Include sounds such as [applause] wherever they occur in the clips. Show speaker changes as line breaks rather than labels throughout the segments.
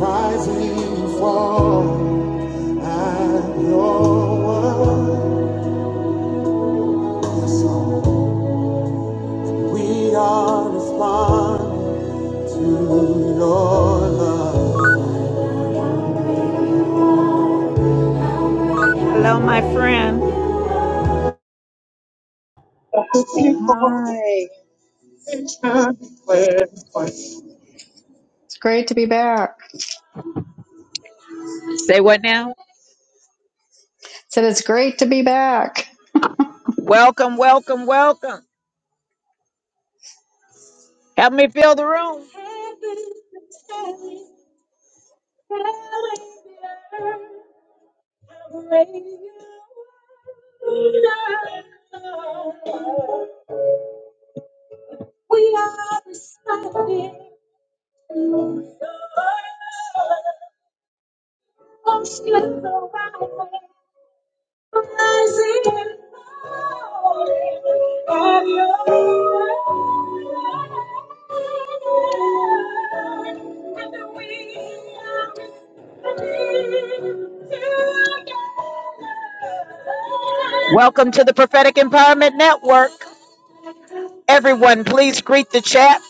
Rising and fall, I'm your one. Yes, Lord. We are responding to your love. Hello, my friend.
Hi, it's great to be back.
Say what now?
Said it's great to be back.
Welcome, welcome, welcome. Help me fill the room. We are responding to your love. Ocean around rising and falling at your feet. And we are responding to your love. Welcome to the Prophetic Empowerment Network. Everyone, please greet the chat.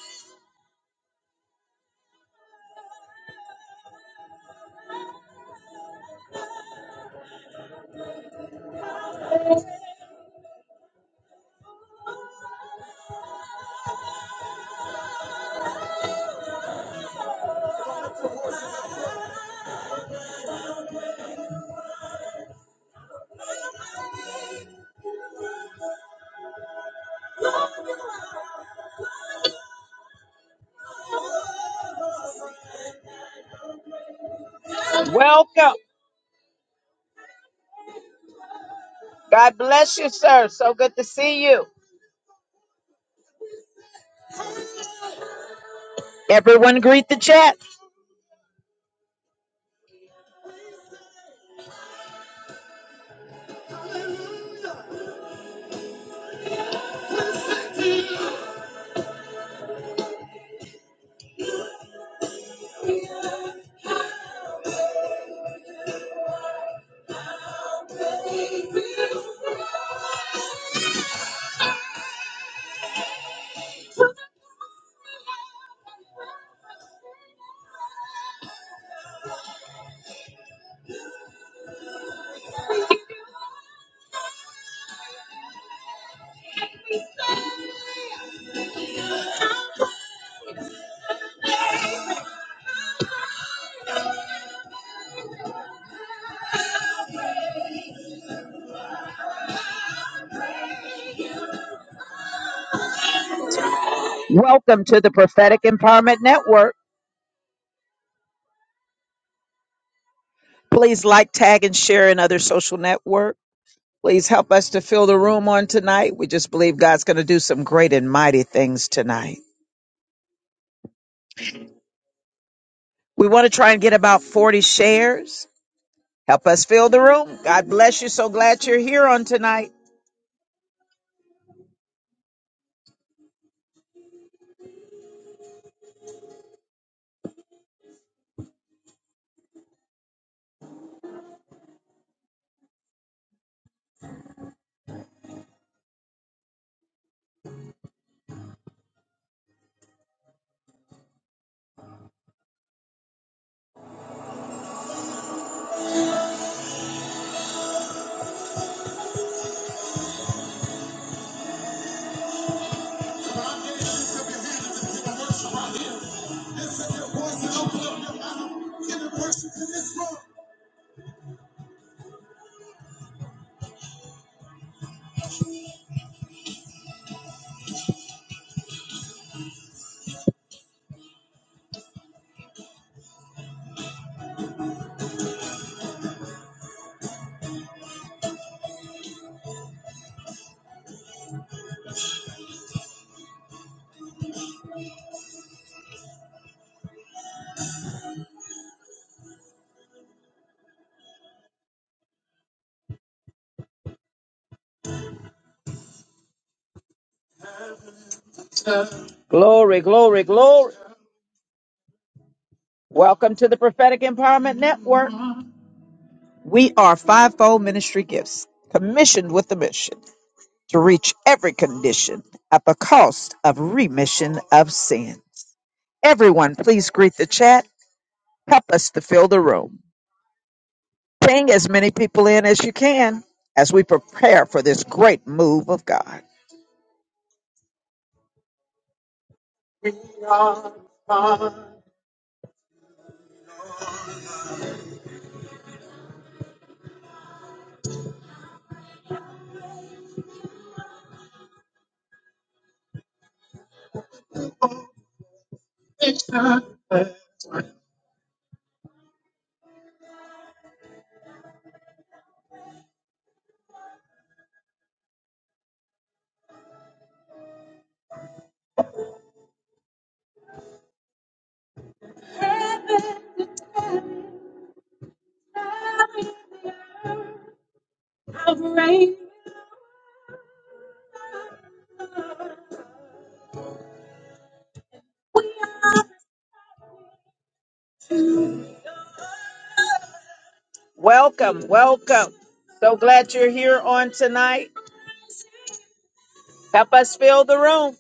Welcome. God bless you, sir. So good to see you. Everyone, greet the chat. Welcome to the Prophetic Empowerment Network. Please like, tag, and share in other social network. Please help us to fill the room on tonight. We just believe God's going to do some great and mighty things tonight. We want to try and get about 40 shares. Help us fill the room. God bless you. So glad you're here on tonight. Glory, glory, glory. Welcome to the Prophetic Empowerment Network. We are Fivefold Ministry Gifts, commissioned with the mission. to reach every condition at the cost of remission of sins. Everyone, please greet the chat. Help us to fill the room. Bring as many people in as you can as we prepare for this great move of God. From heaven to earth, I've reigned. Welcome, welcome. So glad you're here on tonight. Help us fill the room.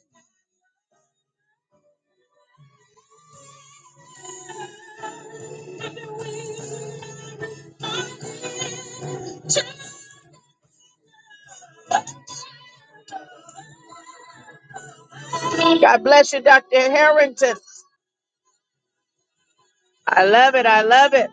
God bless you, Dr. Harrington. I love it. I love it.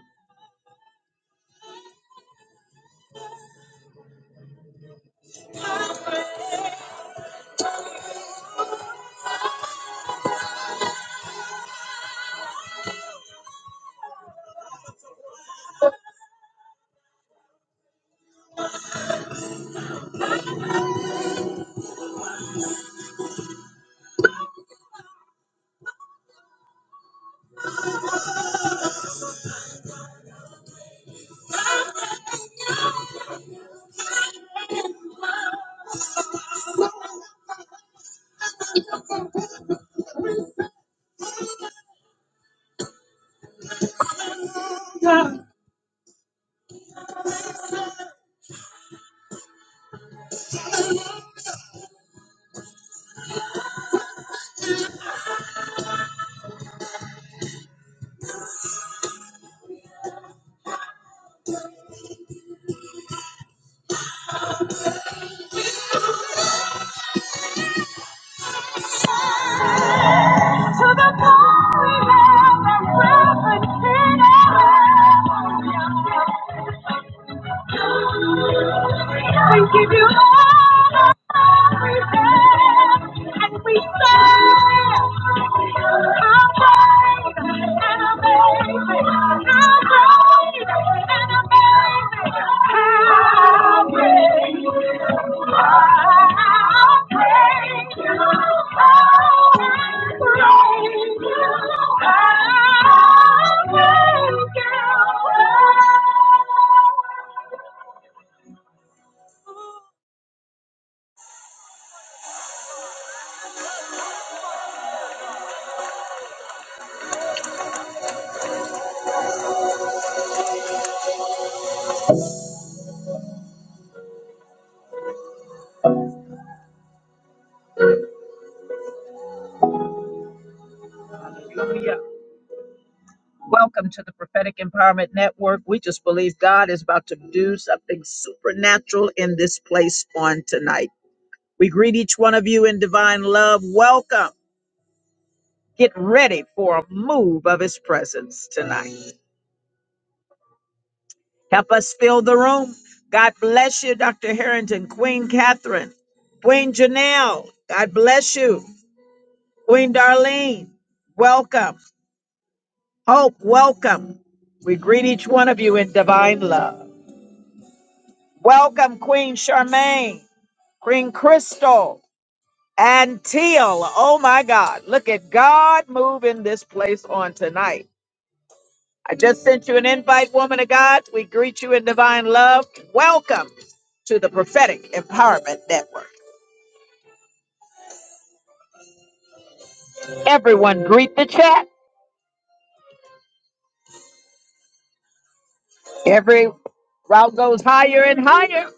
to the God we have that reference in heaven. We give you all the love we have, and we say, How great and amazing. Welcome to the Prophetic Empowerment Network. We just believe God is about to do something supernatural in this place on tonight. We greet each one of you in divine love. Welcome. Get ready for a move of his presence tonight. Help us fill the room. God bless you, Dr. Harrington, Queen Catherine, Queen Janelle. God bless you. Queen Darlene, welcome. Hope, welcome. We greet each one of you in divine love. Welcome, Queen Charmaine, Queen Crystal, and Teal. Oh my God. Look at God move in this place on tonight. I just sent you an invite, woman of God. We greet you in divine love. Welcome to the Prophetic Empowerment Network. Everyone, greet the chat. Every route goes higher and higher.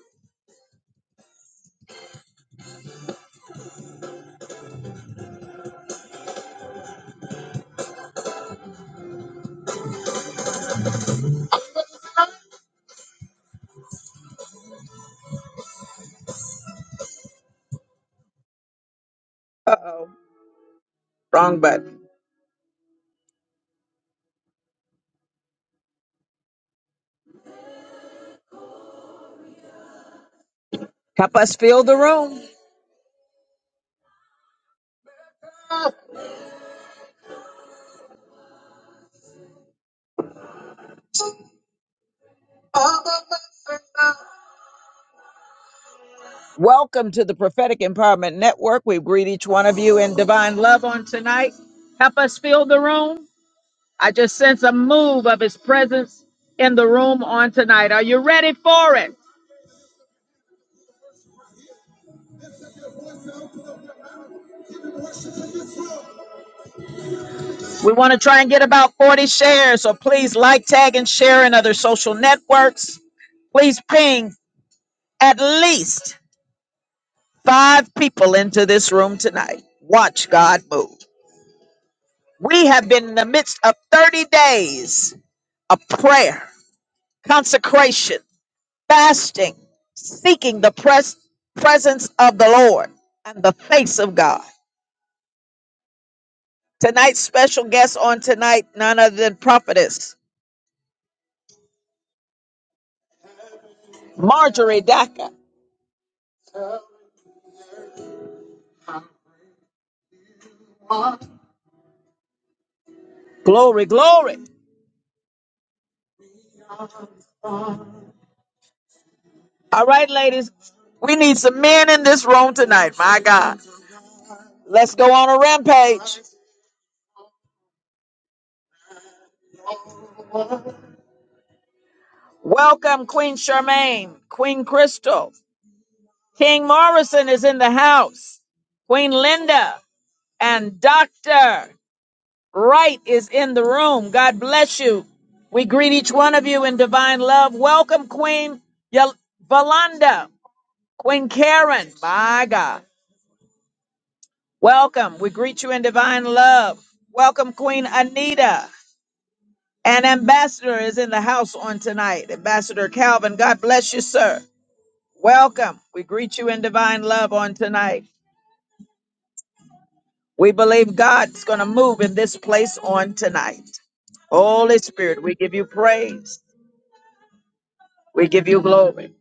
Uh oh, wrong button. Help us fill the room. Welcome to the Prophetic Empowerment Network. We greet each one of you in divine love on tonight. Help us fill the room. I just sense a move of His presence in the room on tonight. Are you ready for it? We want to try and get about 40 shares, so please like, tag, and share in other social networks. Please ping at least five people into this room tonight. Watch God move. We have been in the midst of 30 days of prayer, consecration, fasting, seeking the pres- presence of the Lord and the face of God. Tonight's special guest on tonight, none other than prophetess Marjorie Daca. Glory, glory. All right, ladies, we need some men in this room tonight. My God, let's go on a rampage. Welcome, Queen Charmaine, Queen Crystal, King Morrison is in the house, Queen Linda, and Doctor Wright is in the room. God bless you. We greet each one of you in divine love. Welcome, Queen Yol- Valanda, Queen Karen. My God, welcome. We greet you in divine love. Welcome, Queen Anita. An ambassador is in the house on tonight. Ambassador Calvin, God bless you, sir. Welcome. We greet you in divine love on tonight. We believe God's going to move in this place on tonight. Holy Spirit, we give you praise. We give you glory.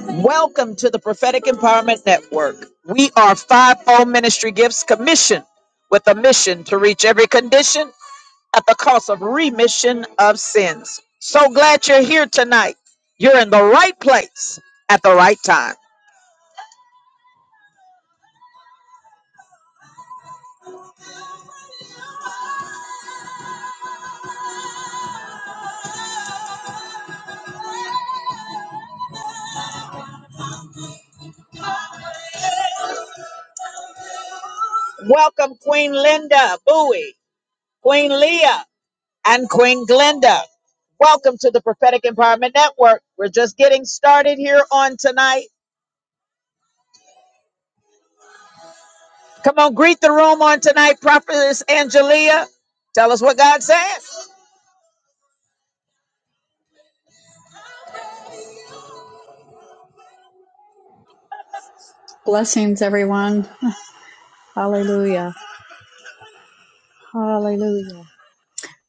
Welcome to the Prophetic Empowerment Network. We are fivefold ministry gifts commissioned with a mission to reach every condition at the cost of remission of sins. So glad you're here tonight. You're in the right place at the right time. Welcome, Queen Linda Bowie, Queen Leah, and Queen Glenda. Welcome to the Prophetic Empowerment Network. We're just getting started here on tonight. Come on, greet the room on tonight, Prophetess Angelia. Tell us what God says.
Blessings, everyone. Hallelujah. Hallelujah.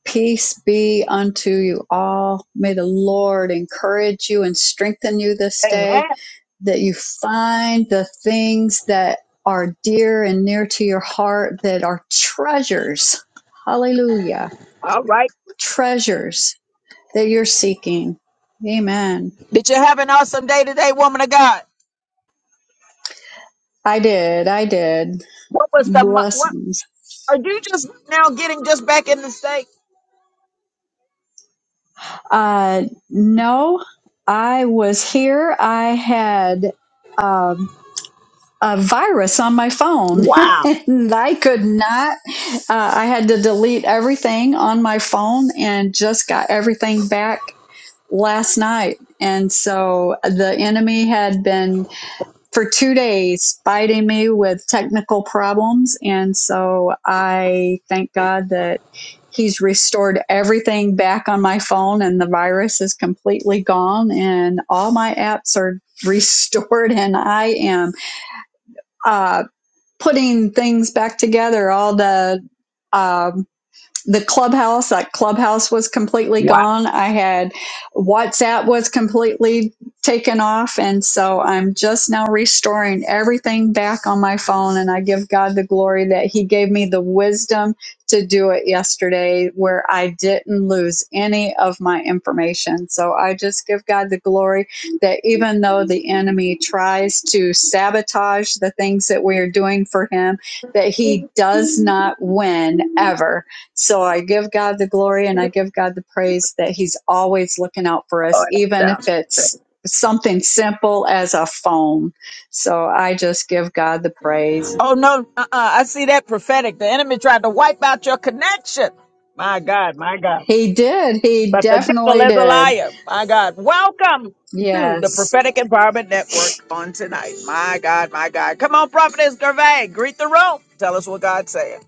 Peace be unto you all. May the Lord encourage you and strengthen you this
Amen.
day, that you find the things that are dear and near to your heart that are treasures. Hallelujah.
All right.
Treasures that you're seeking. Amen.
Did you have an awesome day today, woman of God?
I did. I did.
What was the mo- what?
Blessings.
Are you just now getting just back in the state?
Uh, no, I was here. I had um, a virus on my phone, [laughs]
Wow.
and I could not. Uh, I had to delete everything on my phone, and just got everything back last night. And so the enemy had been for two days fighting me with technical problems. And so I thank God that he's restored everything back on my phone and the virus is completely gone and all my apps are [laughs] restored and I am uh, putting things back together, all the um the clubhouse, like clubhouse was completely gone. I had WhatsApp was completely taken off. And so I'm just now restoring everything back on my phone. And I give God the glory that He gave me the wisdom to do it yesterday where I didn't lose any of my information. So I just give God the glory that even though the enemy tries to sabotage the things that we are doing for Him, that he does not win ever so I give God the glory and I give God the praise that He's always looking out for us, even if it's something simple as a phone. So I just give God the praise.
Oh no, uh-uh. I see that prophetic. The enemy tried to wipe out your connection. My God, my God.
He did. He
But the devil
definitely
is a
did.
liar. My God. Welcome to the
Yes.
Prophetic Empowerment Network on tonight. My God, my God. Come on, Prophetess Gervais. Greet the room. Tell us what God's saying.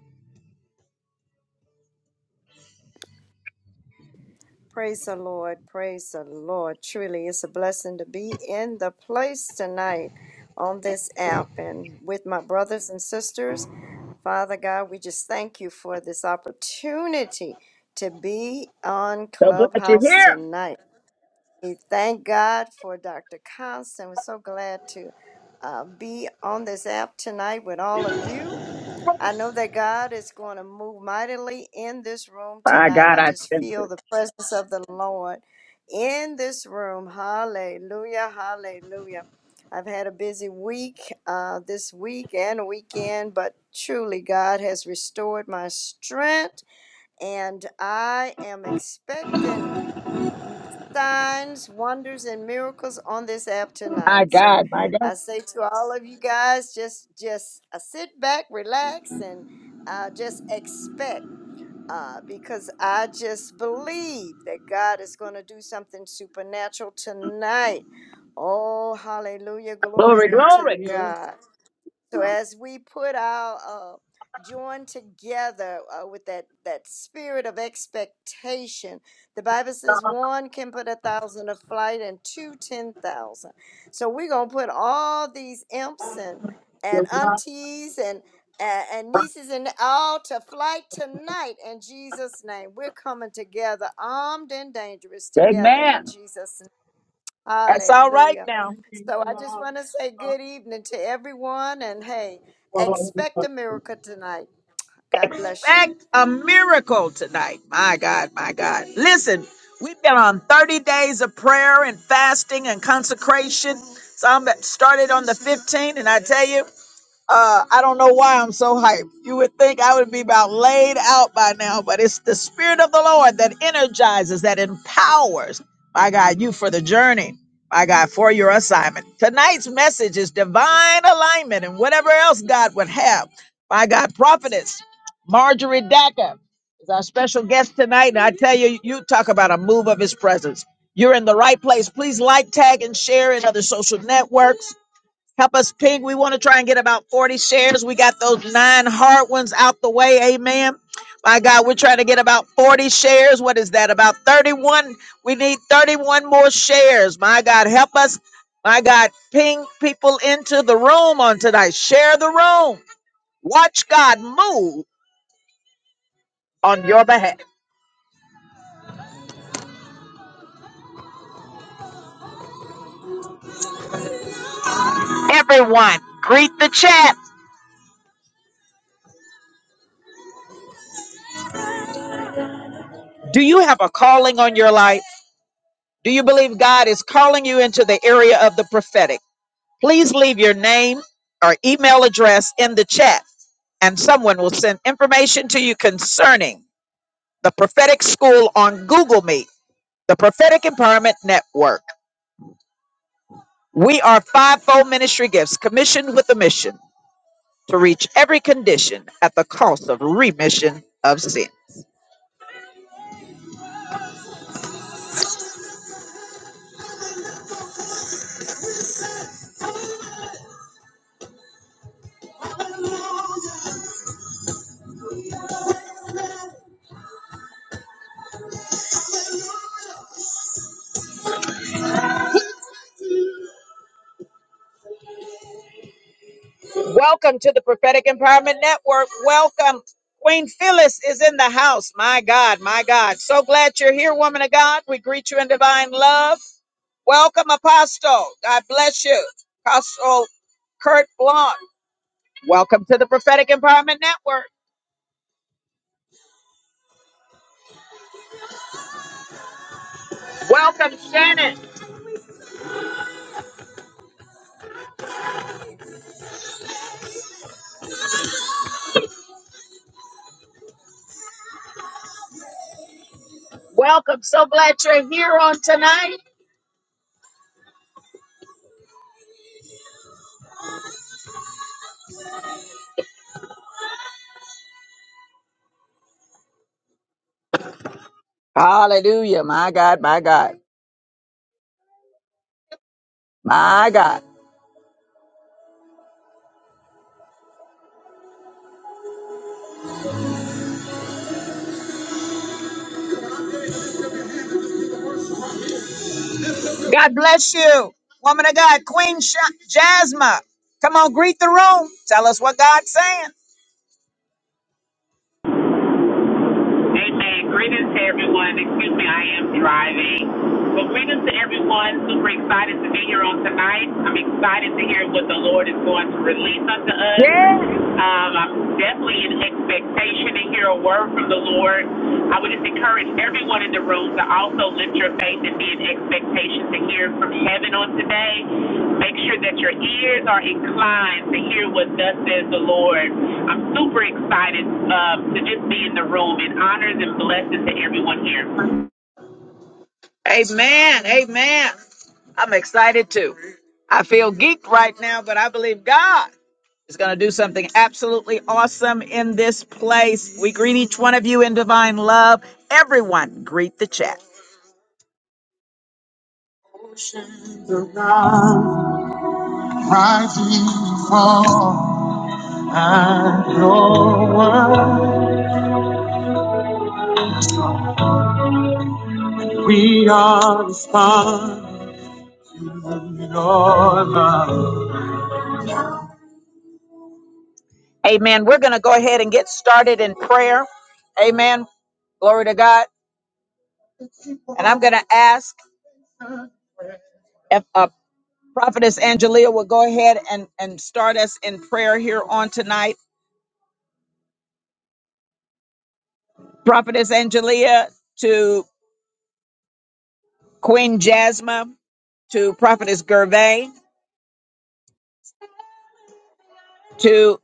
Praise the Lord. Praise the Lord. Truly, it's a blessing to be in the place tonight on this app and with my brothers and sisters. Father God, we just thank you for this opportunity to be on
So glad you're
Clubhouse
here.
tonight. We thank God for Dr. Constant. We're so glad to uh, be on this app tonight with all of you. I know that God is going to move mightily in this room
My
tonight.
God,
I
I
just
sense
feel
it.
the presence of the Lord in this room. Hallelujah. Hallelujah. I've had a busy week uh, this week and weekend, but truly God has restored my strength, and I am expecting signs, wonders, and miracles on this app
My
tonight. So
God, my
I
God.
say to all of you guys, just just uh, sit back, relax, and uh, just expect. Uh, because I just believe that God is going to do something supernatural tonight. Oh, hallelujah. Glory
Glory,
be to
glory.
God. So as we put our uh, join together uh, with that that spirit of expectation, the Bible says one can put a thousand to flight and two ten thousand. So we're gonna put all these imps and and aunties and and and nieces and all to flight tonight in Jesus' name. We're coming together, armed and dangerous together in
Amen.
Jesus' name.
That's all right
Hallelujah.
now.
So I just want to say good evening to everyone and hey, expect a miracle tonight. God bless you.
expect a miracle tonight. My God, my God. Listen, we've been on 30 days of prayer and fasting and consecration. Some that started on the 15th, and I tell you. Uh, I don't know why I'm so hyped. You would think I would be about laid out by now, but it's the Spirit of the Lord that energizes, that empowers, my God, you for the journey, my God, for your assignment. Tonight's message is divine alignment and whatever else God would have. My God, prophetess Marjorie Dacker is our special guest tonight. And I tell you, you talk about a move of his presence. You're in the right place. Please like, tag, and share in other social networks. Help us ping. We want to try and get about 40 shares. We got those nine hard ones out the way. Amen. My God, we're trying to get about 40 shares. What is that? About 31. We need 31 more shares. My God, help us. My God, ping people into the room on tonight. Share the room. Watch God move on your behalf. Everyone, greet the chat. Do you have a calling on your life? Do you believe God is calling you into the area of the prophetic? Please leave your name or email address in the chat, and someone will send information to you concerning the prophetic school on Google Meet, the Prophetic Empowerment Network. We are fivefold ministry gifts commissioned with a mission to reach every condition at the cost of remission of sin. Welcome to the Prophetic Empowerment Network. Welcome. Queen Phyllis is in the house. My God, my God. So glad you're here, woman of God. We greet you in divine love. Welcome, Apostle. God bless you. Apostle Kurt Blanc. Welcome to the Prophetic Empowerment Network. Welcome, Shannon. Welcome. So glad you're here on tonight. Hallelujah. My God, my God, my God. God bless you. Woman of God, Queen Sh- Jasmine. Come on, greet the room. Tell us what God's saying.
Amen. Greetings to everyone. Excuse me, I am driving. But greetings to everyone. Super excited to be here on tonight. I'm excited to hear what the Lord is going to release unto us.
Yeah.
Um, I'm definitely in expectation to hear a word from the Lord. I would just encourage everyone in the room to also lift your faith and be in expectation to hear from heaven on today. Make sure that your ears are inclined to hear what thus says the Lord. I'm super excited um, to just be in the room and honors and blessings to everyone here.
Amen. Amen. I'm excited too. I feel geeked right now, but I believe God. is going to do something absolutely awesome in this place. We greet each one of you in divine love. Everyone, greet the chat. we are Amen. We're going to go ahead and get started in prayer. Amen. Glory to God. And I'm going to ask if uh, Prophetess Angelia will go ahead and, and start us in prayer here on tonight. Prophetess Angelia, to Queen Jasmine, to Prophetess Gervais, to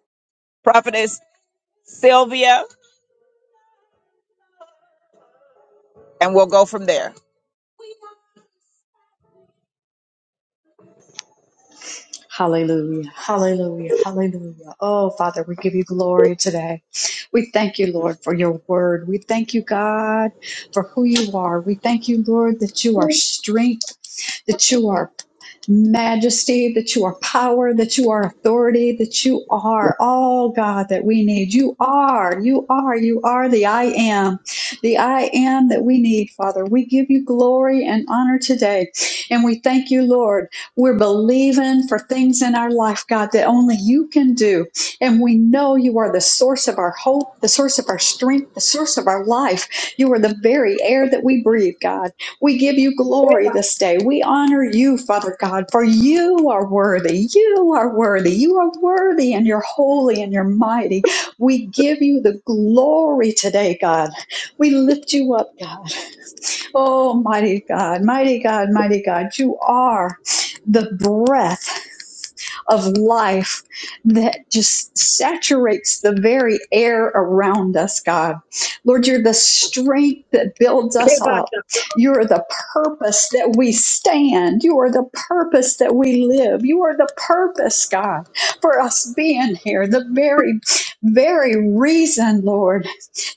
Prophetess Sylvia, and we'll go from there.
Hallelujah. Hallelujah. Hallelujah. Oh, Father, we give you glory today. We thank you, Lord, for your word. We thank you, God, for who you are. We thank you, Lord, that you are strength that you are majesty, that you are power, that you are authority, that you are all God that we need. You are, you are, you are the I am, the I am that we need, Father. We give you glory and honor today. And we thank you, Lord. We're believing for things in our life, God, that only you can do. And we know you are the source of our hope, the source of our strength, the source of our life. You are the very air that we breathe, God. We give you glory this day. We honor you, Father God, for you are worthy. You are worthy. You are worthy and you're holy and you're mighty. We give you the glory today, God. We lift you up, God. Oh, mighty God, mighty God, mighty God. You are the breath of life that just saturates the very air around us, God. Lord, you're the strength that builds us up. You are the purpose that we stand. You are the purpose that we live. You are the purpose, God, for us being here. The very, very reason, Lord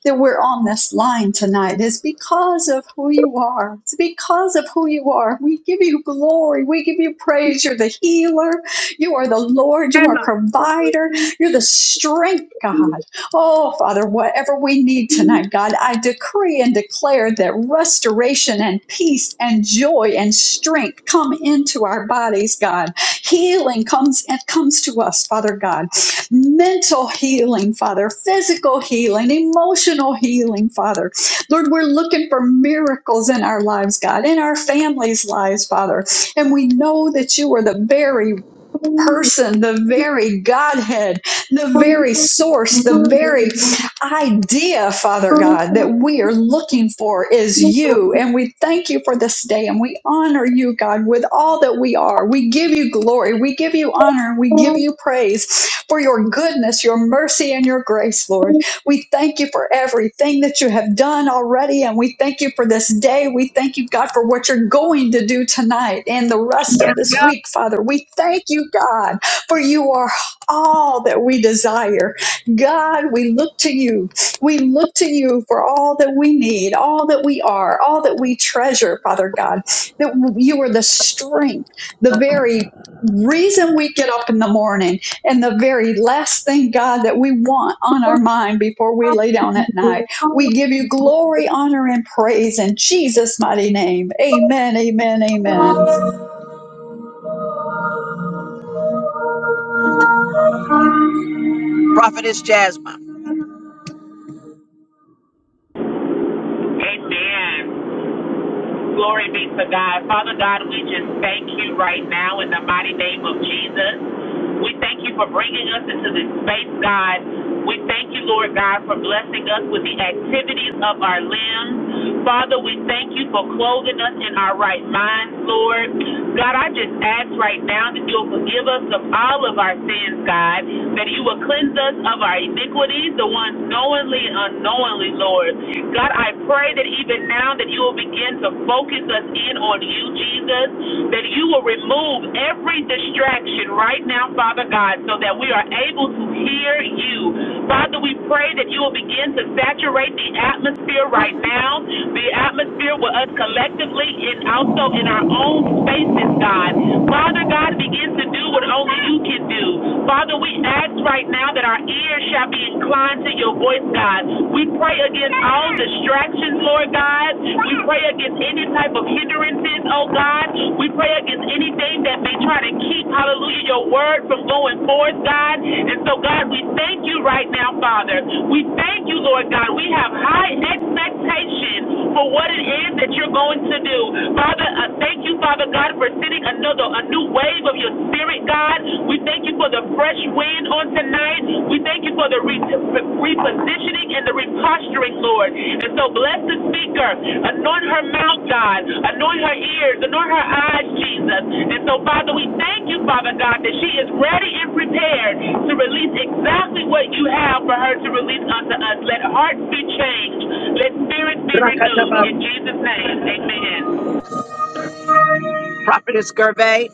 that we're on this line tonight is because of who you are. It's because of who you are. We give you glory. We give you praise. You're the healer. You are the Lord. You are provider. You're the strength, God. Oh, Father, whatever we need tonight, God, I decree and declare that restoration and peace and joy and strength come into our bodies, God. Healing comes and comes to us, Father God mental healing, Father, physical healing, emotional healing, Father. Lord, we're looking for miracles in our lives, God, in our families' lives, Father. And we know that you are the very person, the very Godhead, the very source, the very idea, Father God, that we are looking for is you. And we thank you for this day and we honor you, God, with all that we are. We give you glory, we give you honor, and we give you praise for your goodness, your mercy, and your grace, Lord. We thank you for everything that you have done already, and we thank you for this day. We thank you, God, for what you're going to do tonight and the rest of this week, Father. We thank you, God, for you are all that we desire. God, we look to you. We look to you for all that we need, all that we are, all that we treasure, Father God, that you are the strength, the very reason we get up in the morning and the very last thing, God, that we want on our mind before we lay down at night, we give you glory, honor, and praise in Jesus' mighty name. Amen, amen, amen.
Prophetess Jasmine,
Amen. Glory be to God. Father God, we just thank you right now in the mighty name of Jesus. We thank you for bringing us into this space, God. We thank you, Lord God, for blessing us with the activities of our limbs. Father, we thank you for clothing us in our right minds, Lord. God, I just ask right now that you'll forgive us of all of our sins, God, that you will cleanse us of our iniquities, the ones knowingly and unknowingly, Lord. God, I pray that even now that you will begin to focus us in on you, Jesus, that you will remove every distraction right now, Father God, so that we are able to hear you. Father, we pray that you will begin to saturate the atmosphere right now, the atmosphere with us collectively and also in our own spaces, God. Father God, begin to do what only you can do. Father, we ask right now now that our ears shall be inclined to your voice, God. We pray against all distractions, Lord God. We pray against any type of hindrances, oh God. We pray against anything that may try to keep, hallelujah, your word from going forth, God. And so, God, we thank you right now, Father. We thank you, Lord God. We have high expectations for what it is that you're going to do. Father, uh, thank you, Father God, for sending another, a new wave of you of your spirit, God. We thank you for the fresh wind on tonight. We thank you for the re- repositioning and the reposturing, Lord. And so bless the speaker. Anoint her mouth, God. Anoint her ears. Anoint her eyes, Jesus. And so, Father, we thank you, Father God, that she is ready and prepared to release exactly what you have for her to release unto us. Let hearts be changed. Let spirits be renewed. In Jesus' name, amen.
Prophetess Gervais,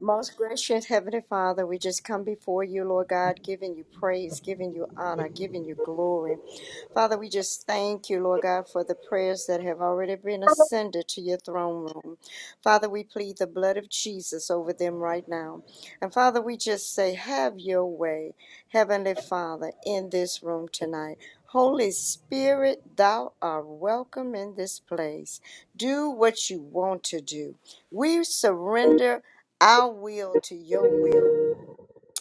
Most gracious Heavenly Father, we just come before you, Lord God, giving you praise, giving you honor, giving you glory. Father, we just thank you, Lord God, for the prayers that have already been ascended to your throne room. Father, we plead the blood of Jesus over them right now. And Father, we just say, have your way, Heavenly Father, in this room tonight. Holy Spirit, thou art welcome in this place. Do what you want to do. We surrender our will to your will.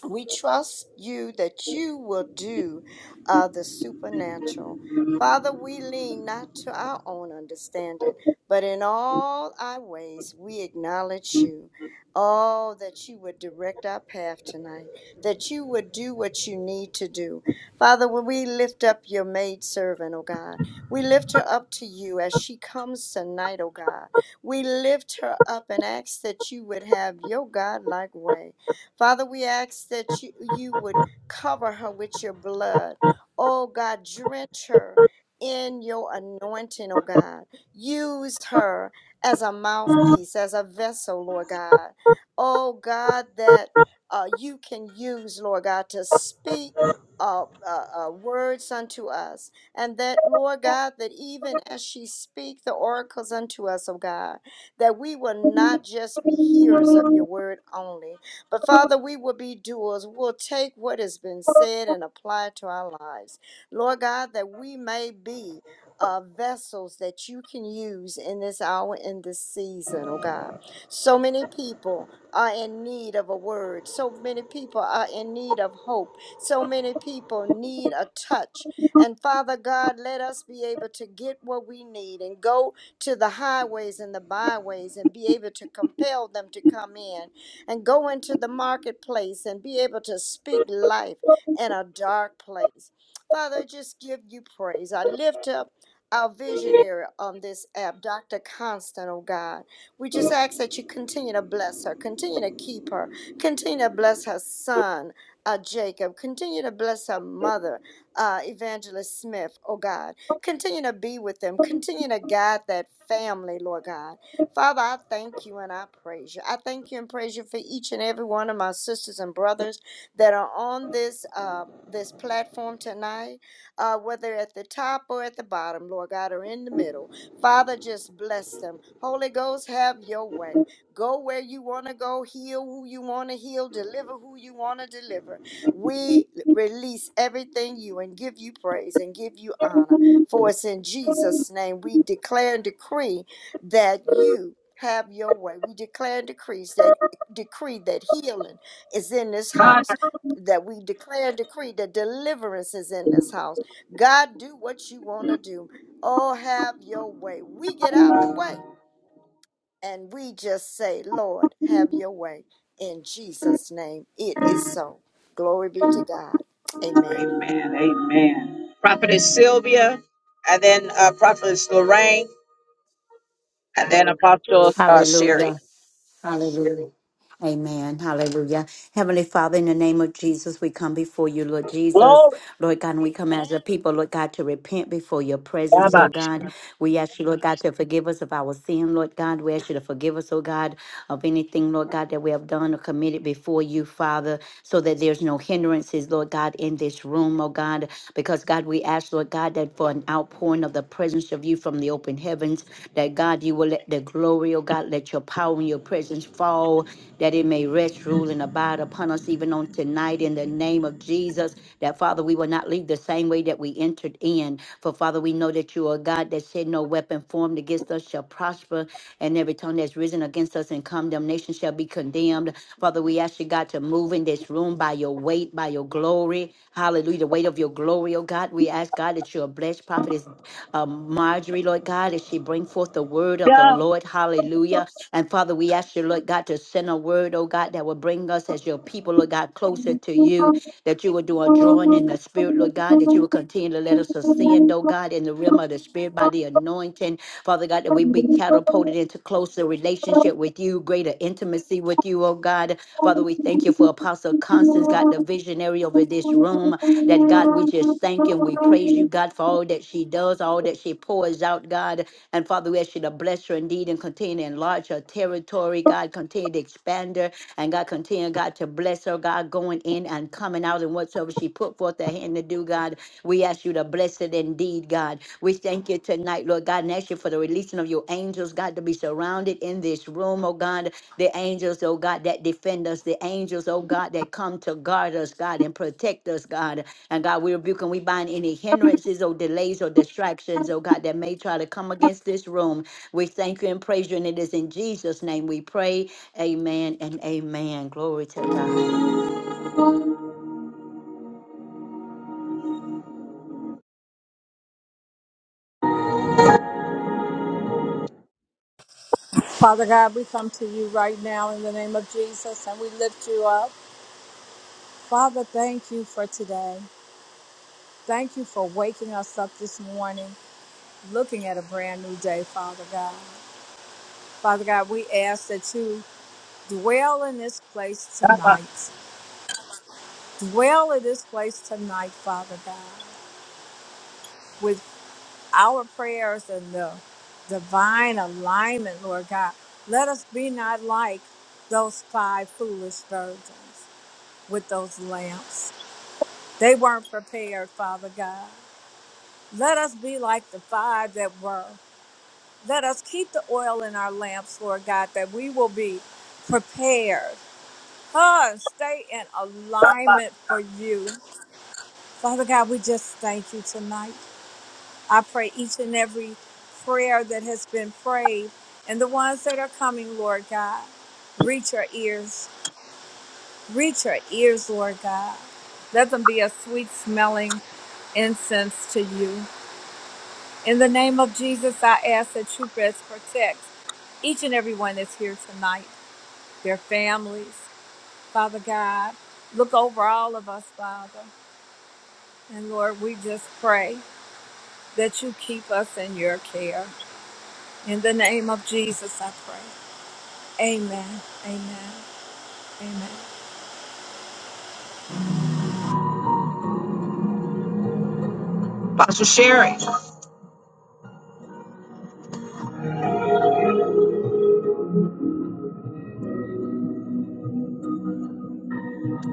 We trust you that you will do uh, the supernatural. Father, we lean not to our own understanding, but in all our ways we acknowledge you. Oh, that you would direct our path tonight, that you would do what you need to do. Father, when we lift up your maidservant, oh God, we lift her up to you as she comes tonight, oh God. We lift her up and ask that you would have your God like way. Father, we ask that you, you would cover her with your blood. Oh God, drench her in your anointing, oh God. Use her as a mouthpiece, as a vessel, Lord God. Oh God, that uh, you can use, Lord God, to speak. Uh, uh, uh, words unto us, and that Lord God, that even as she speak the oracles unto us, oh God, that we will not just be hearers of your word only, but Father, we will be doers. We'll take what has been said and apply it to our lives. Lord God, that we may be uh, vessels that you can use in this hour, in this season, oh God. So many people are in need of a word. So many people are in need of hope. So many people need a touch. And Father God, let us be able to get what we need and go to the highways and the byways and be able to compel them to come in and go into the marketplace and be able to speak life in a dark place. Father, I just give you praise. I lift up our visionary on this app, Dr. Constant, oh God. We just ask that you continue to bless her, continue to keep her, continue to bless her son, uh, Jacob, continue to bless her mother, uh, Evangelist Smith, oh God. Continue to be with them, continue to guide that family, Lord God. Father, I thank you and I praise you. I thank you and praise you for each and every one of my sisters and brothers that are on this uh, this platform tonight, uh, whether at the top or at the bottom, Lord God, or in the middle. Father, just bless them. Holy Ghost, have your way. Go where you want to go, heal who you want to heal, deliver who you want to deliver. We release everything you and give you praise and give you honor. For it's in Jesus' name we declare and decree that you have your way. We declare and decrees that decree that healing is in this house. That we declare and decree that deliverance is in this house. God, do what you want to do. Oh, have your way. We get out the way and we just say, Lord, have your way. In Jesus' name, it is so. Glory be to God. Amen.
Prophetess Sylvia, and then uh, Prophetess Lorraine, and then Apostle uh, Sherry.
Hallelujah. Hallelujah. Amen. Hallelujah. Heavenly Father, in the name of Jesus, we come before you, Lord Jesus.
Glory.
Lord God, and we come as a people, Lord God, to repent before your presence, oh
Baba.
God. We ask you, Lord God, to forgive us of our sin, Lord God. We ask you to forgive us, oh God, of anything, Lord God, that we have done or committed before you, Father, so that there's no hindrances, Lord God, in this room, oh God, because God, we ask, Lord God, that for an outpouring of the presence of you from the open heavens, that God, you will let the glory, oh God, let your power and your presence fall, that it may rest, rule, and abide upon us even on tonight in the name name of Jesus, that Father, we will not leave the same way that we entered in. For Father, we know that you are God that said, No weapon formed against us shall prosper, and every tongue that's risen against us in condemnation shall be condemned. Father, we ask you, God, to move in this room by your weight, by your glory. Hallelujah. The weight of your glory, oh God. We ask, God, that you are blessed, prophetess um, Marjorie, Lord God, as she bring forth the word of the Lord. Hallelujah. And Father, we ask you, Lord God, to send a word, oh God, that will bring us as your people, Lord God, closer to you that you will do a drawing in the spirit, Lord God, that you will continue to let us ascend, oh God, in the realm of the spirit by the anointing, Father God, that we be catapulted into closer relationship with you, greater intimacy with you, oh God. Father, we thank you for Apostle Constance, God, the visionary over this room, that God, we just thank you and we praise
Yeah.
you, God, for all that she does, all that she pours out, God. And Father, we ask you to bless her indeed indeed and continue to enlarge her territory. God, continue to expand her. And God, continue, God, to bless her, God, going in and coming out and whatsoever she put forth her hand to do, God. We ask you to bless it indeed, God. We thank you tonight, Lord God, and ask you for the releasing of your angels, God, to be surrounded in this room, oh God. The angels, oh God, that defend us, the angels, oh God, that come to guard us, God, and protect us, God. And God, we rebuke and we bind any hindrances or delays or distractions, oh God, that may try to come against this room. We thank you and praise you, and it is in Jesus' name we pray. Amen and amen. Glory to God.
Father God, we come to you right now in the name of Jesus and we lift you up. Father, thank you for today. Thank you for waking us up this morning, looking at a brand new day, Father God. Father God, we ask that you dwell in this place tonight. Dwell in this place tonight, Father God, with our prayers and the divine alignment, Lord God. Let us be not like those five foolish virgins with those lamps. They weren't prepared, Father God. Let us be like the five that were. Let us keep the oil in our lamps, Lord God, that we will be prepared. Huh, and stay in alignment for you. Father God, we just thank you tonight. I pray each and every prayer that has been prayed and the ones that are coming, Lord God, reach our ears. Reach our ears, Lord God. Let them be a sweet smelling incense to you. In the name of Jesus, I ask that you rest, protect each and every one that's here tonight, their families, Father God. Look over all of us, Father. And Lord, we just pray that you keep us in your care. In the name of Jesus, I pray. Amen. Amen. Amen.
Apostle Sherry.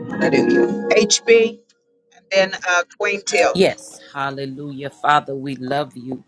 Hallelujah. HB, and then uh, Queen Till.
Yes, hallelujah. Father, we love you.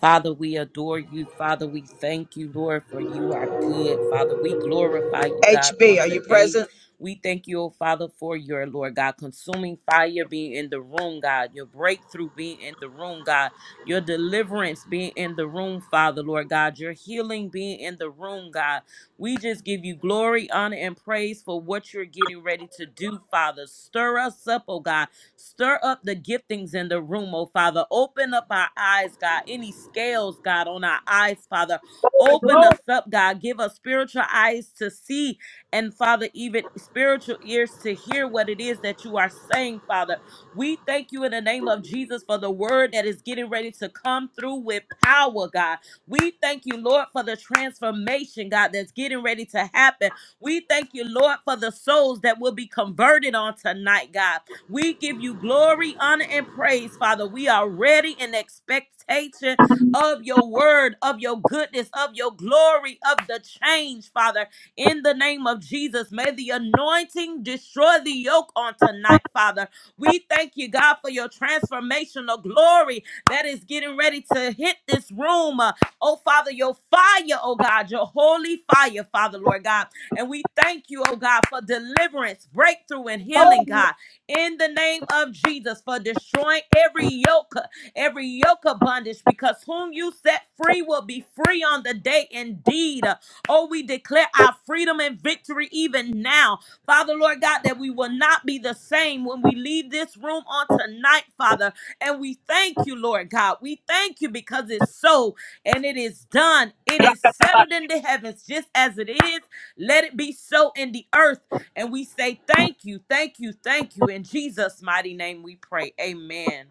Father, we adore you. Father, we thank you, Lord, for you are good. Father, we glorify you, God, on
HB, are you
today.
present?
We thank you, oh Father, for your Lord God, consuming fire being in the room, God, your breakthrough being in the room, God, your deliverance being in the room, Father, Lord God, your healing being in the room, God. We just give you glory, honor, and praise for what you're getting ready to do, Father. Stir us up, oh God. Stir up the giftings in the room, oh Father. Open up our eyes, God. Any scales, God, on our eyes, Father. Open us up, God. Give us spiritual eyes to see, and Father, even spiritual ears to hear what it is that you are saying, Father. We thank you in the name of Jesus for the word that is getting ready to come through with power, God. We thank you, Lord, for the transformation, God, that's getting ready to happen. We thank you, Lord, for the souls that will be converted on tonight, God. We give you glory, honor, and praise, Father. We are ready in expectation of your word, of your goodness, of your glory, of the change, Father. In the name of Jesus, may the anointing destroy the yoke on tonight, Father. We thank you, God, for your transformational glory that is getting ready to hit this room. Uh, Oh, Father, your fire, oh God, your holy fire, Father, Lord God. And we thank you, oh God, for deliverance, breakthrough, and healing, God in the name of Jesus for destroying every yoke, every yoke of bondage, because whom you set free will be free on the day indeed. Oh, we declare our freedom and victory even now. Father, Lord God, that we will not be the same when we leave this room on tonight, Father. And we thank you, Lord God. We thank you because it's so and it is done. It is settled in the heavens just as it is. Let it be so in the earth and we say thank you, thank you, thank you. In Jesus' mighty name we pray. Amen.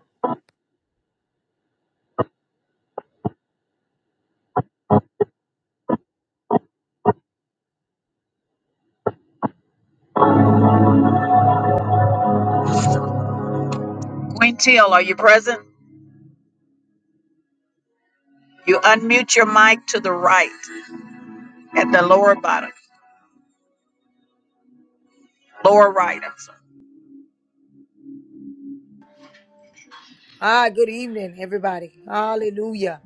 Queen Till, are you present? You unmute your mic to the right at the lower bottom, lower right. I'm sorry.
Ah, good evening, everybody. Hallelujah.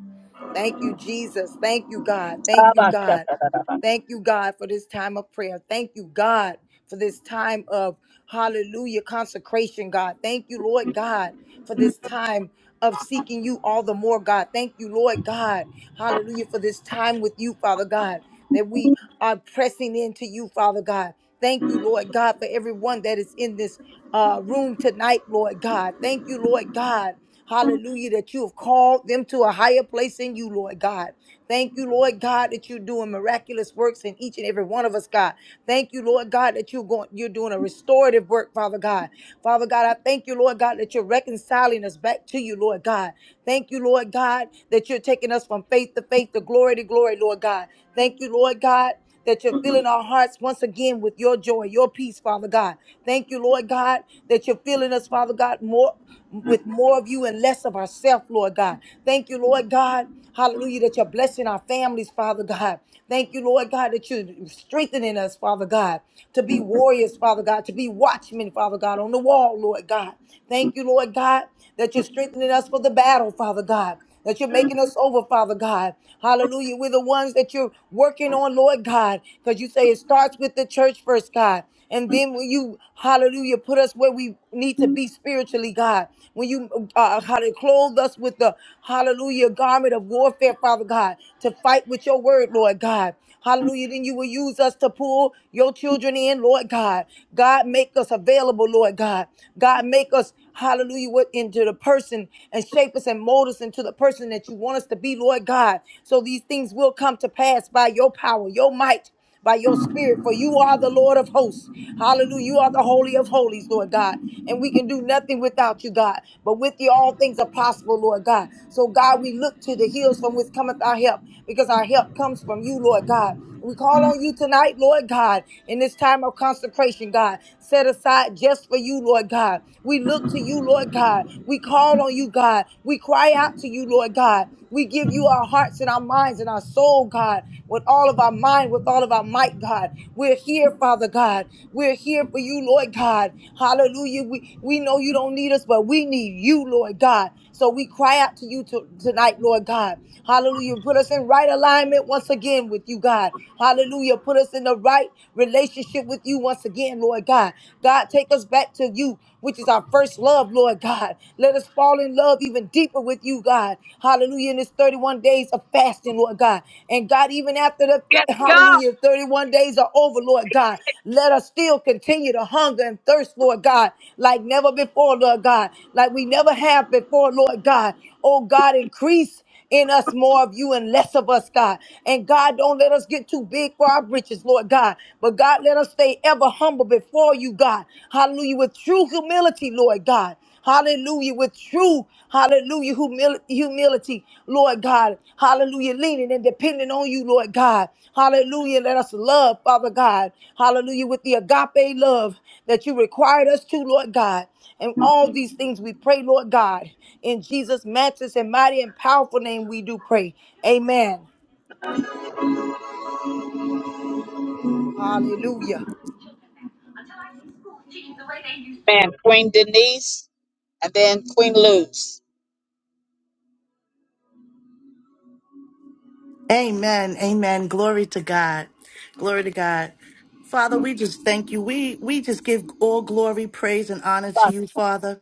Thank you, Jesus. Thank you, God. Thank
How
you,
about that?
God. Thank you, God, for this time of prayer. Thank you, God, for this time of hallelujah consecration, God. Thank you, Lord God, for this time of seeking you all the more, God. Thank you, Lord God. Hallelujah, for this time with you, Father God, that we are pressing into you, Father God. Thank you, Lord God, for everyone that is in this uh, room tonight, Lord God. Thank you, Lord God. Hallelujah, that you have called them to a higher place in you, Lord God. Thank you, Lord God, that you're doing miraculous works in each and every one of us, God. Thank you, Lord God, that you're going, you're doing a restorative work, Father God. Father God, I thank you, Lord God, that you're reconciling us back to you, Lord God. Thank you, Lord God, that you're taking us from faith to faith to glory to glory, Lord God. Thank you, Lord God that you're filling our hearts once again with your joy, your peace, Father God. Thank you, Lord God, that you're filling us, Father God, more with more of you and less of ourselves, Lord God. Thank you, Lord God. Hallelujah, that you're blessing our families, Father God. Thank you, Lord God, that you're strengthening us, Father God, to be warriors, Father God, to be watchmen, Father God, on the wall, Lord God. Thank you, Lord God, that you're strengthening us for the battle, Father God that you're making us over, Father God. Hallelujah. We're the ones that you're working on, Lord God, because you say it starts with the church first, God. And then when you, hallelujah, put us where we need to be spiritually, God. When you, uh, uh, how to clothe us with the, hallelujah, garment of warfare, Father God, to fight with your word, Lord God. Hallelujah. Then you will use us to pull your children in, Lord God. God, make us available, Lord God. God, make us. Hallelujah. What into the person and shape us and mold us into the person that you want us to be, Lord God. So these things will come to pass by your power, your might by your spirit, for you are the Lord of hosts. Hallelujah. You are the Holy of Holies, Lord God. And we can do nothing without you, God. But with you, all things are possible, Lord God. So, God, we look to the hills from which cometh our help, because our help comes from you, Lord God. We call on you tonight, Lord God, in this time of consecration, God, set aside just for you, Lord God. We look to you, Lord God. We call on you, God. We cry out to you, Lord God. We give you our hearts and our minds and our soul, God, with all of our mind, with all of our might, God. We're here, Father God. We're here for you, Lord God. Hallelujah. We, we know you don't need us, but we need you, Lord God. So we cry out to you to- tonight, Lord God. Hallelujah. Put us in right alignment once again with you, God. Hallelujah. Put us in the right relationship with you once again, Lord God. God, take us back to you, which is our first love, Lord God. Let us fall in love even deeper with you, God. Hallelujah. In this 31 days of fasting, Lord God. And God, even after the
Yes, God.
hallelujah, 31 days are over, Lord God, let us still continue to hunger and thirst, Lord God, like never before, Lord God, like we never have before, Lord God. Oh God, increase in us more of you and less of us, God. And God, don't let us get too big for our britches, Lord God. But God, let us stay ever humble before you, God. Hallelujah. With true humility, Lord God. Hallelujah. With true, hallelujah, humil- humility, Lord God. Hallelujah. Leaning and depending on you, Lord God. Hallelujah. Let us love, Father God. Hallelujah. With the agape love that you required us to, Lord God. And all these things we pray, Lord God. In Jesus' matchless and mighty and powerful name, we do pray. Amen. Hallelujah.
man. Queen Denise, and then Queen Luz.
Amen. Amen. Glory to God. Glory to God. Father, we just thank you. We we just give all glory, praise, and honor to you, Father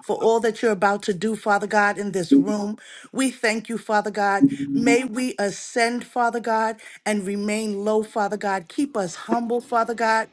for all that you're about to do, Father God, in this room. We thank you, Father God. May we ascend, Father God, and remain low, Father God. Keep us humble, Father God.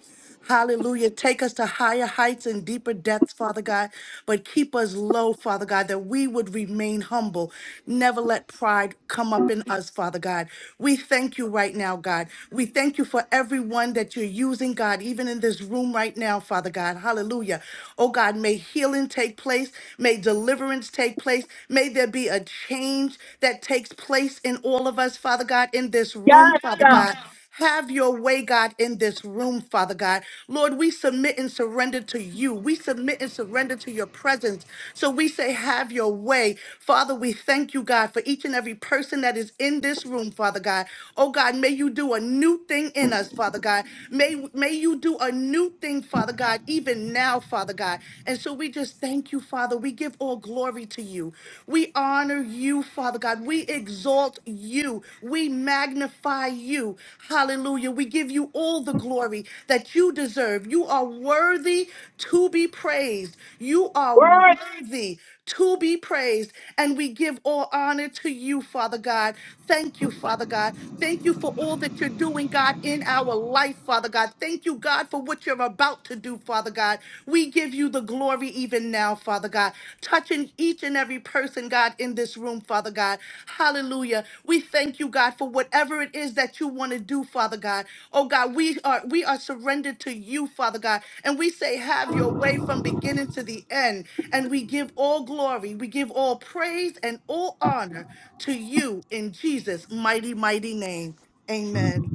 Hallelujah. Take us to higher heights and deeper depths, Father God, but keep us low, Father God, that we would remain humble. Never let pride come up in us, Father God. We thank you right now, God. We thank you for everyone that you that you're using, God, even in this room right now, Father God. Hallelujah. Oh God, may healing take place, may deliverance take place, may there be a change that takes place in all of us, Father God, in this room,
Yes,
Father
God.
God. Have your way, God, in this room, Father God. Lord, we submit and surrender to you. We submit and surrender to your presence. So we say, Have your way. Father, we thank you, God, for each and every every person that is in this room, Father God. Oh God, may you do a new thing in us, Father God. May, may you do a new thing, Father God, even now, Father God. And so we just thank you, Father. We give all glory to you. We honor you, Father God. We exalt you. We magnify you. Hallelujah. We give you all the glory that you deserve. You are worthy to be praised praised. You are
Lord,
worthy to be praised. And we give all honor to you, Father God. Thank you, Father God. Thank you for all that you're doing, God, in our life, Father God. Thank you, God, for what you're about to do, Father God. We give you the glory even now, Father God. Touching each and every person, God, in this room, Father God. Hallelujah. We thank you, God, for whatever it is that you want to do, Father God. Oh God, we are we are surrendered to you, Father God. And we say, Have your way from beginning to the end. And we give all glory, we give all praise and all honor to you in Jesus' mighty, mighty name. Amen.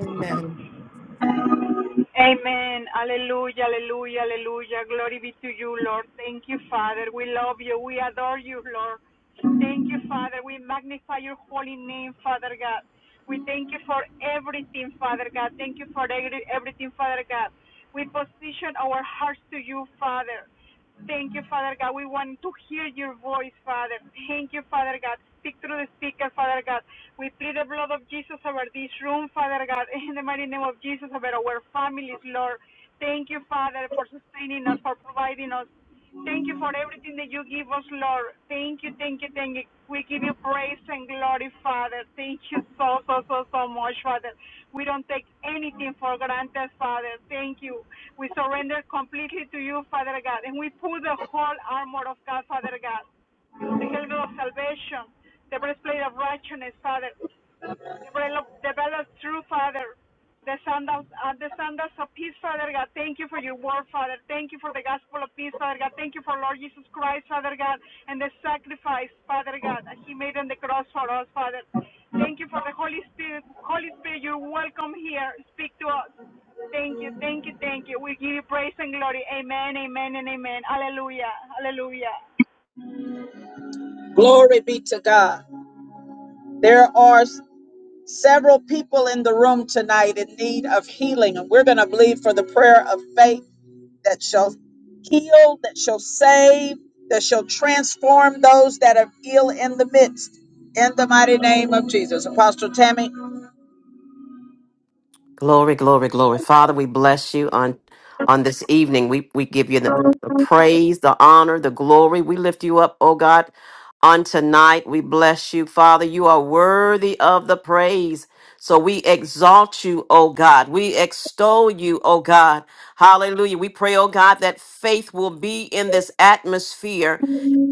Amen.
Amen. Hallelujah, hallelujah, hallelujah. Glory be to you, Lord. Thank you, Father. We love you. We adore you, Lord. Thank you, Father. We magnify your holy name, Father God. We thank you for everything, Father God. Thank you for every- everything, Father God. We position our hearts to you, Father. Thank you, Father God. We want to hear your voice, Father. Thank you, Father God. Speak through the speaker, Father God. We plead the blood of Jesus over this room, Father God, [laughs] in the mighty name of Jesus, over our families, Lord. Thank you, Father, for sustaining us, for providing us. Thank you for everything that you give us, Lord. Thank you, thank you, thank you. We give you praise and glory, Father. Thank you so, so, so, so much, Father. We don't take anything for granted, Father. Thank you. We surrender completely to you, Father God. And we put the whole armor of God, Father God, the helmet of salvation, the breastplate of righteousness, Father. Develop, develop true, Father. The sandals, uh, the sandals of peace, Father God. Thank you for your word, Father. Thank you for the gospel of peace, Father God. Thank you for Lord Jesus Christ, Father God, and the sacrifice, Father God, that He made on the cross for us, Father. Thank you for the Holy Spirit. Holy Spirit, you're welcome here. Speak to us. Thank you, thank you, thank you. We give you praise and glory. Amen, amen, and amen. Hallelujah, hallelujah.
Glory be to God. There are s- several people in the room tonight in need of healing, and we're going to believe for the prayer of faith that shall heal, that shall save, that shall transform those that are ill in the midst. In the mighty name of Jesus. Apostle Tammy.
Glory, glory, glory. Father, we bless you on on this evening. We we give you the, the praise, the honor, the glory. We lift you up, oh God, on tonight. We bless you, Father. You are worthy of the praise. So we exalt you, oh God. We extol you, oh God. Hallelujah. We pray, oh God, that faith will be in this atmosphere.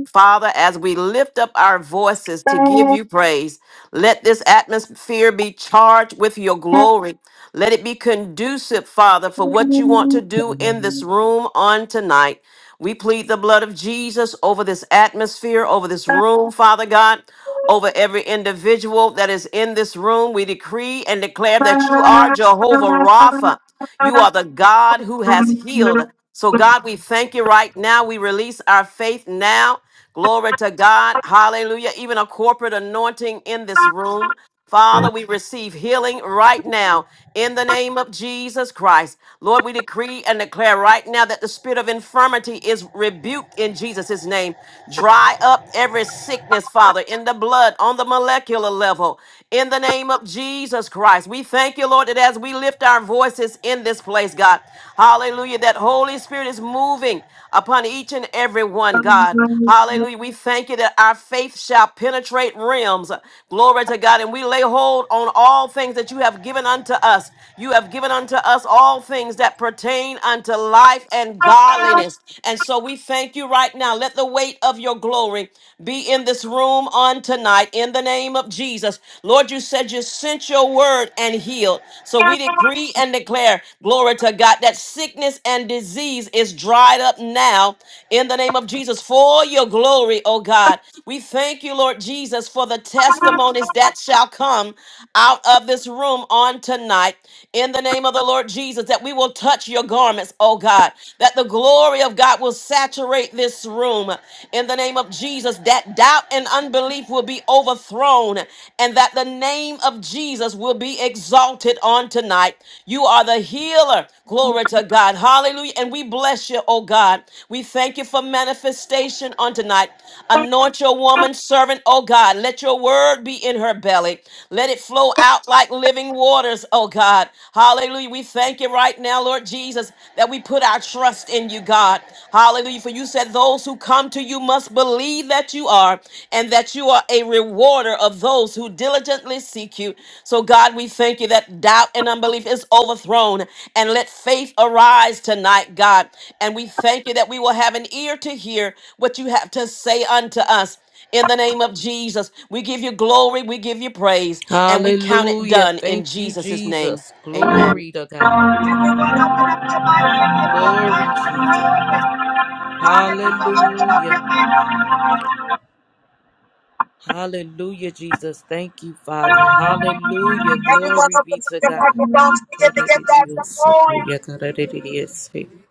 Father, as we lift up our voices to give you praise, let this atmosphere be charged with your glory. Let it be conducive, Father, for what you want to do in this room on tonight. We plead the blood of Jesus over this atmosphere, over this room, Father God, over every individual that is in this room. We decree and declare that you are
Everyone
Jehovah Rapha. You are the God who has healed. So, God, we thank you right now. We release our faith now Glory to God. Hallelujah. Even a corporate anointing in this room. Father, we receive healing right now in the name of Jesus Christ. Lord, we decree and declare right now that the spirit of infirmity is rebuked in Jesus' name. Dry up every sickness, Father, in the blood, on the molecular level, in the name of Jesus Christ. We thank you, Lord, that as we lift our voices in this place, God, Hallelujah. That Holy Spirit is moving upon each and every one, God. Hallelujah. We thank you that our faith shall penetrate realms. Glory to God. And we lay hold on all things that you have given unto us. You have given unto us all things that pertain unto life and godliness. And so we thank you right now. Let the weight of your glory be in this room on tonight in the name of Jesus. Lord, you said said you sent your word and healed. So we decree and declare, glory to God, that sickness and disease is dried up now in the name of Jesus for your glory, oh God. We thank you, Lord Jesus, for the testimonies that shall come out of this room on tonight in the name of the Lord Jesus, that we will touch your garments, oh God, that the glory of God will saturate this room In in the name of Jesus that doubt and unbelief will be overthrown and that the name of Jesus will be exalted on tonight. You are the healer. Glory to God. Hallelujah. And we bless you, oh God. We thank you for manifestation on tonight. Anoint your woman servant, oh God. Let your word be in her belly. Let it flow out like living waters, oh God. Hallelujah. We thank you right now, Lord Jesus, that we put our trust in you, God. Hallelujah. For you said those who come to you must believe that you are and that you are a rewarder of those who diligently seek you. So, God, we thank you that doubt and unbelief is overthrown and let faith arise tonight, God. And we thank you that we will have an ear to hear what you have to say unto us. In the name of Jesus, we give you glory, we give you praise, and we count it
Hallelujah.
done in
Thank you,
Jesus' name.
Jesus.
Amen.
Glory to God. Glory, Jesus. Hallelujah. Hallelujah, Jesus. Thank you, Father. Hallelujah. Glory be
open
to
up your
God.
microphones. Begin to give God some glory.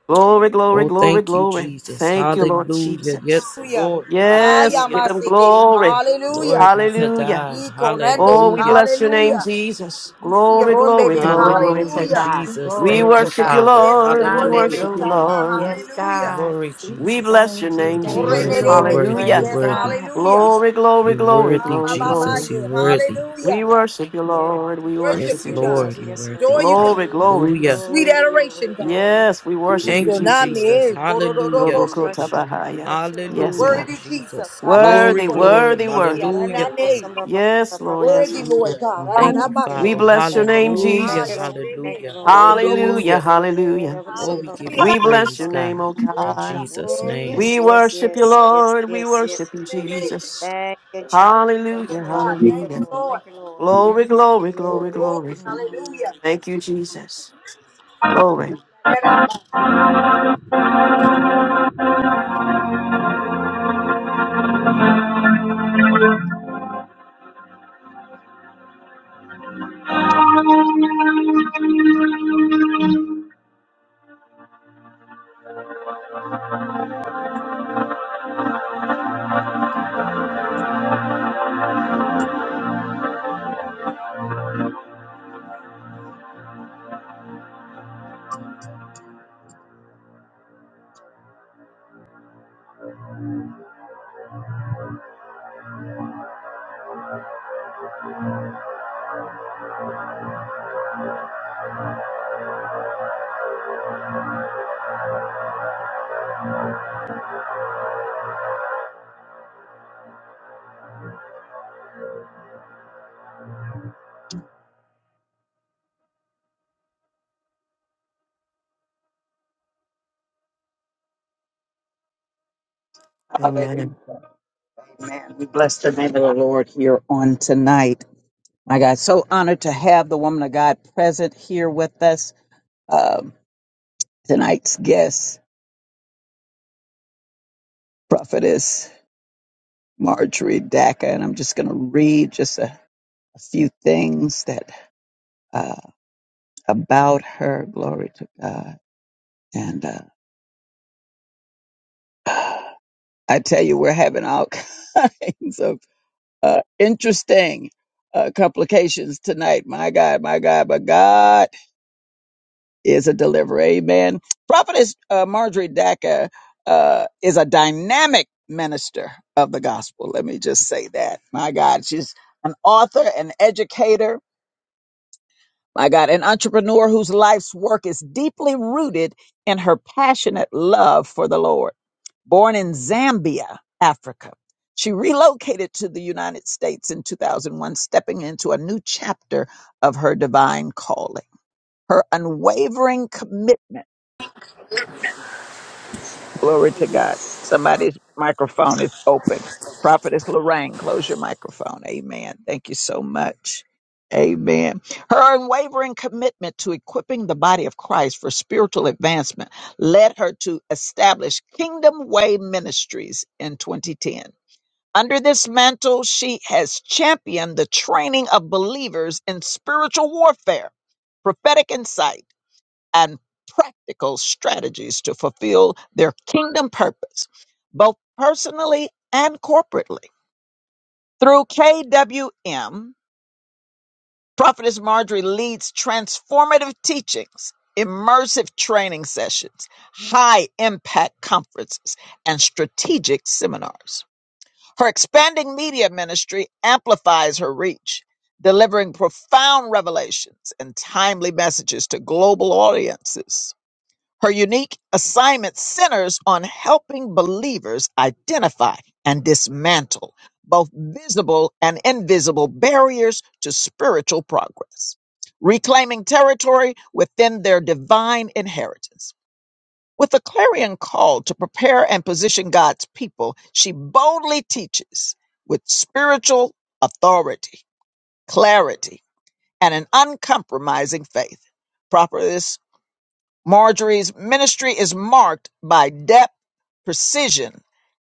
Glory, glory,
Oh,
glory,
thank you,
glory.
Jesus.
Thank you, Lord
Hallelujah.
Jesus.
Yes,
Hallelujah.
Lord.
Yes, give
Hallelujah.
them
Ayamasike.
glory.
Glory
Hallelujah.
be to
Hallelujah.
God.
Oh,
Ikonande.
we
Hallelujah.
bless your name,
Hallelujah.
Jesus.
You see your
Glory,
own
glory,
baby.
glory,
Glory
glory.
to
Hallelujah,
Hallelujah.
God.
Jesus.
We
Glory
Thank you,
to
worship you,
God.
Father.
Yes,
Lord. We
Hallelujah.
Yorobebe
worship you,
Hallelujah.
Shana,
Lord.
Yes,
hallelujah.
God.
Glory,
We
Jesus.
bless your
Thank you.
Oh,
name,
you're
Thank you,
Jesus.
worthy, you're
Lord.
Orebebe,
worthy,
say
you're
Hallelujah.
Praise
yes,
worthy.
God.
hallelujah.
Glory, glory,
You're
glory,
Ah,
worthy,
ma,
glory,
ma, ma,
Jesus.
glory.
yeah,
You're worthy.
We
Hallelujah.
worship you,
Yes,
Lord.
We
We
Lord.
worship
worship
Yes,
you,
Yes,
you,
Lord.
God.
Lord,
Jesus.
We
you're
Yes, Lord.
worthy.
adore you,
Glory, glory.
God.
Hallelujah.
Sweet
Glory, glory,
adoration, God.
glory.
Yes, we
You
worship you,
Thank
shall
you,
Jesus.
not me,
Jesus.
eh,
Mm,
Hallelujah.
Bless
kororoboshe.
you, Lord.
Robokotabahaya.
bless you,
You're
Lord.
Yes,
Hallelujah,
God.
worthy, Jesus.
Jesus. Glory,
Worthy,
Habashiko de de de
glory.
worthy,
misi,
worthy.
Let
Hallelujah.
us
aranane.
some ba- ba- ba-
Yes,
You're
ba-
Lord.
ba-
Yes,
Worthy,
ba.
Lord.
Lord
Yes,
God.
Lord.
Thank
Thank
you,
you,
We
Father.
Lord.
Adadamashe.
bless your
Thank you,
name,
Lord.
Ah,
Hallelujah,
Thank you,
Jesus.
ya
Lord.
de de
Thank
me,
you,
hallelujah,
Lord.
Hallelujah,
hallelujah.
kororoboshe.
Let
hallelujah.
us
Oh,
some
we
ba- ba-
give you
ba-
Hallelujah.
We
ba-
bless
praise,
your
ba.
name,
God,
O
Yes,
in
God.
Jesus'
Oh
name.
We
yes, yes,
worship you,
yes, yes,
Lord. We
yes, yes.
worship you,
amen.
Jesus.
Thank you, Jesus. Thank you,
Oh,
Hallelujah,
Lord.
God.
Thank
Thank
you,
hallelujah.
you,
Lord.
Lord.
Thank you, Lord.
Glory, glory,
For
glory,
Glory.
glory.
glory. Hallelujah.
Mm,
Thank you, Jesus. Glory.
Let that out by faith.
Hallelujah.
Amen.
Amen. We bless the name of the Lord here on tonight. My God, so honored to have the woman of God present here with us. Um, tonight's guest, prophetess Marjorie Daka, and I'm just going to read just a, a few things that uh, about her. Glory to God. And uh, I tell you, we're having all [laughs] kinds of uh, interesting uh, complications tonight. My God, my God, my God. is a deliverer. Amen. Prophetess uh, Marjorie Dacker uh, is a dynamic minister of the gospel. Let me just say that. My God, she's an author, an educator, my God, an entrepreneur whose life's work is deeply rooted in her passionate love for the Lord. Born in Zambia, Africa, she relocated to the United States in 2001, stepping into a new chapter of her divine calling. Her unwavering commitment Glory to God. Somebody's microphone is open. Prophetess Lorraine, close your microphone. Amen. Thank you so much. Amen. Her unwavering commitment to equipping the body of Christ for spiritual advancement led her to establish Kingdom Way Ministries in 2010. Under this mantle, she has championed the training of believers in spiritual warfare, prophetic insight, and practical strategies to fulfill their kingdom purpose, both personally and corporately. Through KWM, Prophetess Marjorie leads transformative teachings, immersive training sessions, high impact conferences, and strategic seminars. Her expanding media ministry amplifies her reach, delivering profound revelations and timely messages to global audiences. Her unique assignment centers on helping believers identify and dismantle both visible and invisible barriers to spiritual progress, reclaiming territory within their divine inheritance. With a clarion call to prepare and position God's people, she boldly teaches with spiritual authority, clarity, and an uncompromising faith. Prophetess Marjorie's ministry is marked by depth, precision,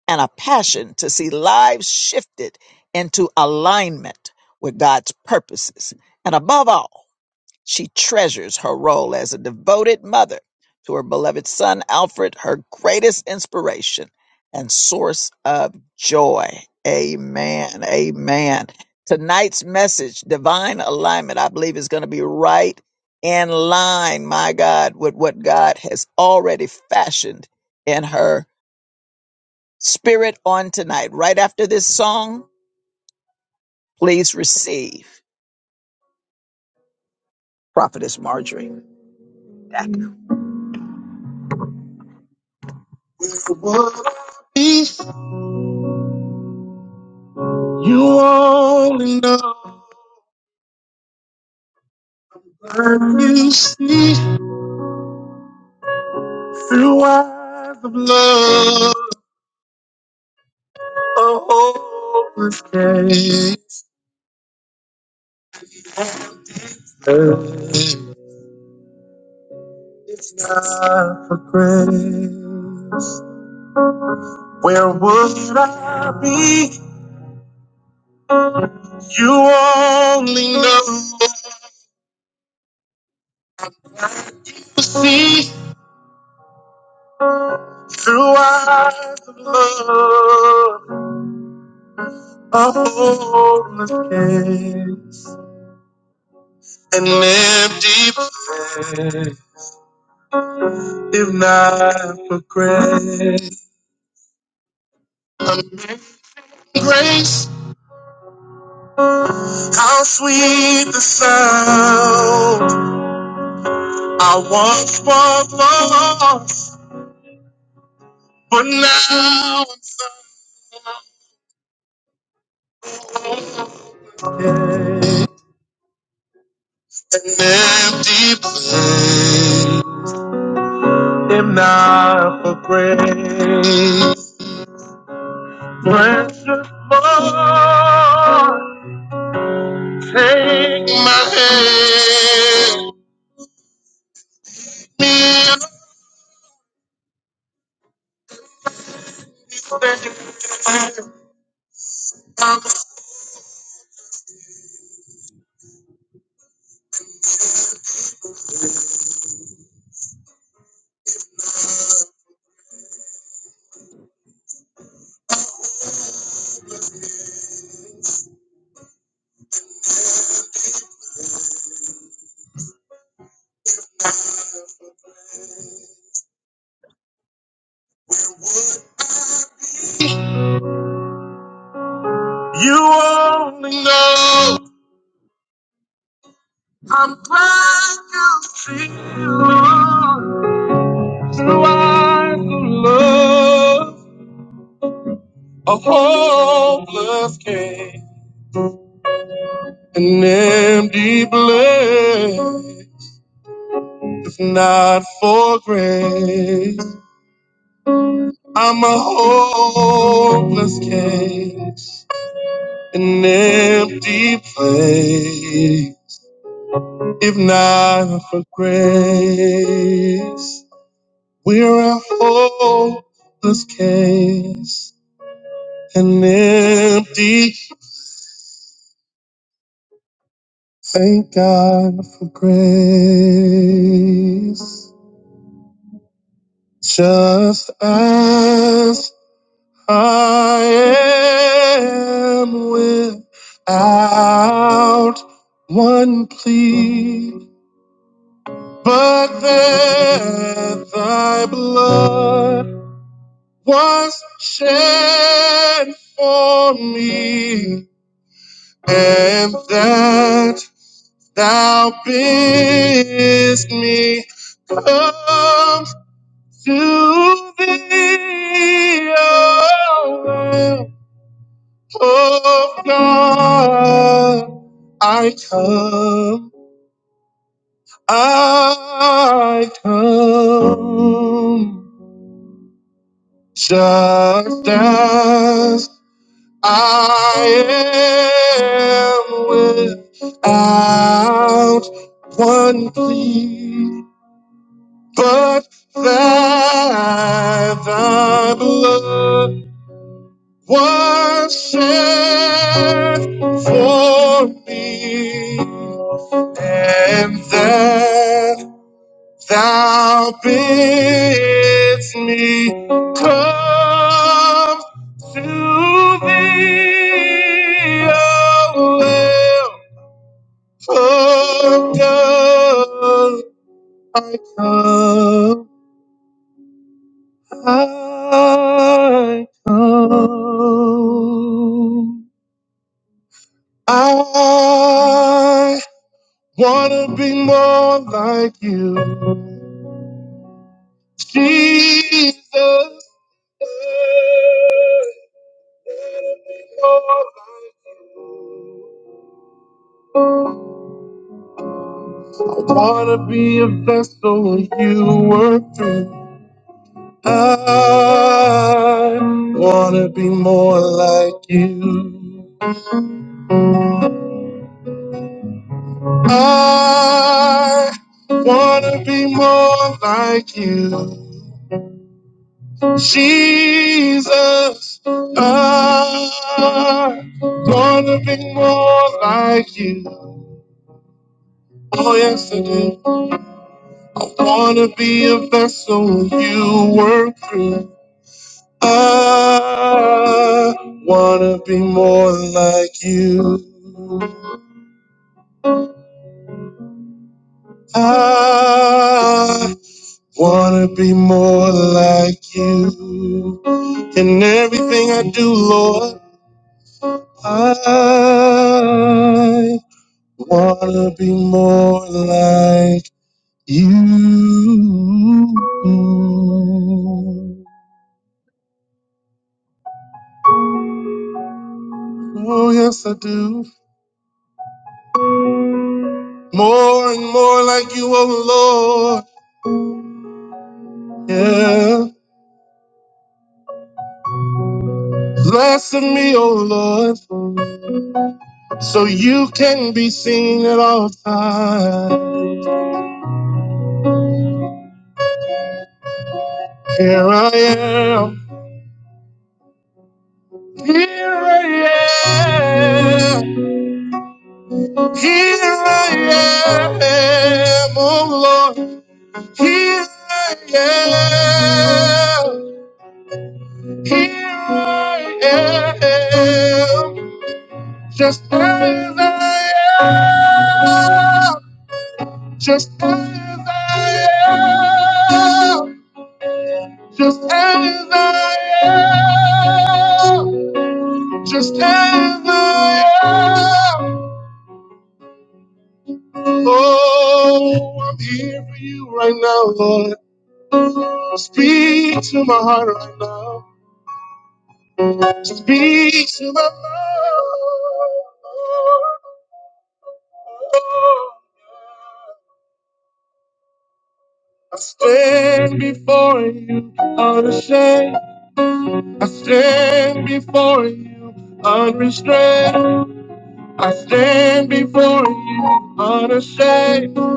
and a passion to see lives shifted into alignment with God's purposes. And above all, she treasures her role as a devoted mother to her beloved son Alfred, her greatest inspiration and source of joy. Amen. Amen. Tonight's message, divine alignment, I believe is going to be right in line, my God, with what God has already fashioned in her spirit on tonight. Right after this song, please receive Prophetess Marjorie. Back. You only know when you see through eyes of love. A hopeless case. It's not for grace. Where would I be? You only know to see through eyes of love. A hopeless case. An empty prayer, if not for grace. Amazing grace, how sweet the sound. I once was lost, but now I'm saved. If not for grace, you only know I'm glad you see Lord, through eyes of love. a hopeless case, an empty blade. If not for grace, I'm a hopeless case, an empty place. If not for grace, we're a hopeless case, an empty. Thank God for grace. Just as I am without one plea, but that thy blood was shed for me, and that thou bidst me come to thee. O Lamb of God, I come, I come, just as I am without one plea, but that thy blood was shed for me. And then thou bids me come to thee, O Lamb of God. I come, I come. I wanna be more like you, Jesus. I wanna be a vessel you work through. I wanna be more like you. I wanna be more like you. Jesus, I wanna be more like you. Oh yes I do. I Wanna be a vessel you work through. I wanna be more like you. I wanna be more like you. In everything I do, Lord, I wanna be more like you. Oh, yes, I do. more and more like you, oh Lord. Yeah. Bless me, oh Lord, so you can be seen at all times. Here I am. Here I am. Here I am, oh Lord. Here I am. Here I am. Just as I am. Just as I am. Just as I am. Just as I am. Oh, I'm here for you right now, Lord. Speak to my heart right now. Speak to my mind. I stand before you unashamed. I stand before you unrestrained. I stand before you unashamed.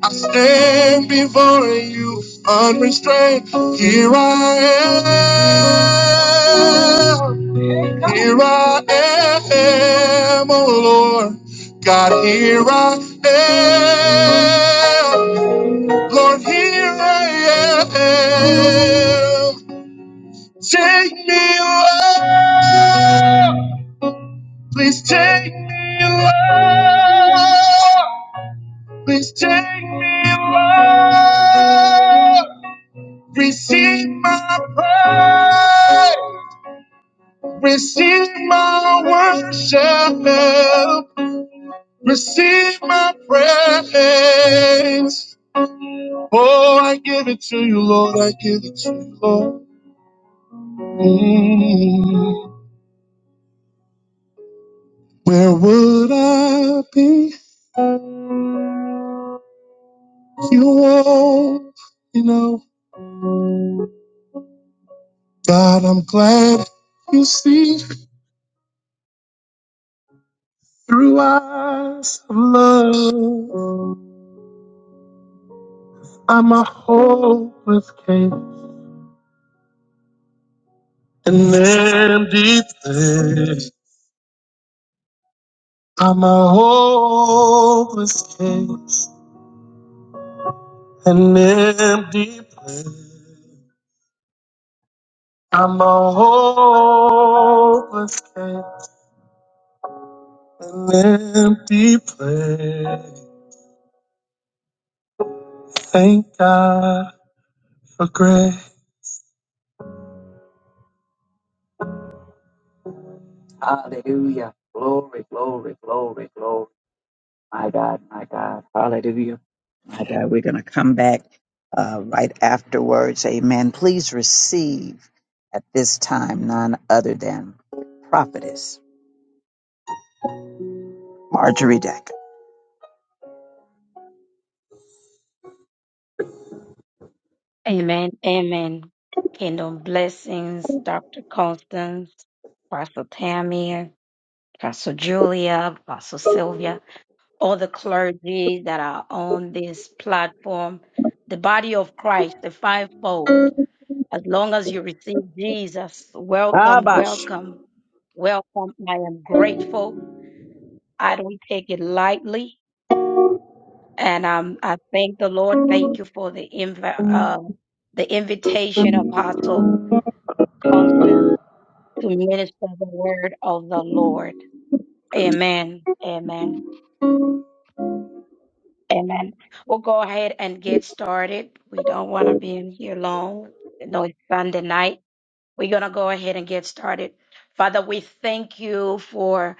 I stand before you unrestrained. Here I am. Here I am, oh Lord. God, here I am. Lord, here I am. Take me away. Please take me away. Please take me, Lord. Receive my praise. Receive my worship. Receive my praise. Oh, I give it to you, Lord. I give it to you, Lord. Mm. Where would I be? You won't, you know. God, I'm glad you see. Through eyes of love, I'm a hopeless case, an empty place. I'm a hopeless case, an empty place. I'm a hopeless case, an empty place. Thank God for grace. Father. We're going to come back uh, right afterwards. Amen. Please receive at this time none other than prophetess Marjorie Deck.
Amen. Amen. Kingdom blessings, Dr. Constance, Pastor Tammy, Pastor Julia, Pastor Sylvia, all the clergy that are on this platform, the body of Christ, the fivefold. As long as you receive Jesus, welcome,
Abash.
welcome, welcome. I am grateful. I don't take it lightly. And um, I thank the Lord. Thank you for the, inv- uh, the invitation, Apostle. function to minister the word of the Lord. Amen. Amen. Amen. We'll go ahead and get started. We don't want to be in here long. No, it's Sunday night. We're going to go ahead and get started. Father, we thank you for.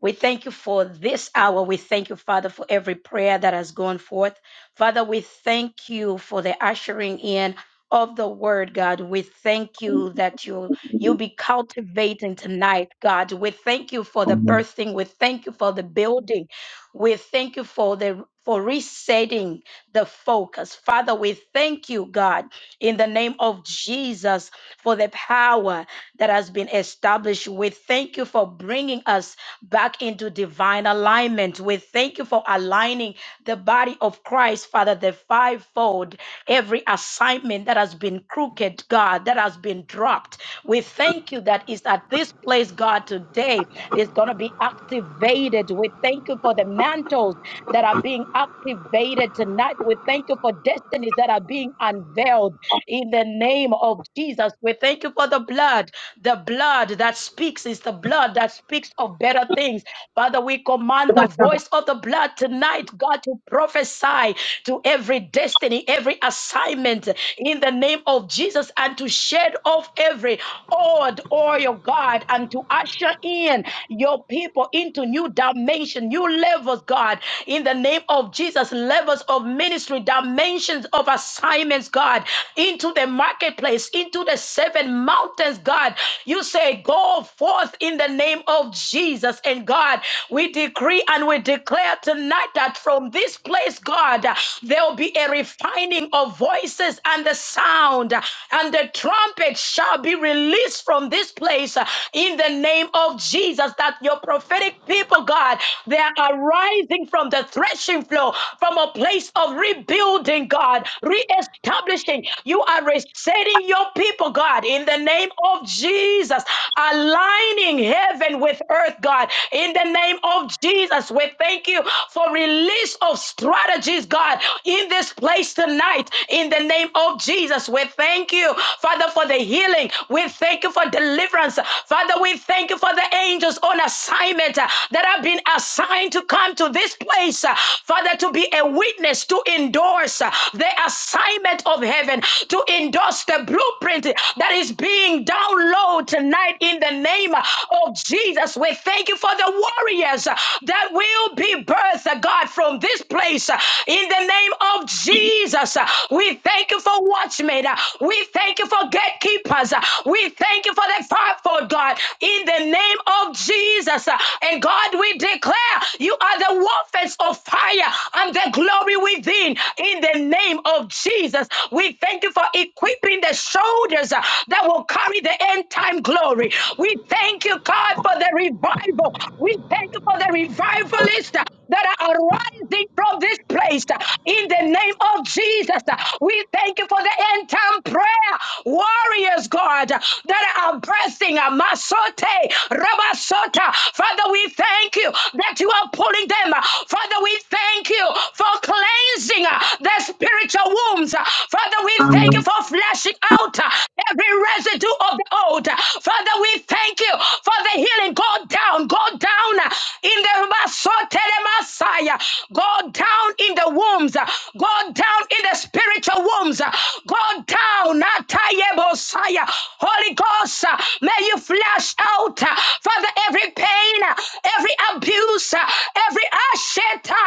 We thank you for this hour. We thank you, Father, for every prayer that has gone forth. Father, we thank you for the ushering in of the word, God. We thank you that you you be cultivating tonight, God. We thank you for the birthing. We thank you for the building. We thank you for the for resetting the focus. Father, we thank you, God, in the name of Jesus for the power that has been established. We thank you for bringing us back into divine alignment. We thank you for aligning the body of Christ, Father, the fivefold, every assignment that has been crooked, God, that has been dropped. We thank you that is at this place, God, today is going to be activated. We thank you for the mantles that are being activated tonight. We thank you for destinies that are being unveiled in the name of Jesus. We thank you for the blood. The blood that speaks is the blood that speaks of better things. Father, we command the voice of the blood tonight, God, to prophesy to every destiny, every assignment in the name of Jesus, and to shed off every old oil, God, and to usher in your people into new dimensions dimension. New levels, God, in the name of Jesus, levels of ministry, dimensions of assignments, God, into the marketplace, into the seven mountains, God. You say, Go forth in the name of Jesus. And God, we decree and we declare tonight that from this place, God, there will be a refining of voices and the sound, and the trumpet shall be released from this place in the name of Jesus. Jesus, that your prophetic people, God, they are rising from the threshing floor, from a place of rebuilding, God, reestablishing. You are resetting your people, God, in the name of Jesus, aligning heaven with earth, God, in the name of Jesus. We thank you for release of strategies, God, in this place tonight, in the name of Jesus. We thank you, Father, for the healing. We thank you for deliverance deliverance. Father, we thank you for the angels on assignment uh, that have been assigned to come to this place, uh, Father, to be a witness, to endorse uh, the assignment of heaven, to endorse the blueprint that is being downloaded tonight in the name of Jesus. We thank you for the warriors uh, that will be birthed, uh, God, from this place uh, in the name of Jesus. Uh, We thank you for watchmen. Uh, We thank you for gatekeepers helpers. Uh, We thank you for the fivefold, God, in the name of Jesus. Uh, And God, we declare you are the warfare of fire and the glory within, in the name of Jesus. We thank you for equipping the shoulders uh, that will carry the end time glory. We thank you, God, for the revival. We thank you for the revivalist that are arising from this place in the name of Jesus. We thank you for the end time prayer warriors, God, that are pressing Masote, Rabasota. Father, we thank you that you are pulling them. Father, we thank you for cleansing the spiritual wombs. Father, we thank you for flashing out uh, every residue of the old. Father, we thank you for the healing. Go down, go down uh, in the Rabasota telemasaya. Go down in the wombs. Go down in the spiritual wombs. Go down. atayebosaya. Holy Ghost, uh, may you flash out, uh, Father, every pain, uh, every abuse, uh, every asheta.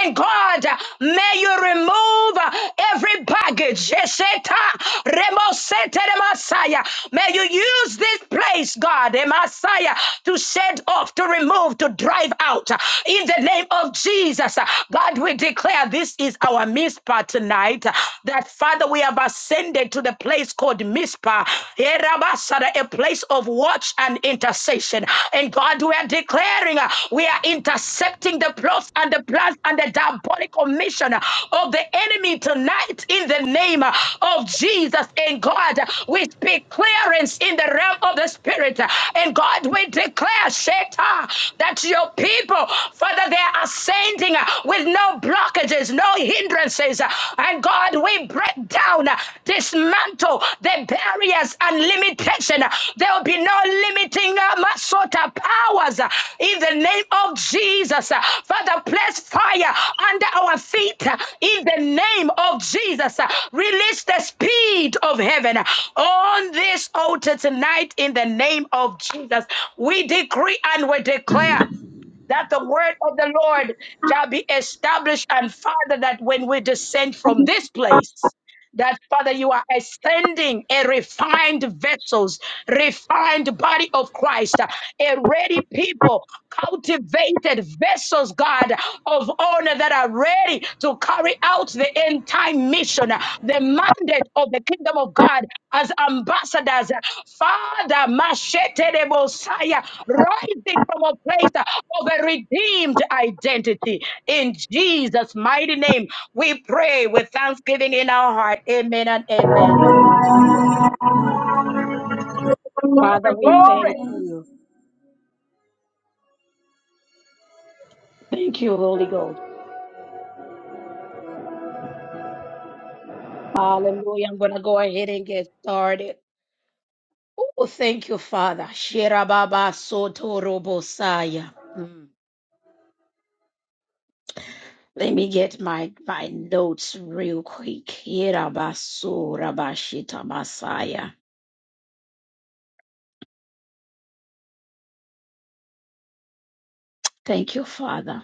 And God, uh, may you remove uh, every baggage. Yesheta. Remosete remasaya. May you use this place, God, eh, Messiah, to shed off, to remove, to drive out uh, In the name of Jesus, uh, God, we declare this is our Mizpah tonight. uh, That Father, we have ascended to the place called Mizpah, Eh, a place of watch and intercession. And God, we are declaring uh, we are intercepting the plots and the plans and the diabolical mission uh, of the enemy tonight in the name uh, of Jesus. And God, uh, we speak clearance in the realm of the spirit. Uh, And God, we declare, Sheta, that your people, Father, they are ascending uh, with no blockages, no hindrances. uh, And God, we break down, uh, dismantle the barriers and limitation. uh, There will be no limiting uh, sort of powers uh, in the name of Jesus. uh, Father, place fire under our feet uh, in the name of Jesus. uh, Release the speed of heaven uh, on this altar tonight in the name of Jesus. We decree and we declare that the word of the Lord shall be established. And Father, that when we descend from this place, that Father, you are ascending a refined vessels, refined body of Christ, a ready people, cultivated vessels, God, of honor that are ready to carry out the end time mission, the mandate of the kingdom of God as ambassadors. Father, Mashete Messiah, rising from a place of a redeemed identity. In Jesus' mighty name, we pray with thanksgiving in our heart. Amen and amen. Thank you, Thank you, Holy Ghost. Hallelujah. I'm going to go ahead and get started. Oh, thank you, Father. Shirababa sotorobosaya. Mm. Let me get my, my notes real quick. Hirabasurabashita Masaya. Thank you, Father.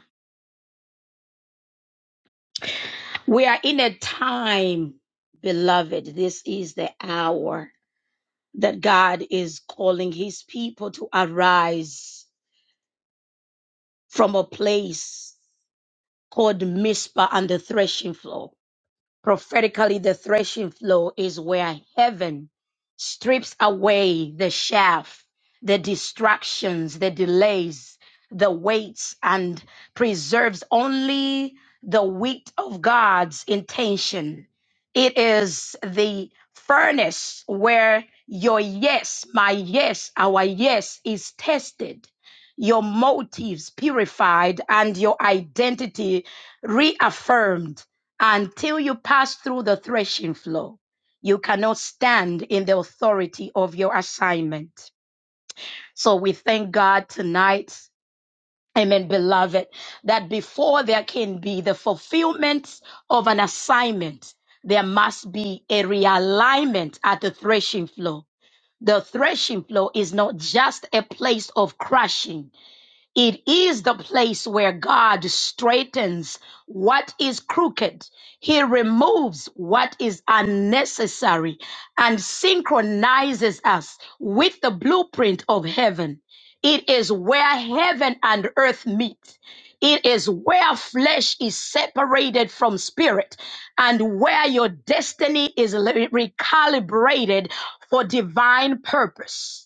We are in a time, beloved. This is the hour that God is calling his people to arise from a place called Mizpah on the threshing floor. Prophetically, the threshing floor is where heaven strips away the chaff, the distractions, the delays, the weights, and preserves only the wheat of God's intention. It is the furnace where your yes, my yes, our yes is tested, your motives purified, and your identity reaffirmed until you pass through the threshing floor, you cannot stand in the authority of your assignment. So we thank God tonight. Amen, beloved, that before there can be the fulfillment of an assignment, there must be a realignment at the threshing floor. The threshing floor is not just a place of crushing, it is the place where God straightens what is crooked. He removes what is unnecessary and synchronizes us with the blueprint of heaven. It is where heaven and earth meet. It is where flesh is separated from spirit and where your destiny is recalibrated for divine purpose.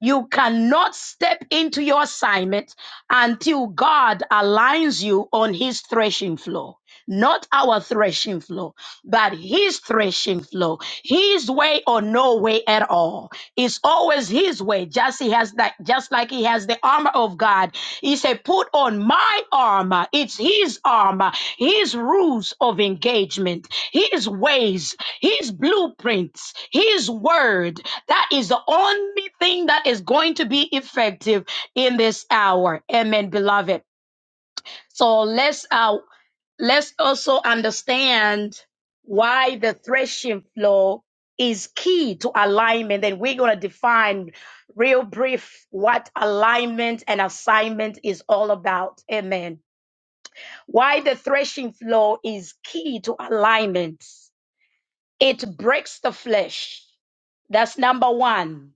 You cannot step into your assignment until God aligns you on his threshing floor. Not our threshing floor, but his threshing floor. His way or no way at all. It's always his way, just he has the like just like he has the armor of God. He said, put on my armor. It's his armor, his rules of engagement, his ways, his blueprints, his word. That is the only thing that is going to be effective in this hour. Amen, beloved. So let's uh, let's also understand why the threshing floor is key to alignment. And we're gonna define real brief what alignment and assignment is all about. Amen. Why the threshing floor is key to alignment. It breaks the flesh. That's number one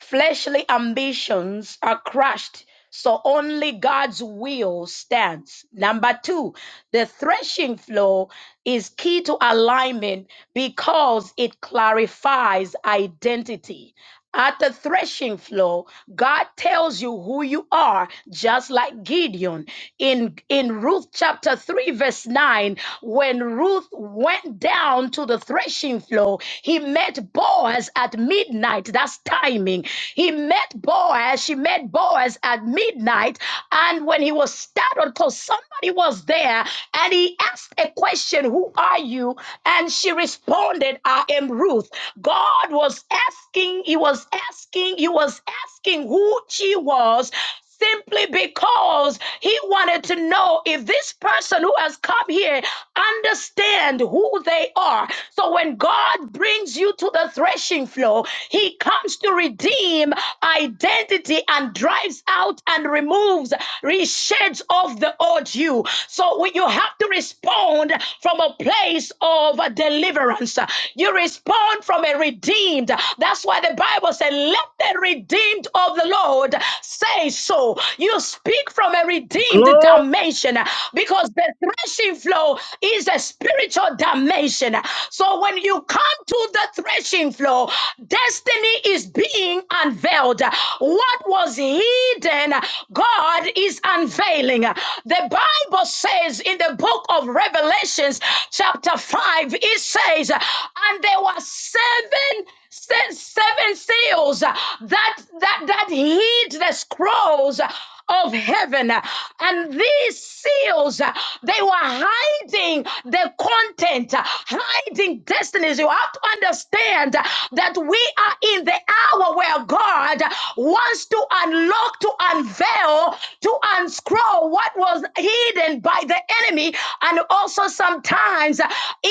Fleshly ambitions are crushed, so only God's will stands. Number two, the threshing floor is key to alignment because it clarifies identity. At the threshing floor, God tells you who you are, just like Gideon. In, in Ruth chapter 3, verse 9, when Ruth went down to the threshing floor, he met Boaz at midnight night. That's timing. He met Boaz. She met Boaz at midnight. And when he was startled, because somebody was there, and he asked a question, Who are you? And she responded, I am Ruth. God was asking, he was asking, he was asking who she was simply because he wanted to know if this person who has come here understand who they are. So when God brings you to the threshing floor, he comes to redeem identity and drives out and removes, resheds off the old you. So we- you have to respond from a place of deliverance. You respond from a redeemed. That's why the Bible said, let the redeemed of the Lord say so. You speak from a redeemed
Glory.
dimension because the threshing floor is a spiritual dimension. So when you come to the threshing floor, destiny is being unveiled. What was hidden, God is unveiling. The Bible says in the book of Revelations, chapter 5, it says, And there were seven since seven seals uh, that that that hid the scrolls uh, of heaven uh, and these seals uh, they were hiding the content uh, hiding destinies you have to understand uh, that we are in the hour where god uh, wants to unlock to unveil to unscroll what was hidden by the enemy and also sometimes uh,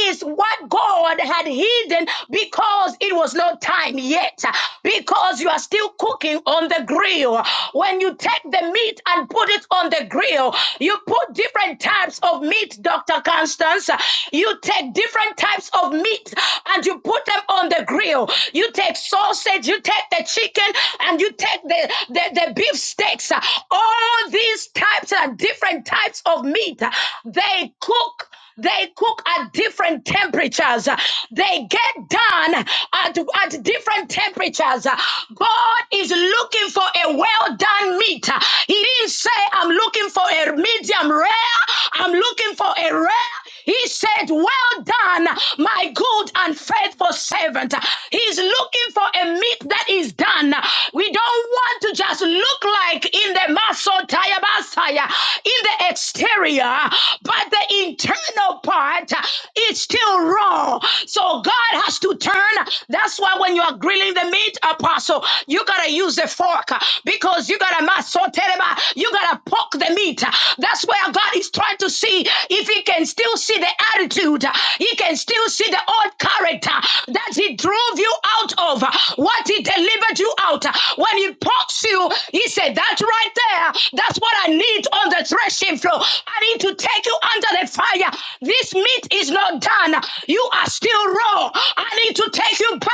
is what God had hidden because it was not time yet, because you are still cooking on the grill. When you take the meat and put it on the grill, you put different types of meat, Dr. Constance. You take different types of meat and you put them on the grill. You take sausage, you take the chicken, and you take the, the, the beef steaks. All these types and different types of meat, they cook they cook at different temperatures. They get done at, at different temperatures. God is looking for a well done meat. He didn't say, I'm looking for a medium rare. I'm looking for a rare. He said, Well done, my good and faithful servant. He's looking for a meat that is done. We don't want to just look like in the Masotaya Basaya, in the exterior, but the internal part is still raw. So God has to turn. That's why when you are grilling the meat, apostle, you gotta use a fork because you gotta Masotereba, you gotta poke the meat. That's where God is trying to see if if he can still see the attitude, he can still see the old character that he drove you out of, what he delivered you out. When he pops you, he said, That right there, that's what I need on the threshing floor. I need to take you under the fire. This meat is not done. You are still raw. I need to take you back.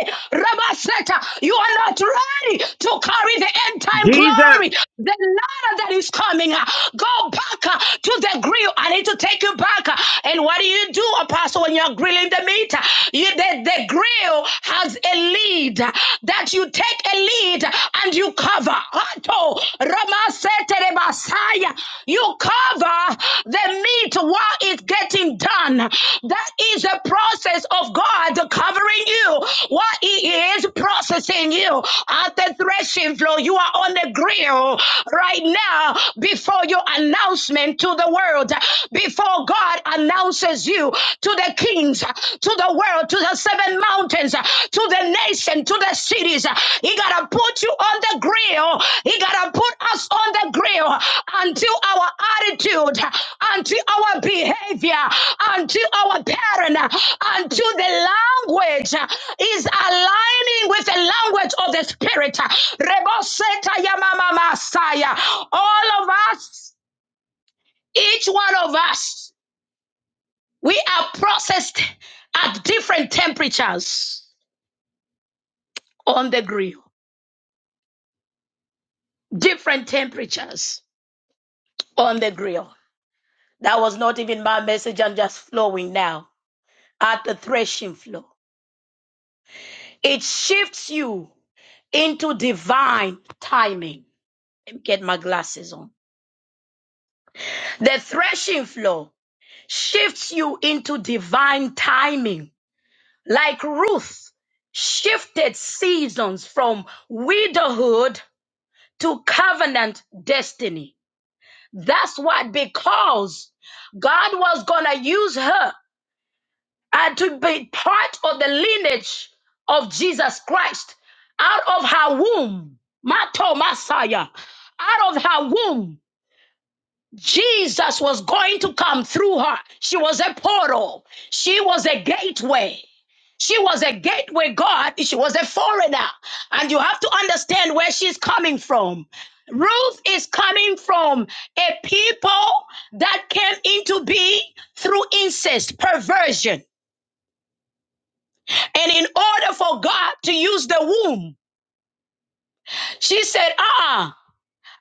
Ate, Rabaseta. You are not ready to carry the end time glory. The ladder that is coming. Go back to the the grill. I need to take you back. And what do you do, Apostle, when you're grilling the meat? You, the, the grill has a lid. that you take a lid and you cover. Ato, Rama sete You cover the meat while it's getting done. That is a process of God covering you while He is processing you at the threshing floor. You are on the grill right now before your announcement announcement to the world before God announces you to the kings, to the world, to the seven mountains, to the nation, to the cities. He gotta put you on the grill. He gotta put us on the grill until our attitude, until our behavior, until our pattern, until the language is aligning with the language of the spirit. Reboseta yamama masaya. All of us each one of us, we are processed at different temperatures on the grill. Different temperatures on the grill. That was not even my message. I'm just flowing now at the threshing floor. It shifts you into divine timing. Let me get my glasses on. The threshing floor shifts you into divine timing, like Ruth shifted seasons from widowhood to covenant destiny. That's what, because God was going to use her and to be part of the lineage of Jesus Christ out of her womb. Mato Messiah, out of her womb. Jesus was going to come through her. She was a portal. She was a gateway. She was a gateway God. She was a foreigner. And you have to understand where she's coming from. Ruth is coming from a people that came into being through incest, perversion. And in order for God to use the womb, she said, uh uh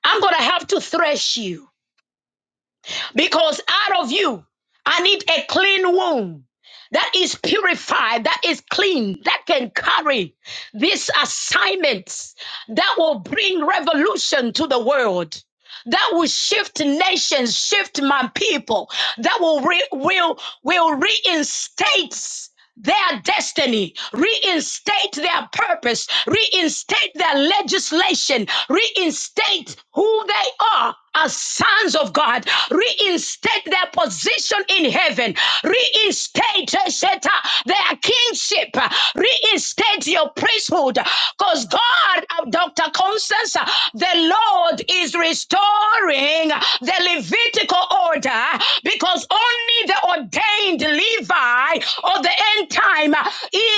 i am going to have to thresh you. Because out of you, I need a clean womb that is purified, that is clean, that can carry these assignments that will bring revolution to the world. That will shift nations, shift my people. That will re- will will reinstate their destiny, reinstate their purpose, reinstate their legislation, reinstate who they are as sons of God, reinstate their position in heaven, reinstate eh, Sheta, their kingship, reinstate your priesthood, because God, uh, Dr. Constance, uh, the Lord is restoring the Levitical order because only the ordained Levi of the end time uh,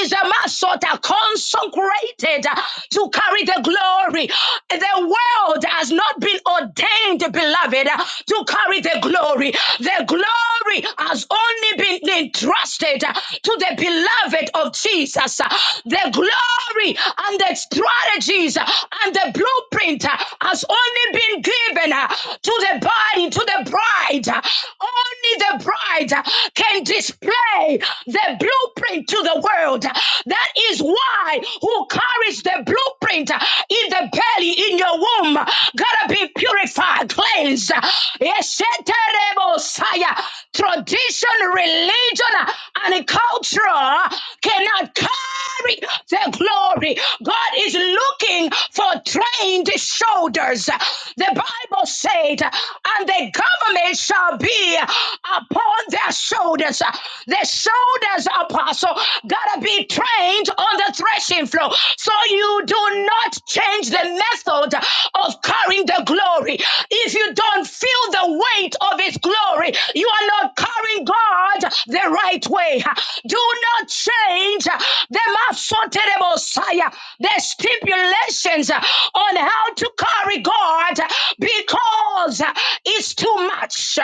is a masota consecrated uh, to carry the glory. The world has not been ordained, beloved, uh, to carry the glory. The glory has only been entrusted uh, to the beloved of Jesus. Uh, The glory and the strategies uh, and the blueprint uh, has only been given uh, to the body, to the bride bride, only the bride can display the blueprint to the world. That is why who carries the blueprint in the belly, in your womb, gotta be purified, cleansed. Esheterebosaya. Tradition, religion, and culture cannot carry the glory. God is looking for trained shoulders. The Bible Bible said, and the government shall be upon their shoulders. The shoulders, apostle, gotta be trained on the threshing floor. So you do not change the method of carrying the glory. If you don't feel the weight of his glory, you are not carrying God the right way. Do not change the Messiah, the stipulations on how to carry God because it's too much.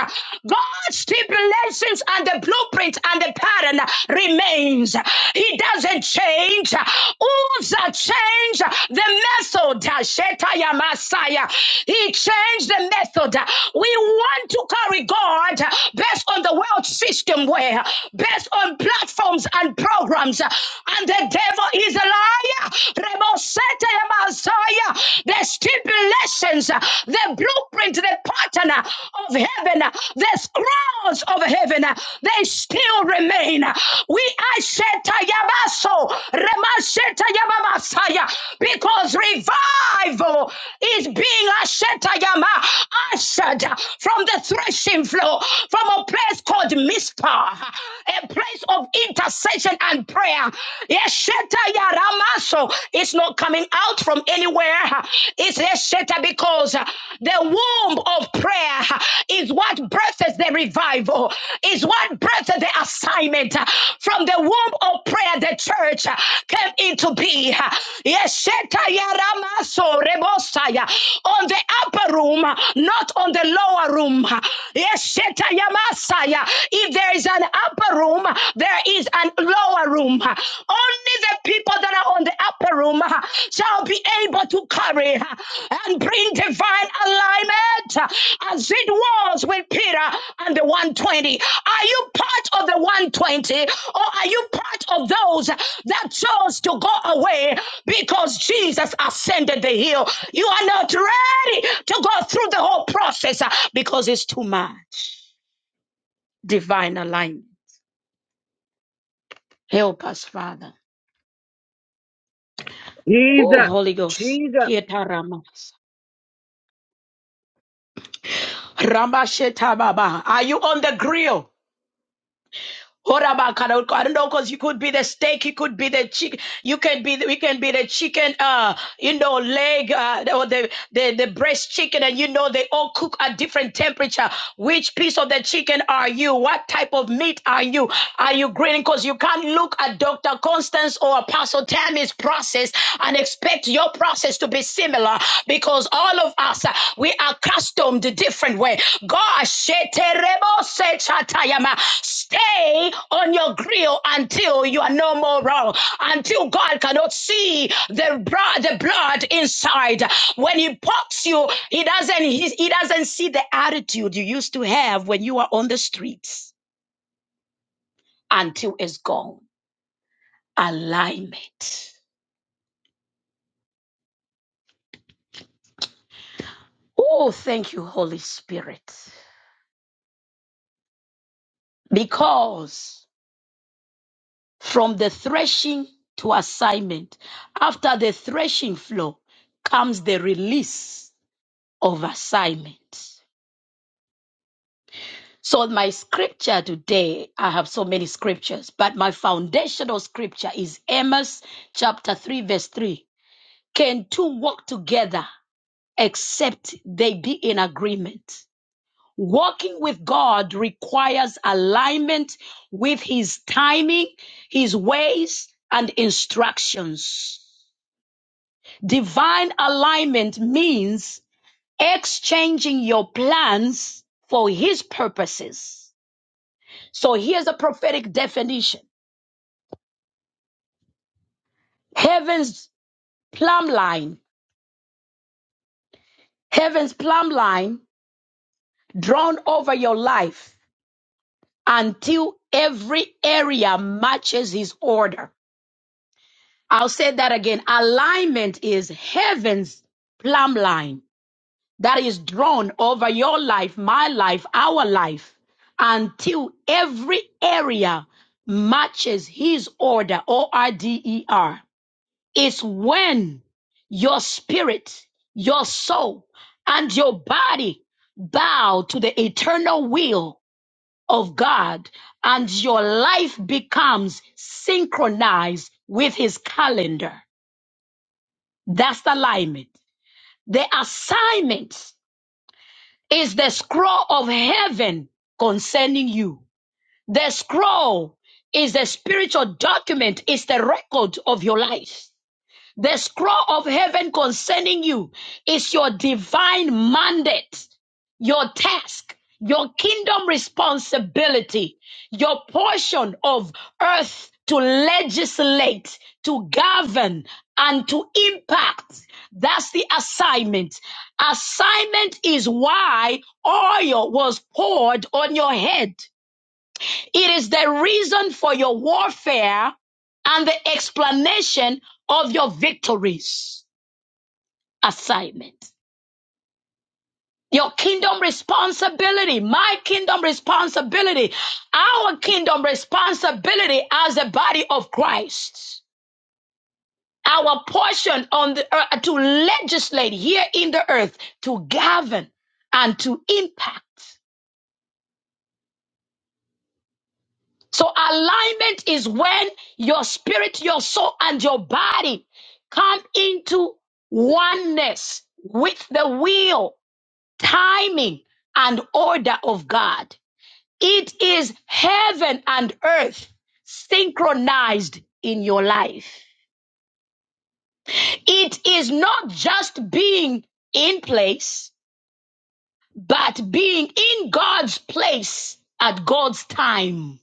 God's stipulations and the blueprint and the pattern remains. He doesn't change. Uzzah changed the method. Shetaya Messiah. He changed the method. We want to carry God based on the world system where based on platforms and programs and the devil is a liar. Remosete Messiah, the stipulations, uh, the blueprint, the pattern uh, of heaven, uh, the scrolls of heaven, uh, they still remain. We Asheta Yabaso, Remasheta Yaba because revival is being Asheta Yama, ushered from the threshing floor, from a place called Mizpah, a place of intercession and prayer prayer. Yesheta yaramaso. It's not coming out from anywhere. It's yesheta because the womb of prayer is what births the revival, is what births the assignment. From the womb of prayer, the church came into being. Yesheta yaramaso rebosaya. On the upper room, not on the lower room. Yesheta yamasaya. If there is an upper room, there is an lower room. Only the people that are on the upper room uh, shall be able to carry uh, and bring divine alignment uh, as it was with Peter and the 120. Are you part of the 120 or are you part of those that chose to go away because Jesus ascended the hill? You are not ready to go through the whole process uh, because it's too much. Divine alignment. Help us, Father. Oh, Holy Ghost. Shetaramasa. Ramashetababa. Are you on the grill? Horabakara. I don't know because you could be the steak, you could be the chicken, you can be we can be the chicken, uh, you know, leg uh, or the, the the breast chicken, and you know they all cook at different temperature. Which piece of the chicken are you? What type of meat are you? Are you grilling? Because you can't look at Dr. Constance or Apostle Tammy's process and expect your process to be similar because all of us we are accustomed a different way. God, stay on your grill until you are no more wrong, until God cannot see the, bro- the blood inside. When He pops you, He doesn't. He, he doesn't see the attitude you used to have when you were on the streets until it's gone. Alignment. Oh, thank you, Holy Spirit, because From the threshing to assignment. After the threshing floor comes the release of assignment. So, my scripture today, I have so many scriptures, but my foundational scripture is Amos chapter 3, verse 3. Can two walk together except they be in agreement? Walking with God requires alignment with His timing, His ways, and instructions. Divine alignment means exchanging your plans for His purposes. So here's a prophetic definition Heaven's plumb line, Heaven's plumb line drawn over your life until every area matches His order. I'll say that again. Alignment is Heaven's plumb line that is drawn over your life, my life, our life, until every area matches His order, O R D E R. It's when your spirit, your soul, and your body bow to the eternal will of God, and your life becomes synchronized with His calendar. That's the alignment. The assignment is the scroll of heaven concerning you. The scroll is the spiritual document, it's the record of your life. The scroll of heaven concerning you is your divine mandate, your task, your kingdom responsibility, your portion of earth to legislate, to govern, and to impact. That's the assignment. Assignment is why oil was poured on your head. It is the reason for your warfare and the explanation of your victories assignment. Your kingdom responsibility, my kingdom responsibility, our kingdom responsibility as a body of Christ. Our portion on the earth to legislate here in the earth, to govern and to impact. So alignment is when your spirit, your soul, and your body come into oneness with the will, timing, and order of God. It is heaven and earth synchronized in your life. It is not just being in place, but being in God's place at God's time.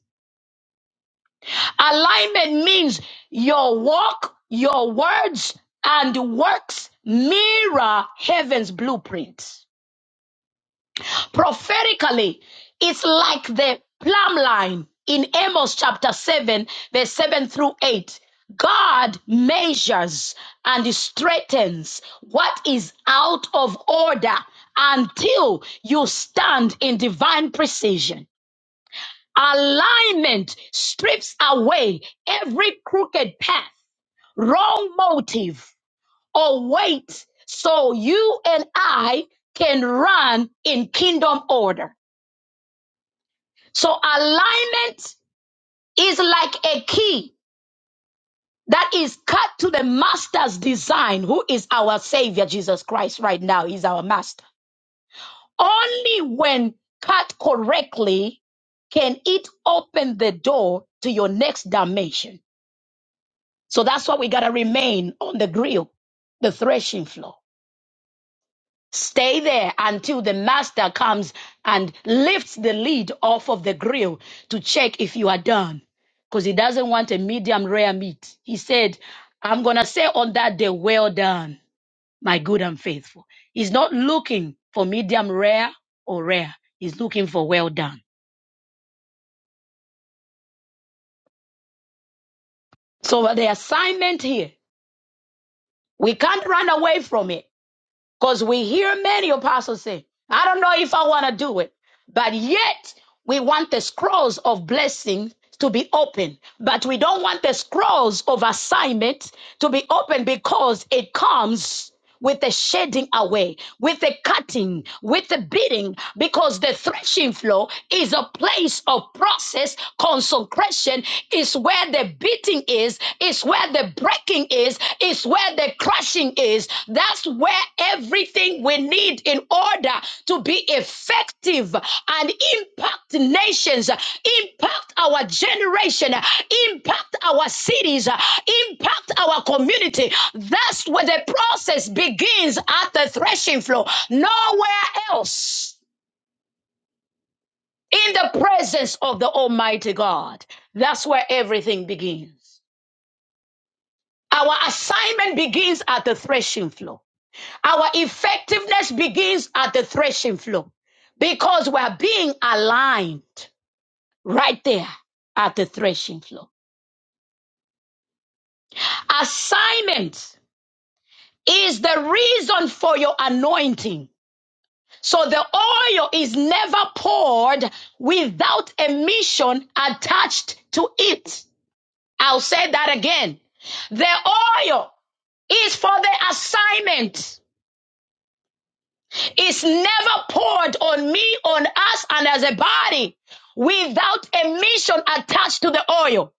Alignment means your walk, your words, and works mirror heaven's blueprint. Prophetically, it's like the plumb line in Amos chapter 7, verse 7 through 8. God measures and straightens what is out of order until you stand in divine precision. Alignment strips away every crooked path wrong motive or weight so you and I can run in kingdom order. So alignment is like a key that is cut to the master's design, who is our savior, Jesus Christ, right now. He's our master. Only when cut correctly can it open the door to your next dimension. So that's why we got to remain on the grill, the threshing floor. Stay there until the master comes and lifts the lid off of the grill to check if you are done. Because he doesn't want a medium rare meat. He said, I'm going to say on that day, well done, my good and faithful. He's not looking for medium rare or rare. He's looking for well done. So the assignment here, we can't run away from it. Because we hear many apostles say, I don't know if I want to do it. But yet, we want the scrolls of blessing to be open. But we don't want the scrolls of assignment to be open because it comes with the shedding away, with the cutting, with the beating, because the threshing floor is a place of process. Consecration is where the beating is, is where the breaking is, is where the crushing is. That's where everything we need in order to be effective and impact nations, impact our generation, impact our cities, impact our community. That's where the process begins at the threshing floor, nowhere else. In the presence of the Almighty God. That's where everything begins. Our assignment begins at the threshing floor. Our effectiveness begins at the threshing floor because we're being aligned right there at the threshing floor. Assignment is the reason for your anointing. So the oil is never poured without a mission attached to it. I'll say that again. The oil is for the assignment. is never poured on me, on us, and as a body without a mission attached to the oil.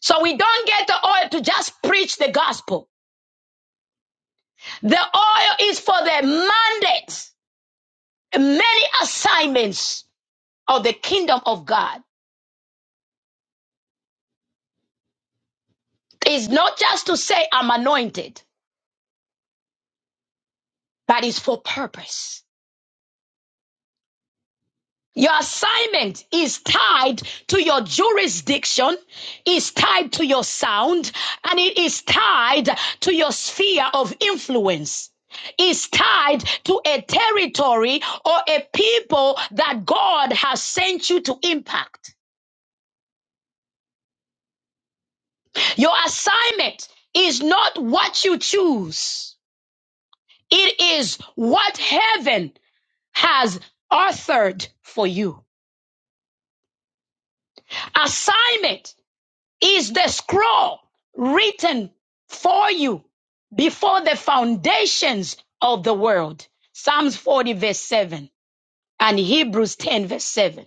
So we don't get the oil to just preach the gospel. The oil is for the mandate, many assignments of the kingdom of God. It's not just to say I'm anointed, but it's for purpose. Your assignment is tied to your jurisdiction, is tied to your sound, and it is tied to your sphere of influence. Is tied to a territory or a people that God has sent you to impact. Your assignment is not what you choose, it is what heaven has authored for you. Assignment is the scroll written for you before the foundations of the world. Psalms 40 verse 7 and Hebrews 10 verse 7.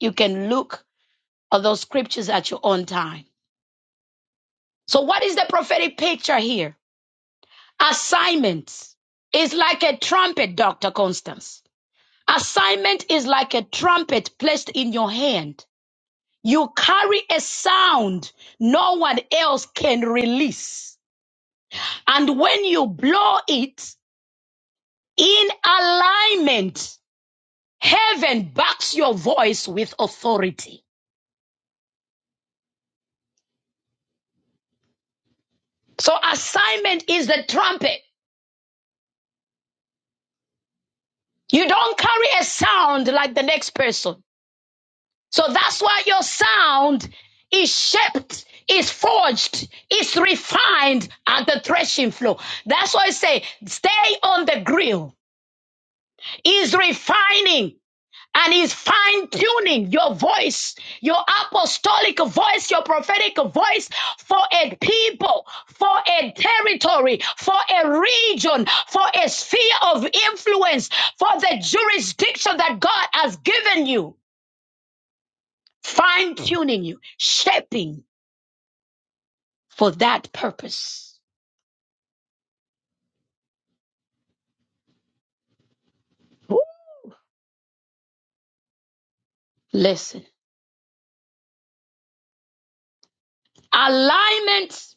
You can look at those scriptures at your own time. So what is the prophetic picture here? Assignment is like a trumpet, Dr. Constance. Assignment is like a trumpet placed in your hand. You carry a sound no one else can release And when you blow it in alignment, heaven backs your voice with authority. So assignment is the trumpet. You don't carry a sound like the next person. So that's why your sound is shaped, is forged, is refined at the threshing floor. That's why I say, stay on the grill. Is refining and he's fine tuning your voice, your apostolic voice, your prophetic voice for a people, for a territory, for a region, for a sphere of influence, for the jurisdiction that God has given you. Fine tuning you, shaping for that purpose. Woo! Listen, alignment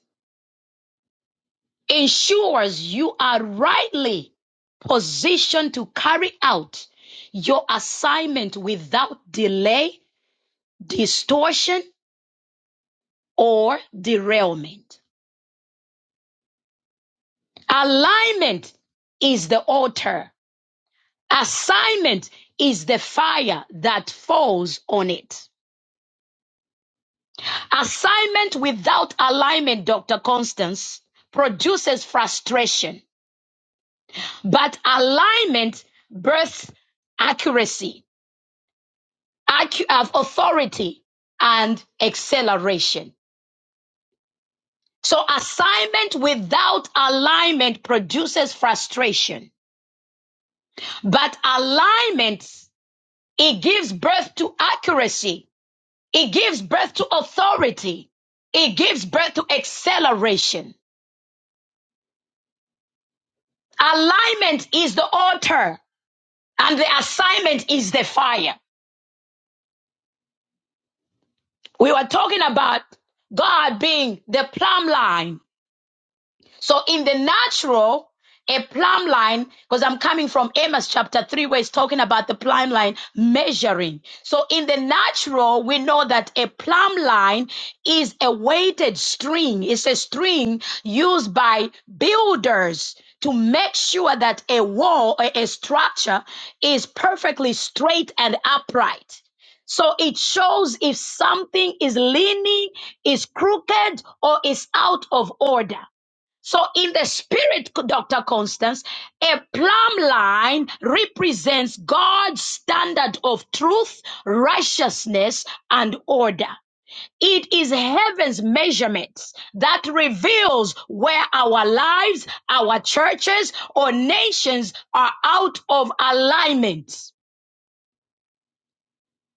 ensures you are rightly positioned to carry out your assignment without delay, distortion, or derailment. Alignment is the altar. Assignment is the fire that falls on it. Assignment without alignment, Dr. Constance, produces frustration, but alignment births accuracy. accu- of authority and acceleration. So assignment without alignment produces frustration, but alignment, it gives birth to accuracy. It gives birth to authority. It gives birth to acceleration. Alignment is the altar and the assignment is the fire. We were talking about God being the plumb line So in the natural, a plumb line, because I'm coming from Amos chapter 3, where it's talking about the plumb line measuring. So in the natural, we know that a plumb line is a weighted string. It's a string used by builders to make sure that a wall or a structure is perfectly straight and upright. So it shows if something is leaning, is crooked, or is out of order. So in the spirit, Dr. Constance, a plumb line represents God's standard of truth, righteousness, and order. It is heaven's measurements that reveals where our lives, our churches, or nations are out of alignment.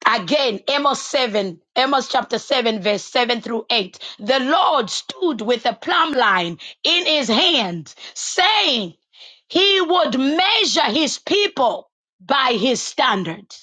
Again, Amos 7, Amos chapter 7, verse 7 through 8. The Lord stood with a plumb line in his hand, saying he would measure his people by his standard.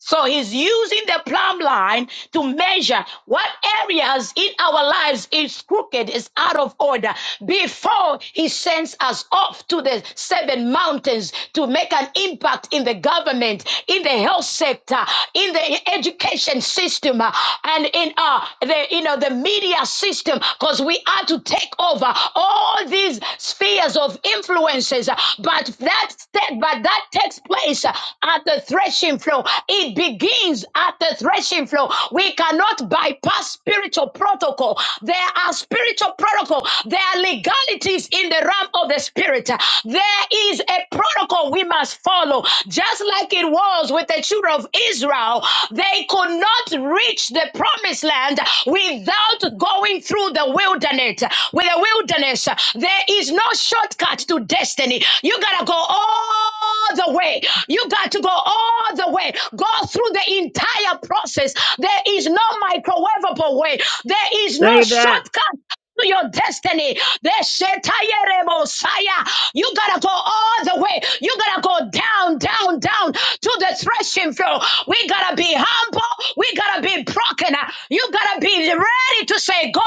So he's using the plumb line to measure what areas in our lives is crooked, is out of order, before he sends us off to the seven mountains to make an impact in the government, in the health sector, in the education system, uh, and in uh, the you know the media system, because we are to take over all these spheres of influences. But that step, but that takes place at the threshing floor. It begins at the threshing floor. We cannot bypass spiritual protocol. There are spiritual protocol. There are legalities in the realm of the spirit. There is a protocol we must follow, just like it was was with the children of Israel, they could not reach the promised land without going through the wilderness. With the wilderness, there is no shortcut to destiny. You gotta go all the way. You got to go all the way. Go through the entire process. There is no microwavable way. There is no shortcut to your destiny. Deshetayeremosaya. You gotta go all the way. You gotta go down, down, down to the threshing floor. We gotta be humble. We gotta be broken. You gotta be ready to say, God,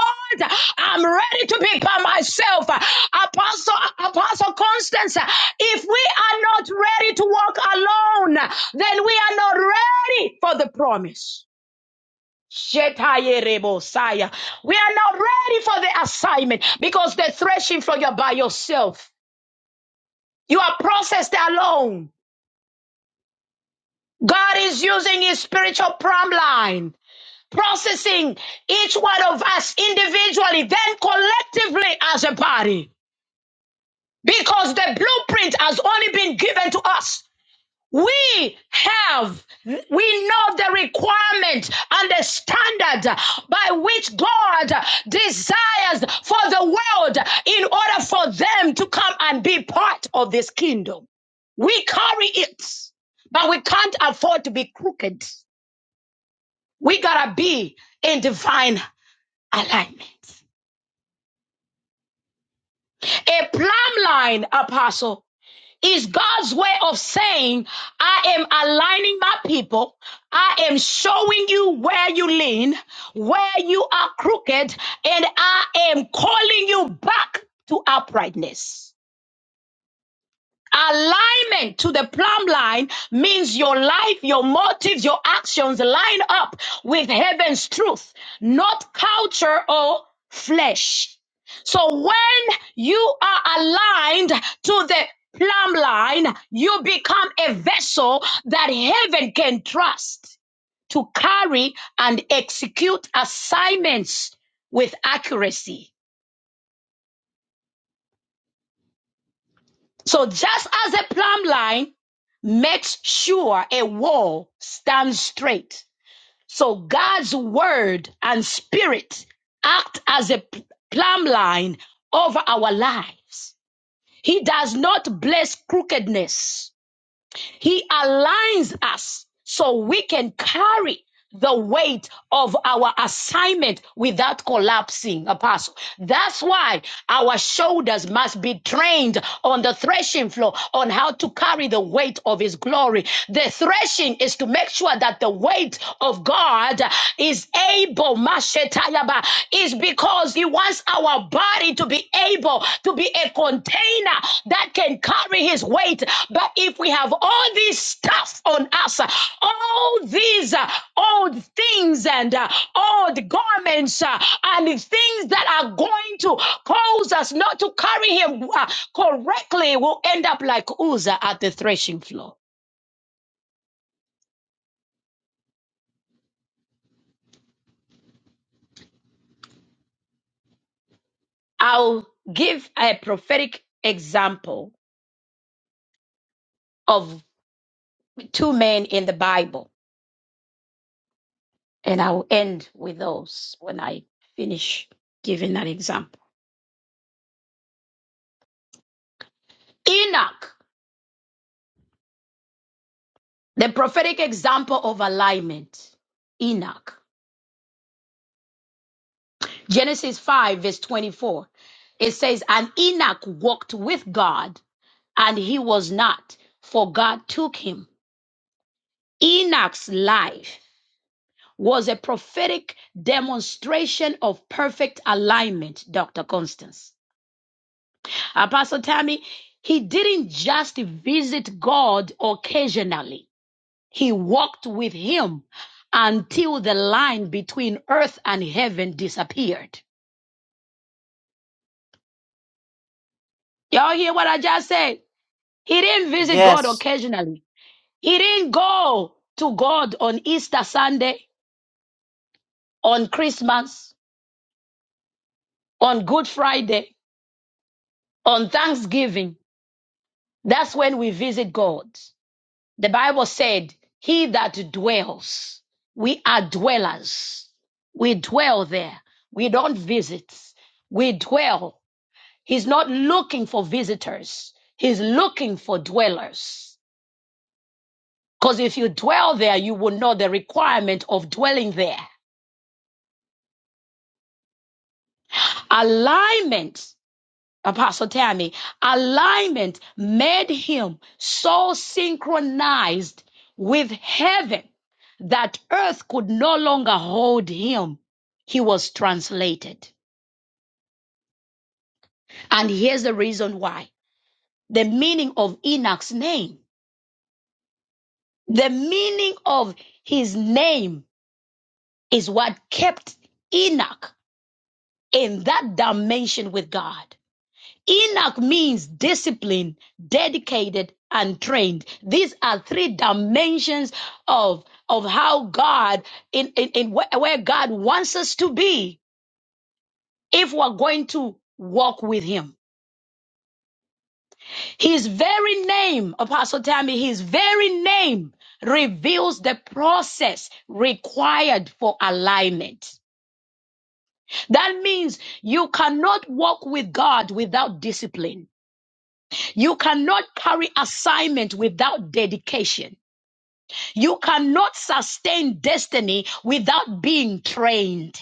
I'm ready to be by myself. Apostle, Apostle Constance, if we are not ready to walk alone, then we are not ready for the promise. Shetayeremosaya. We are not ready for the assignment because the threshing floor you're by yourself. You are processed alone. God is using his spiritual prom line, processing each one of us individually, then collectively as a body. Because the blueprint has only been given to us. We have, we know the requirement and the standard by which God desires for the world in order for them to come and be part of this kingdom. We carry it, but we can't afford to be crooked. We gotta be in divine alignment. A plumb line, apostle, is God's way of saying, I am aligning my people. I am showing you where you lean, where you are crooked, and I am calling you back to uprightness. Alignment to the plumb line means your life, your motives, your actions line up with heaven's truth, not culture or flesh. So when you are aligned to the plumb line, you become a vessel that heaven can trust to carry and execute assignments with accuracy. So just as a plumb line makes sure a wall stands straight, so God's word and spirit act as a p- plumb line over our lives. He does not bless crookedness. He aligns us so we can carry the weight of our assignment without collapsing, apostle. That's why our shoulders must be trained on the threshing floor on how to carry the weight of his glory. The threshing is to make sure that the weight of God is able, Mashetayaba, is because because He wants our body to be able to be a container that can carry His weight. But if we have all this stuff on us, uh, all these uh, old things and uh, old garments uh, and things that are going to cause us not to carry Him uh, correctly, we'll end up like Uzzah at the threshing floor. I'll give a prophetic example of two men in the Bible And I'll end with those when I finish giving that example. Enoch, the prophetic example of alignment. Enoch. Genesis 5, verse 24. It says, And Enoch walked with God, and he was not, for God took him. Enoch's life was a prophetic demonstration of perfect alignment, Dr. Constance. Apostle Tammy, he didn't just visit God occasionally. He walked with him until the line between earth and heaven disappeared. Y'all hear what I just said? He didn't visit God
Yes.
occasionally. He didn't go to God on Easter Sunday, on Christmas, on Good Friday, on Thanksgiving. That's when we visit God. The Bible said, He that dwells, we are dwellers. We dwell there. We don't visit. We dwell He's not looking for visitors. He's looking for dwellers. Because if you dwell there, you will know the requirement of dwelling there. Alignment, Apostle Tammy, alignment made him so synchronized with heaven that earth could no longer hold him. He was translated. And here's the reason why the meaning of Enoch's name, the meaning of his name is what kept Enoch in that dimension with God. Enoch means disciplined, dedicated, and trained. These are three dimensions of, of how God, in, in, in where, where God wants us to be if we're going to walk with Him. His very name, Apostle Tammy, His very name reveals the process required for alignment. That means you cannot walk with God without discipline. You cannot carry assignment without dedication. You cannot sustain destiny without being trained.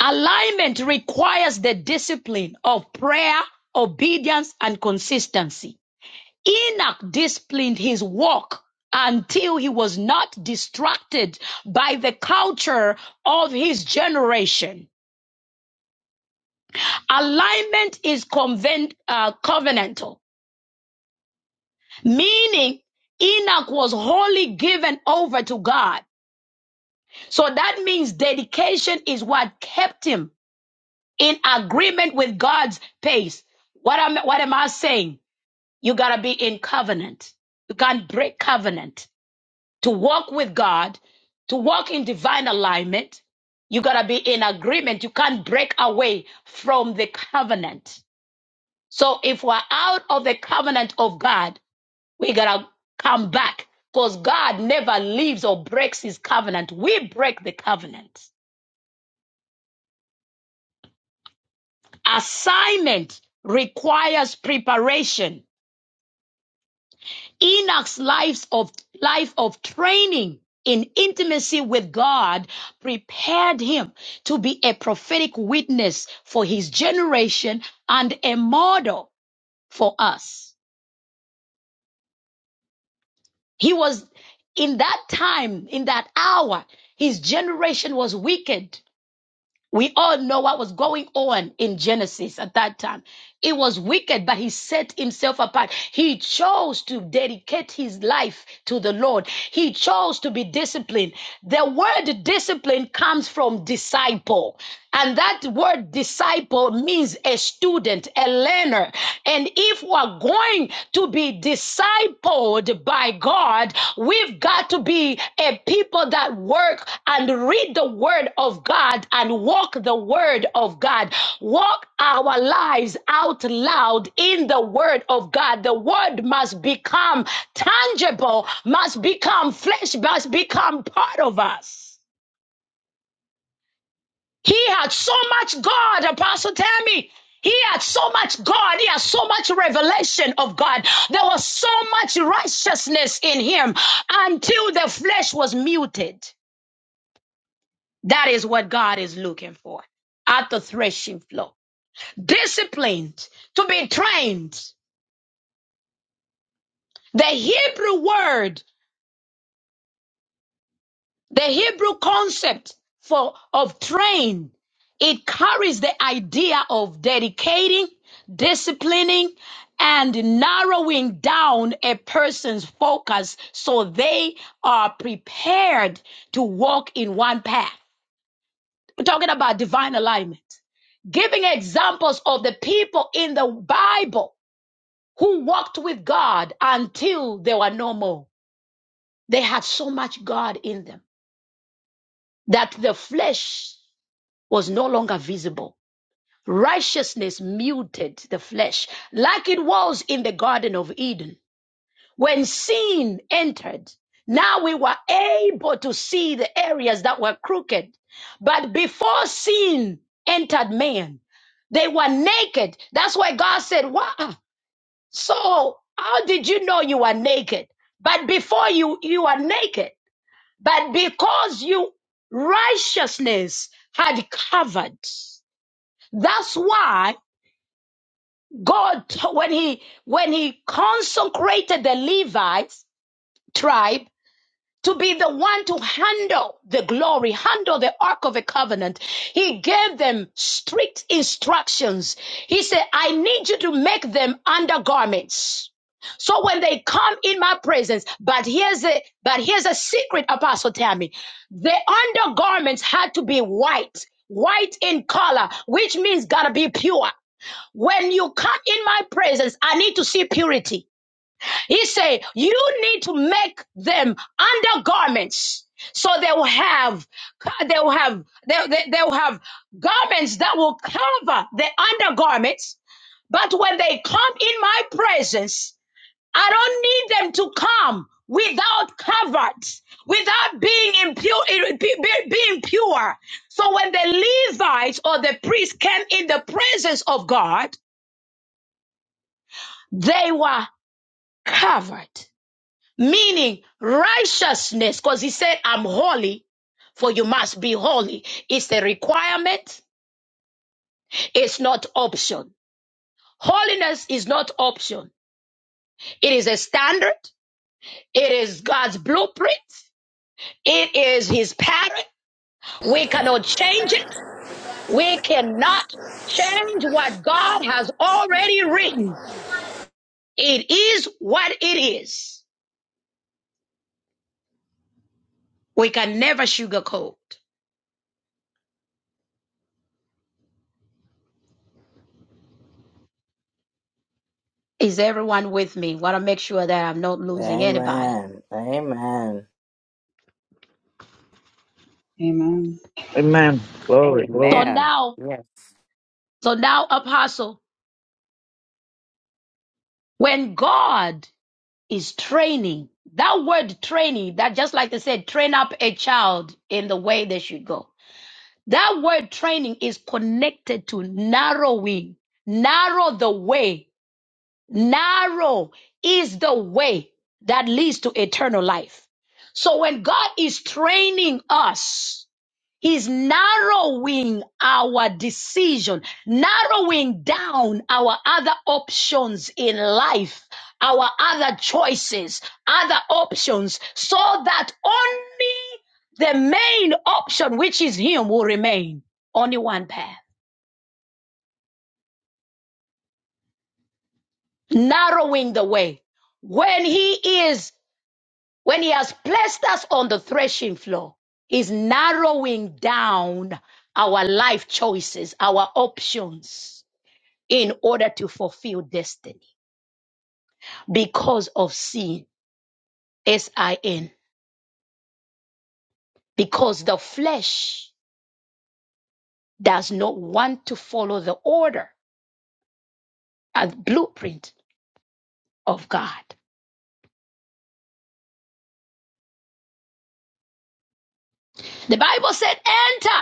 Alignment requires the discipline of prayer, obedience, and consistency. Enoch disciplined his walk until he was not distracted by the culture of his generation. Alignment is conven- uh, covenantal, meaning Enoch was wholly given over to God. So that means dedication is what kept him in agreement with God's pace. What am, what am I saying? You gotta be in covenant. You can't break covenant. To walk with God, to walk in divine alignment, you gotta be in agreement. You can't break away from the covenant. So if we're out of the covenant of God, we gotta come back because God never leaves or breaks his covenant. We break the covenant. Assignment requires preparation. Enoch's life of life of training in intimacy with God prepared him to be a prophetic witness for his generation and a model for us. He was in that time, in that hour, his generation was wicked. We all know what was going on in Genesis at that time. It was wicked, but he set himself apart. He chose to dedicate his life to the Lord. He chose to be disciplined. The word discipline comes from disciple. And that word disciple means a student, a learner. And if we're going to be discipled by God, we've got to be a people that work and read the word of God and walk the word of God. Walk our lives out loud in the word of God. The word must become tangible, must become flesh, must become part of us. He had so much God, Apostle Tammy. He had so much God. He had so much revelation of God. There was so much righteousness in him until the flesh was muted. That is what God is looking for at the threshing floor. Disciplined to be trained. The Hebrew word The Hebrew concept for of train it carries the idea of dedicating, disciplining, and narrowing down a person's focus so they are prepared to walk in one path. We're talking about divine alignment. Giving examples of the people in the Bible who walked with God until they were no more. They had so much God in them that the flesh was no longer visible. Righteousness muted the flesh, like it was in the Garden of Eden. When sin entered, now we were able to see the areas that were crooked. But before sin entered man, they were naked. That's why God said, Wow, so how did you know you were naked? But before you, you were naked. But because you righteousness had covered. That's why God, when he, when he consecrated the Levites tribe to be the one to handle the glory, handle the Ark of the Covenant, he gave them strict instructions. He said, I need you to make them undergarments. So when they come in my presence, but here's a but here's a secret, Apostle Tammy. The undergarments had to be white, white in color, which means gotta be pure. When you come in my presence, I need to see purity. He said, you need to make them undergarments. So they will have, they will have, they, they, they will have garments that will cover the undergarments. But when they come in my presence, I don't need them to come without covered, without being impure, being pure. So when the Levites or the priests came in the presence of God, they were covered, meaning righteousness, because he said, I'm holy, for you must be holy. It's a requirement, it's not option. Holiness is not option, it is a standard, it is God's blueprint, it is his pattern. We cannot change it, we cannot change what God has already written. It is what it is. We can never sugarcoat. Is everyone with me? Want to make sure that I'm not losing anybody.
Amen. Amen.
Amen.
So
Amen.
now,
Yes.
so now, apostle, when God is training, that word training, that just like they said, train up a child in the way they should go. That word training is connected to narrowing. Narrow the way. Narrow is the way that leads to eternal life. So when God is training us, is narrowing our decision, narrowing down our other options in life, our other choices, other options, so that only the main option, which is Him, will remain. Only one path, narrowing the way. When He is, when He has placed us on the threshing floor, is narrowing down our life choices, our options in order to fulfill destiny because of sin, S I N, because the flesh does not want to follow the order and blueprint of God. The Bible said, enter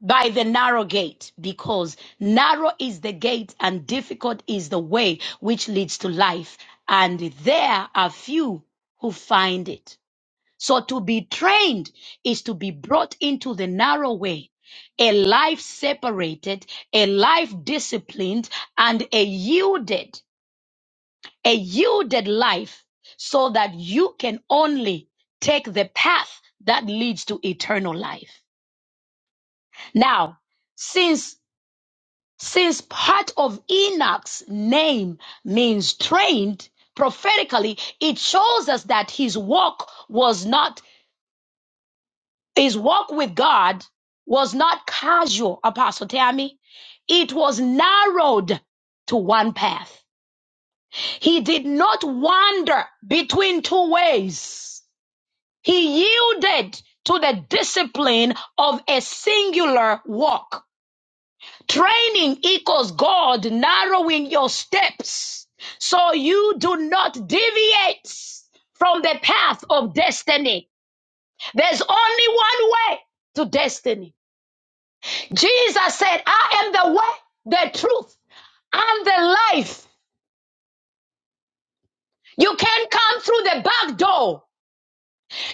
by the narrow gate because narrow is the gate and difficult is the way which leads to life, and there are few who find it. So to be trained is to be brought into the narrow way. A life separated, a life disciplined, and a yielded, a yielded life so that you can only take the path that leads to eternal life. Now, since, since part of Enoch's name means trained prophetically, it shows us that his walk was not His walk with God was not casual, Apostle Tammy. It was narrowed to one path. He did not wander between two ways. He yielded to the discipline of a singular walk. Training equals God narrowing your steps so you do not deviate from the path of destiny. There's only one way to destiny. Jesus said, I am the way, the truth, and the life. You can't come through the back door.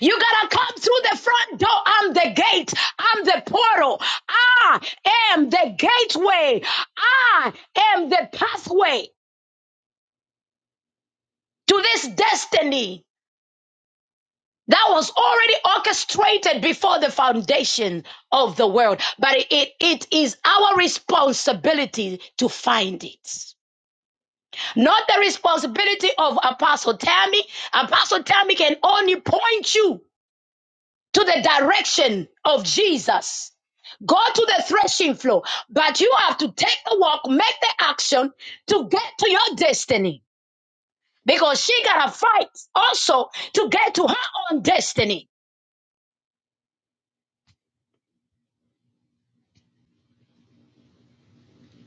You gotta come through the front door. I'm the gate. I'm the portal. I am the gateway. I am the pathway to this destiny that was already orchestrated before the foundation of the world. But it, it is our responsibility to find it. Not the responsibility of Apostle Tammy. Apostle Tammy can only point you to the direction of Jesus go to the threshing floor, but you have to take the walk, make the action to get to your destiny because she got to fight also to get to her own destiny.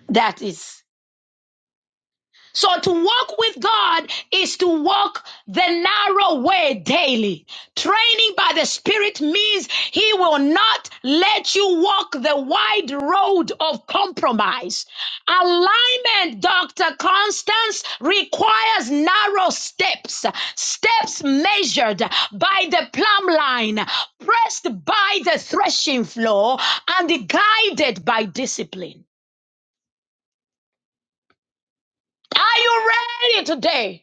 That is. So to walk with God is to walk the narrow way daily. Training by the Spirit means He will not let you walk the wide road of compromise. Alignment, Dr. Constance, requires narrow steps, steps measured by the plumb line, pressed by the threshing floor, and guided by discipline. Are you ready today?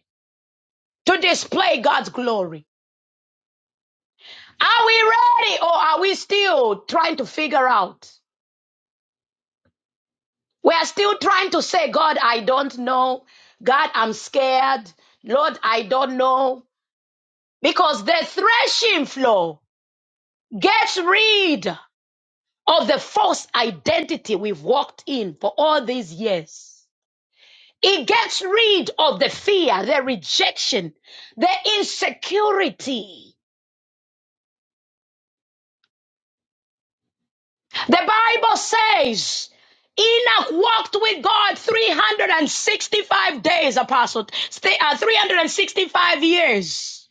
to display God's glory. Are we ready or are we still trying to figure out? We are still trying to say, God, I don't know. God, I'm scared. Lord, I don't know. Because the threshing floor gets rid of the false identity we've walked in for all these years. It gets rid of the fear, the rejection, the insecurity. The Bible says Enoch walked with God 365 days, Apostle, Stay- uh, 365 years.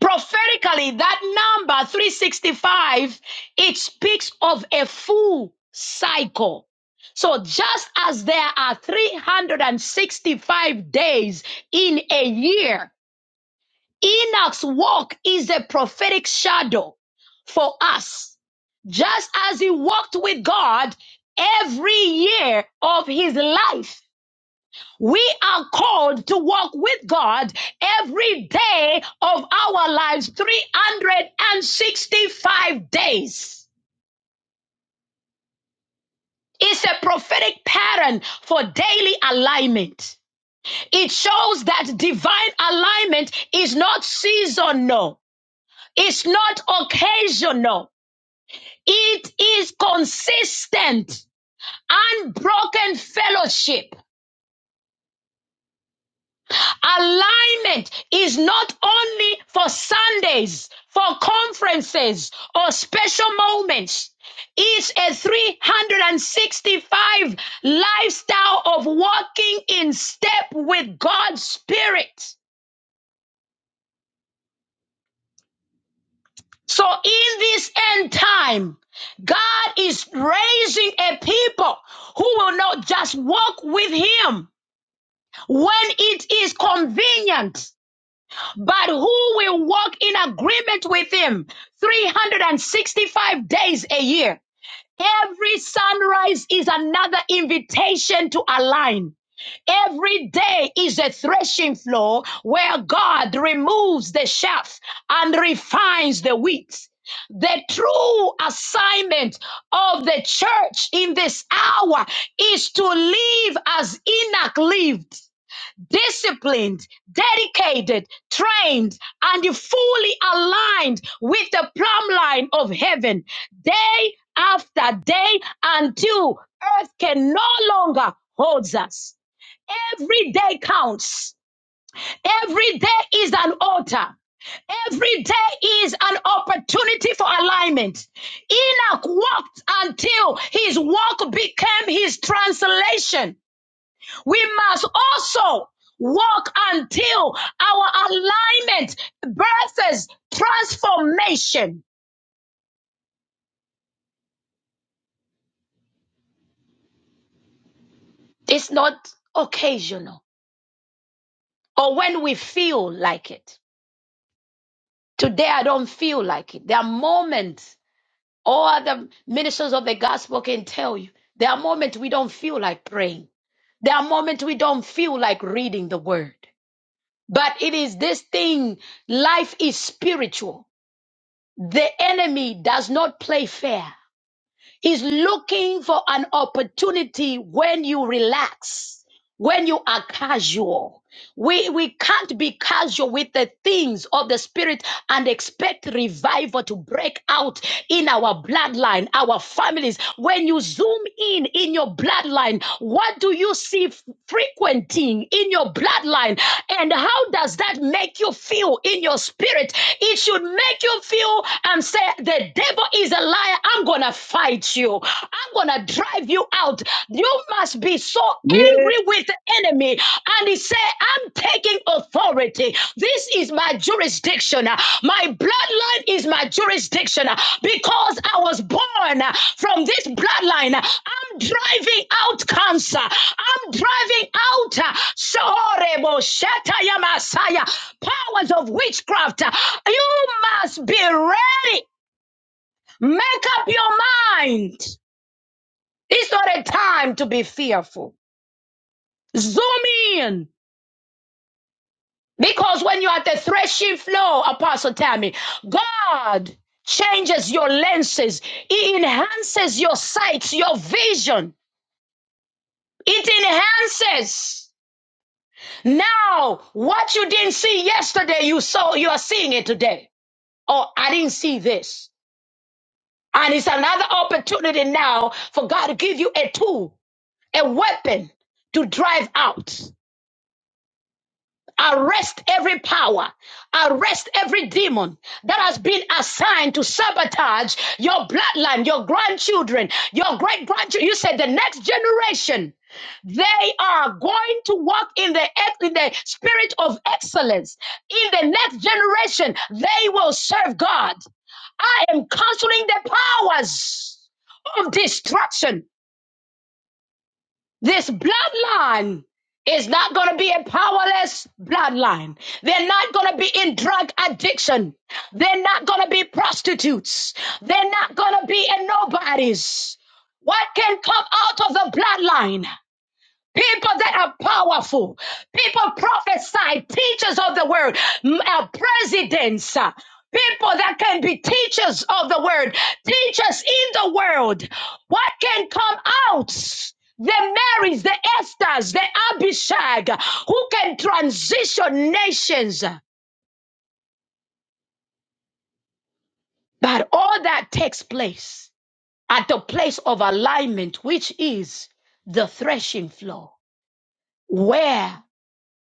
Prophetically, that number 365, it speaks of a full cycle. So just as there are 365 days in a year, Enoch's walk is a prophetic shadow for us. Just as he walked with God every year of his life, we are called to walk with God every day of our lives, 365 days. It's a prophetic pattern for daily alignment. It shows that divine alignment is not seasonal. It's not occasional. It is consistent, unbroken fellowship. Alignment is not only for Sundays, for conferences, or special moments. It's a 365 lifestyle of walking in step with God's Spirit. So in this end time, God is raising a people who will not just walk with Him, when it is convenient, but who will walk in agreement with him 365 days a year? Every sunrise is another invitation to align. Every day is a threshing floor where God removes the chaff and refines the wheat. The true assignment of the church in this hour is to live as Enoch lived disciplined, dedicated, trained, and fully aligned with the plumb line of heaven day after day until earth can no longer hold us. Every day counts. Every day is an altar. Every day is an opportunity for alignment. Enoch walked until his walk became his translation we must also walk until our alignment births transformation. It's not occasional or when we feel like it. Today I don't feel like it. There are moments, all the ministers of the gospel can tell you, there are moments we don't feel like praying. There are moments we don't feel like reading the word. But it is this thing, life is spiritual. The enemy does not play fair. He's looking for an opportunity when you relax when you are casual we we can't be casual with the things of the spirit and expect revival to break out in our bloodline our families when you zoom in in your bloodline what do you see f- frequenting in your bloodline and how does that make you feel in your spirit it should make you feel and say the devil is a liar i'm gonna fight you i'm gonna drive you out. You must be so angry with the enemy. And he said, I'm taking authority. This is my jurisdiction. My bloodline is my jurisdiction because I was born from this bloodline. I'm driving out cancer. I'm driving out uh, Sorebo Shataya Messiah, powers of witchcraft. You must be ready. Make up your mind. It's not a time to be fearful. Zoom in. Because when you're at the threshing floor, Apostle Tammy, God changes your lenses. It enhances your sight, your vision. It enhances. Now, what you didn't see yesterday, you saw, you are seeing it today. Oh, I didn't see this. And it's another opportunity now for God to give you a tool, a weapon to drive out. Arrest every power, arrest every demon that has been assigned to sabotage your bloodline, your grandchildren, your great grandchildren. You said the next generation. They are going to walk in the ex- in the spirit of excellence. In the next generation, they will serve God. I am canceling the powers of destruction. This bloodline is not going to be a powerless bloodline. They're not going to be in drug addiction. They're not going to be prostitutes. They're not going to be in nobodies. What can come out of the bloodline? People that are powerful, people prophesy, teachers of the word, m- uh, presidents, uh, people that can be teachers of the word, teachers in the world. What can come out? The Marys, the Esthers, the Abishag, who can transition nations. But all that takes place at the place of alignment, which is the threshing floor, where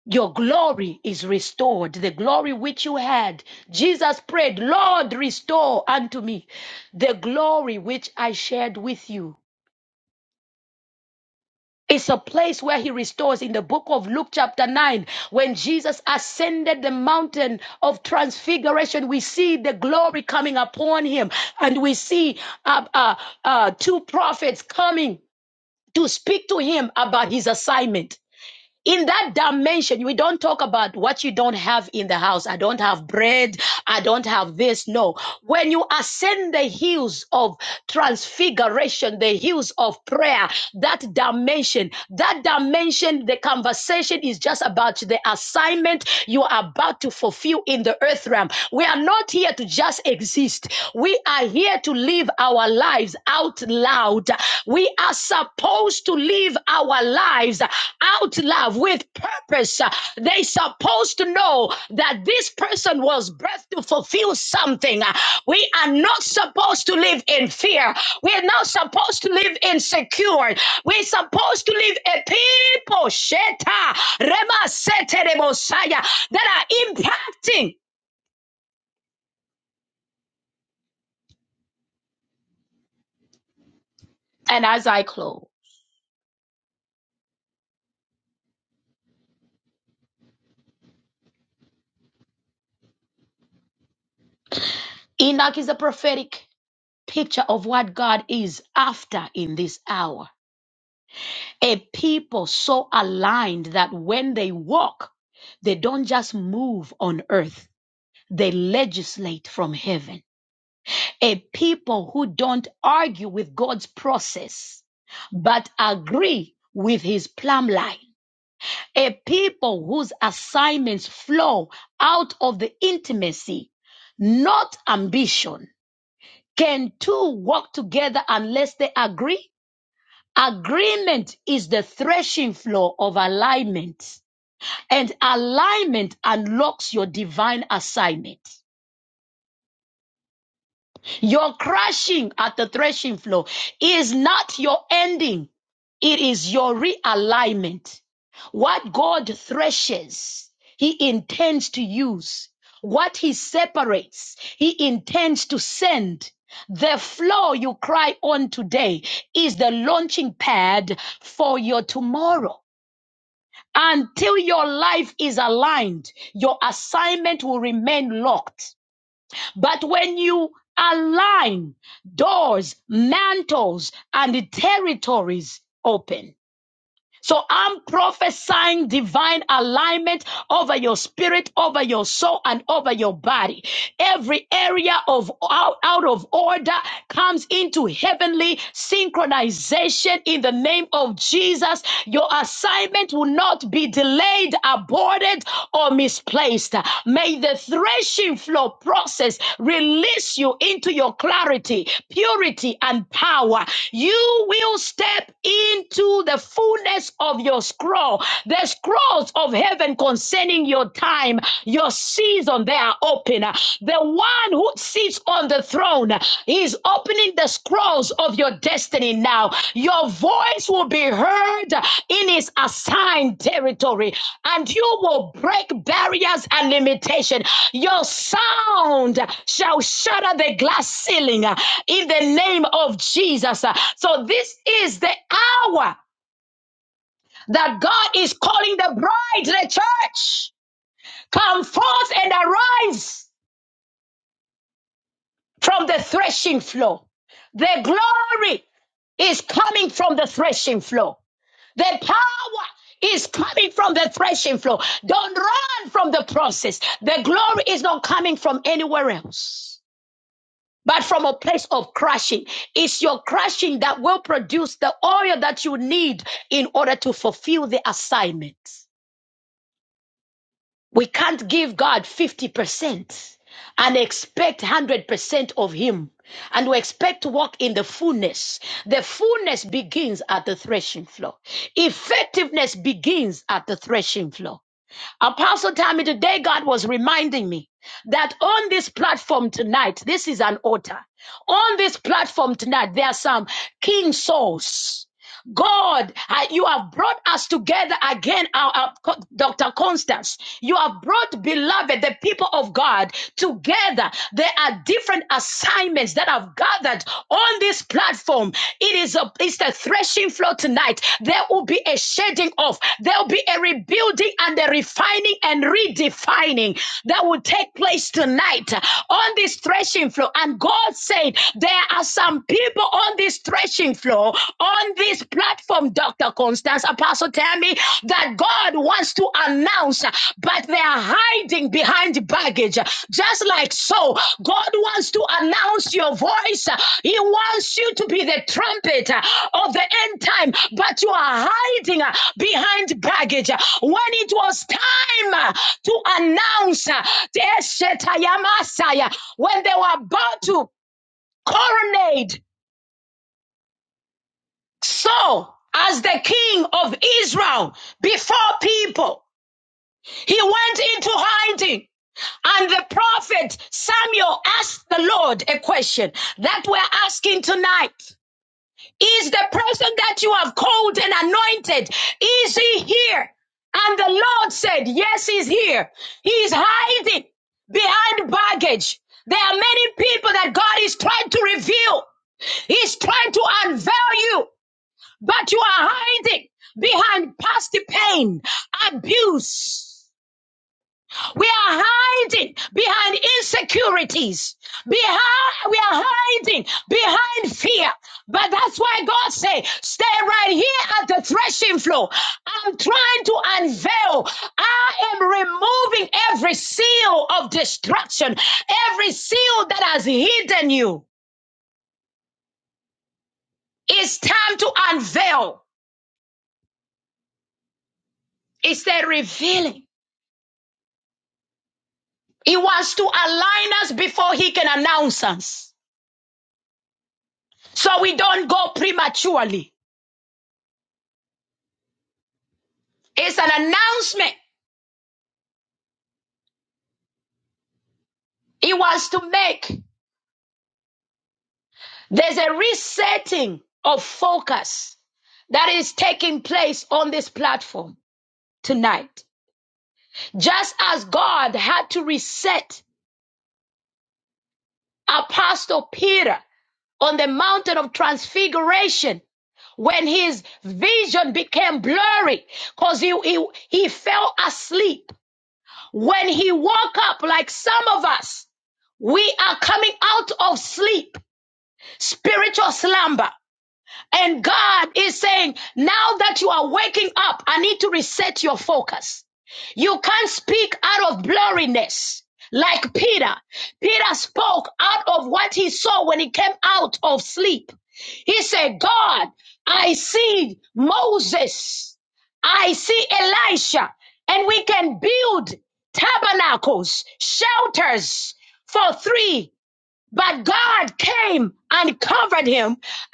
Your glory is restored, the glory which you had. Jesus prayed, Lord, restore unto me the glory which I shared with you. It's a place where he restores in the book of Luke, chapter 9. When Jesus ascended the mountain of transfiguration, we see the glory coming upon him, and we see uh, uh, uh, two prophets coming to speak to him about his assignment. in that dimension we don't talk about what you don't have in the house i don't have bread i don't have this no when you ascend the hills of transfiguration the hills of prayer that dimension that dimension the conversation is just about the assignment you are about to fulfill in the earth realm we are not here to just exist we are here to live our lives out loud. We are supposed to live our lives out loud with purpose. They supposed to know that this person was birthed to fulfill something. We are not supposed to live in fear. We are not supposed to live insecure. We're supposed to live a people sheta, rema sete de Mosiah, that are impacting. And as I close, Enoch is a prophetic. picture of what God is after in this hour. A people so aligned that when they walk, they don't just move on earth, they legislate from heaven. A people who don't argue with God's process, but agree with his plumb line. A people whose assignments flow out of the intimacy, not ambition. Can two walk together unless they agree? Agreement is the threshing floor of alignment, and alignment unlocks your divine assignment. Your crashing at the threshing floor is not your ending, it is your realignment. What God threshes, He intends to use. What He separates, He intends to send. The floor you cry on today is the launching pad for your tomorrow. Until your life is aligned, your assignment will remain locked. But when you align, doors, mantles, and territories open. So I'm prophesying divine alignment over your spirit, over your soul, and over your body. Every area of out, out of order comes into heavenly synchronization in the name of Jesus. Your assignment will not be delayed, aborted, or misplaced. May the threshing floor process release you into your clarity, purity, and power. You will step into the full fullness of your scroll. The scrolls of heaven concerning your time, your season, they are open. The one who sits on the throne is opening the scrolls of your destiny now. Your voice will be heard in his assigned territory, and you will break barriers and limitation. Your sound shall shatter the glass ceiling uh, in the name of Jesus. Uh, So this is the hour that God is calling the bride, the church, come forth and arise from the threshing floor. The glory is coming from the threshing floor. The power is coming from the threshing floor. Don't run from the process. The glory is not coming from anywhere else. But from a place of crushing. It's your crushing that will produce the oil that you need in order to fulfill the assignment. We can't give God 50% and expect 100% of Him. And we expect to walk in the fullness. The fullness begins at the threshing floor. Effectiveness begins at the threshing floor. Apostle Tammy, today God was reminding me that on this platform tonight, this is an altar. On this platform tonight, there are some king souls. God, I- you have brought us together again, our, our Dr. Constance. You have brought, beloved, the people of God together. There are different assignments that have gathered on this platform. It is a it's the threshing floor tonight. There will be a shedding off. There will be a rebuilding and a refining and redefining that will take place tonight on this threshing floor. And God said, there are some people on this threshing floor, on this platform, Dr. Constance, Apostle Tammy, that God wants to announce, but they are hiding behind baggage. Just like so, God wants to announce your voice. He wants you to be the trumpet of the end time, but you are hiding behind baggage. When it was time to announce, Eshetaya Masaya, when they were about to coronate so, as the king of Israel before people, he went into hiding. And the prophet Samuel asked the Lord a question that we're asking tonight. Is the person that you have called and anointed, is he here? And the Lord said, yes, he's here. He's hiding behind baggage. There are many people that God is trying to reveal. He's trying to unveil you but you are hiding behind past pain, abuse. We are hiding behind insecurities. Behind, we are hiding behind fear. But that's why God say, stay right here at the threshing floor. I'm trying to unveil. I am removing every seal of destruction, every seal that has hidden you. It's time to unveil. It's the revealing. He wants to align us before he can announce us. So we don't go prematurely. It's an announcement he wants to make. There's a resetting of focus that is taking place on this platform tonight. Just as God had to reset Apostle Peter on the mountain of transfiguration when his vision became blurry because he, he, he fell asleep When he woke up, like some of us, we are coming out of sleep, spiritual slumber. And God is saying, now that you are waking up, I need to reset your focus. You can't speak out of blurriness like Peter. Peter spoke out of what he saw when he came out of sleep. He said, God, I see Moses. I see Elisha. And we can build tabernacles, shelters for three but God came and covered him,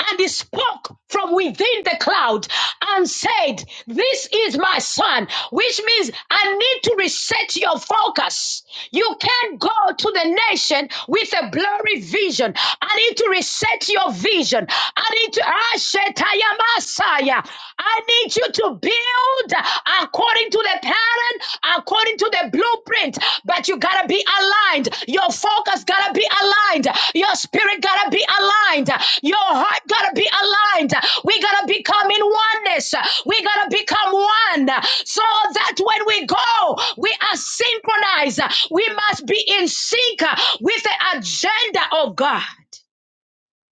and he spoke from within the cloud and said, This is my son, which means I need to reset your focus. You can't go to the nation with a blurry vision. I need to reset your vision. I need to Ashetaya Masaya. I need you to build according to the pattern, according to the blueprint. But you gotta be aligned. Your focus gotta be aligned. Your spirit gotta be aligned. Your heart gotta be aligned. We gotta become in oneness. We gotta become one so that when we go, we are synchronized. We must be in sync with the agenda of God.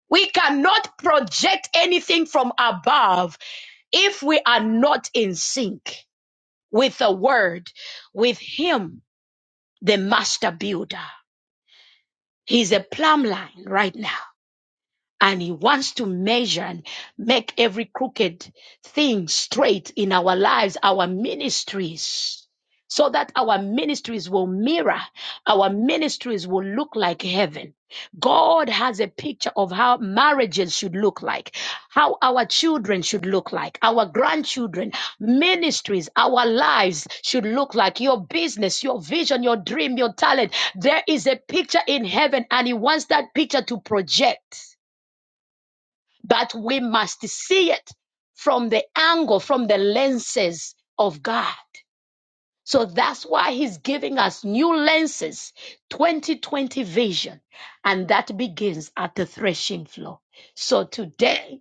We cannot project anything from above if we are not in sync with a word, with him, the master builder. He's a plumb line right now and he wants to measure and make every crooked thing straight in our lives, our ministries, so that our ministries will mirror, our ministries will look like heaven. God has a picture of how marriages should look like, how our children should look like, our grandchildren, ministries, our lives should look like, your business, your vision, your dream, your talent. There is a picture in heaven, and He wants that picture to project. But we must see it from the angle, from the lenses of God. So that's why He's giving us new lenses, 2020 vision. And that begins at the threshing floor. So today,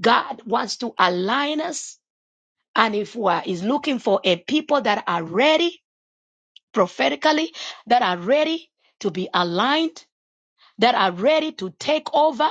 God wants to align us. And if we are, is looking for a people that are ready prophetically, that are ready to be aligned, that are ready to take over,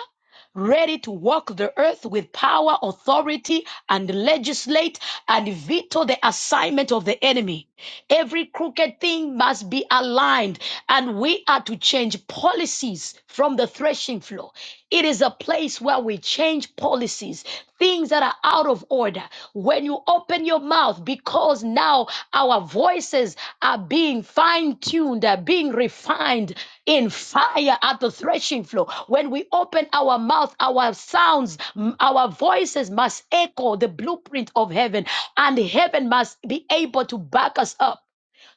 ready to walk the earth with power, authority, and legislate and veto the assignment of the enemy. Every crooked thing must be aligned, and we are to change policies from the threshing floor. It is a place where we change policies things that are out of order. When you open your mouth, because now our voices are being fine tuned, are being refined in fire at the threshing floor. When we open our mouth, our sounds, m- our voices must echo the blueprint of heaven, and heaven must be able to back us up.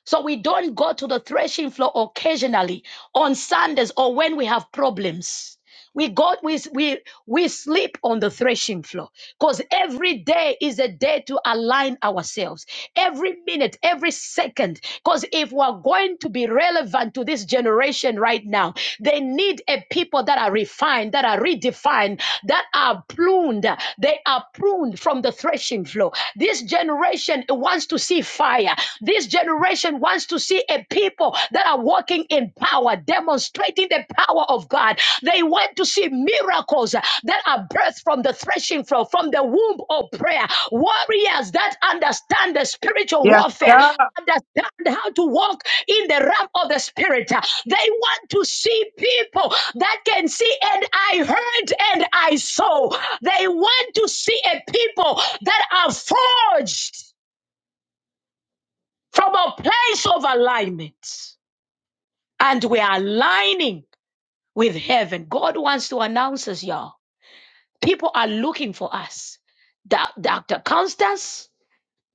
So we don't go to the threshing floor occasionally on Sundays or when we have problems. We got we we we sleep on the threshing floor because every day is a day to align ourselves. Every minute, every second, because if we're going to be relevant to this generation right now, they need a people that are refined, that are redefined, that are pruned. They are pruned from the threshing floor. This generation wants to see fire. This generation wants to see a people that are walking in power, demonstrating the power of God. They want to see miracles that are birthed from the threshing floor, from the womb of prayer. Warriors that understand the spiritual warfare. Understand how to walk in the realm of the spirit. They want to see people that can see, and I heard and I saw. They want to see a people that are forged from a place of alignment. And we are aligning with heaven. God wants to announce us, y'all. People are looking for us. Doc- Dr. Constance,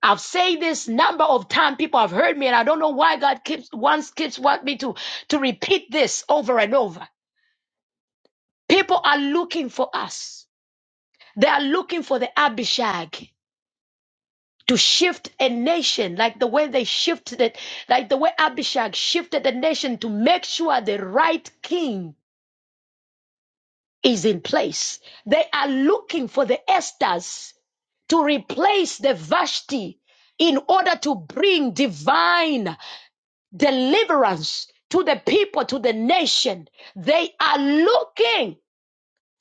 I've said this number of times. People have heard me, and I don't know why God keeps wants keeps want me to, to repeat this over and over. People are looking for us. They are looking for the Abishag to shift a nation like the way they shifted it, like the way Abishag shifted the nation to make sure the right king is in place. They are looking for the Esthers to replace the Vashti in order to bring divine deliverance to the people, to the nation. They are looking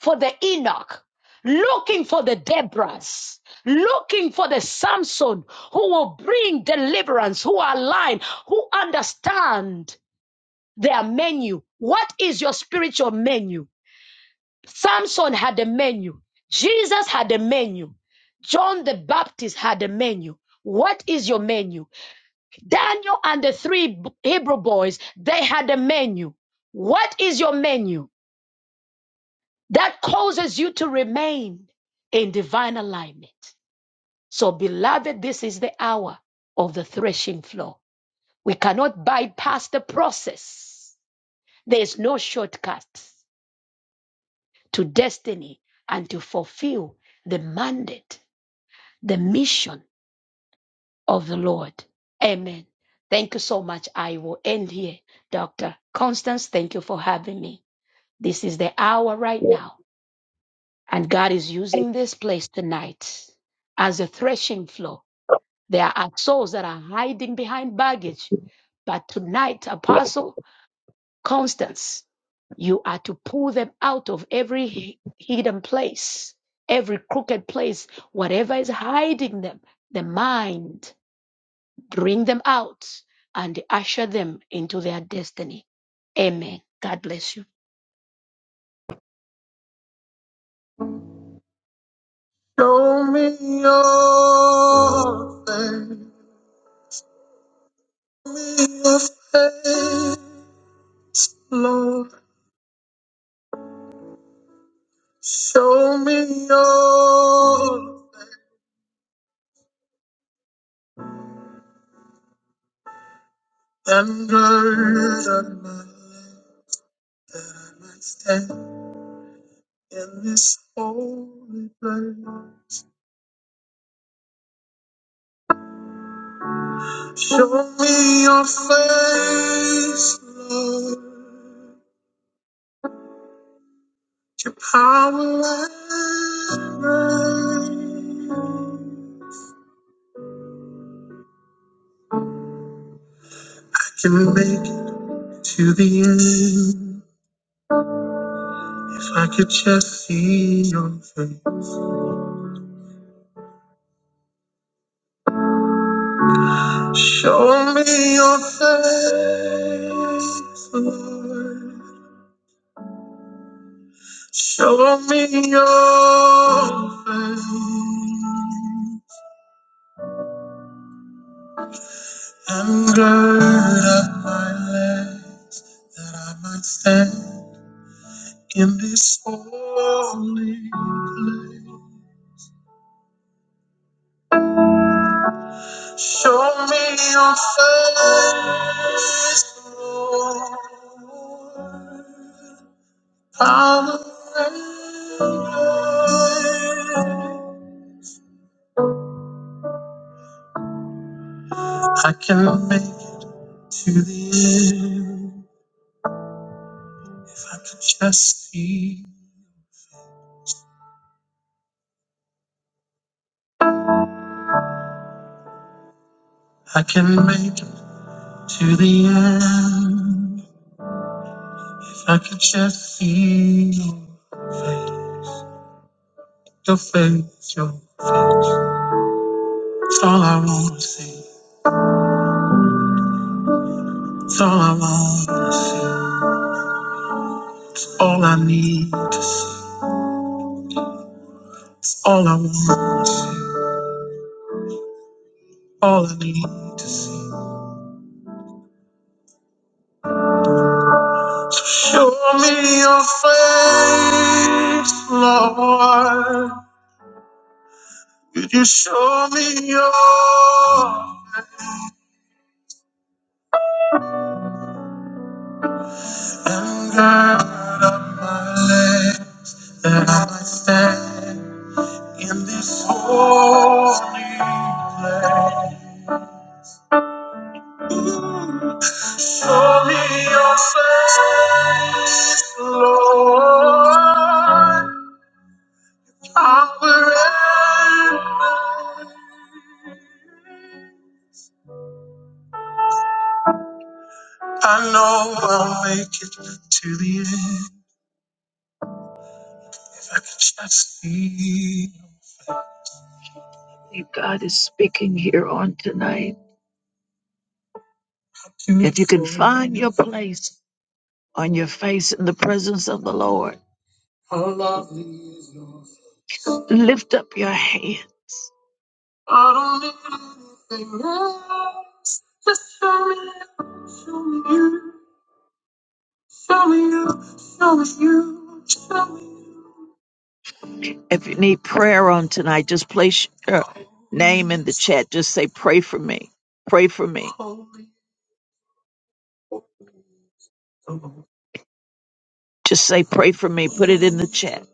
for the Enoch, looking for the Deborahs, looking for the Samson who will bring deliverance, who are aligned, who understand their menu. What is your spiritual menu? Samson had a menu. Jesus had a menu. John the Baptist had a menu. What is your menu? Daniel and the three b- Hebrew boys, they had a menu. What is your menu that causes you to remain in divine alignment? So, beloved, this is the hour of the threshing floor. We cannot bypass the process. There is no shortcut to destiny and to fulfill the mandate the mission of the Lord. Amen. Thank you so much. I will end here. Dr. Constance, thank you for having me. This is the hour right now, and God is using this place tonight as a threshing floor. There are souls that are hiding behind baggage, but tonight, Apostle Constance, you are to pull them out of every hi- hidden place, every crooked place, whatever is hiding them, the mind. bring them out, and usher them into their destiny. Amen. God bless you.
Me Your face, Lord, show me your and gird my life that I might stand in this holy place. Show me your face, Lord, your power and might. I can make it to the end if I could just see your face. Show me your face, Lord. Show me your face. I'm girded up my legs that I might stand in this holy place. Show me your face, Lord. Power and grace. I can make it to the end if I can just see. I can make it to the end. I can just see your face, your face, your face. It's all I wanna see. It's all I wanna see. All I need to see. All I wanna see. All I need to see. So Show me your face, Lord. Could you show me your face? And gird up my leg that I might stand. in this holy place. Show me your face, Lord. I'm surrender. I know I'll make it to the end. If I could just see. you If you can find your place on your face, Lord, how lovely is your lift up your hand. I don't need anything else. Just show me you, show me you, show me you, show me you, show me you. If you need prayer on tonight, just place your name in the chat. Just say, pray for me. Pray for me. Just say, pray for me. Put it in the chat.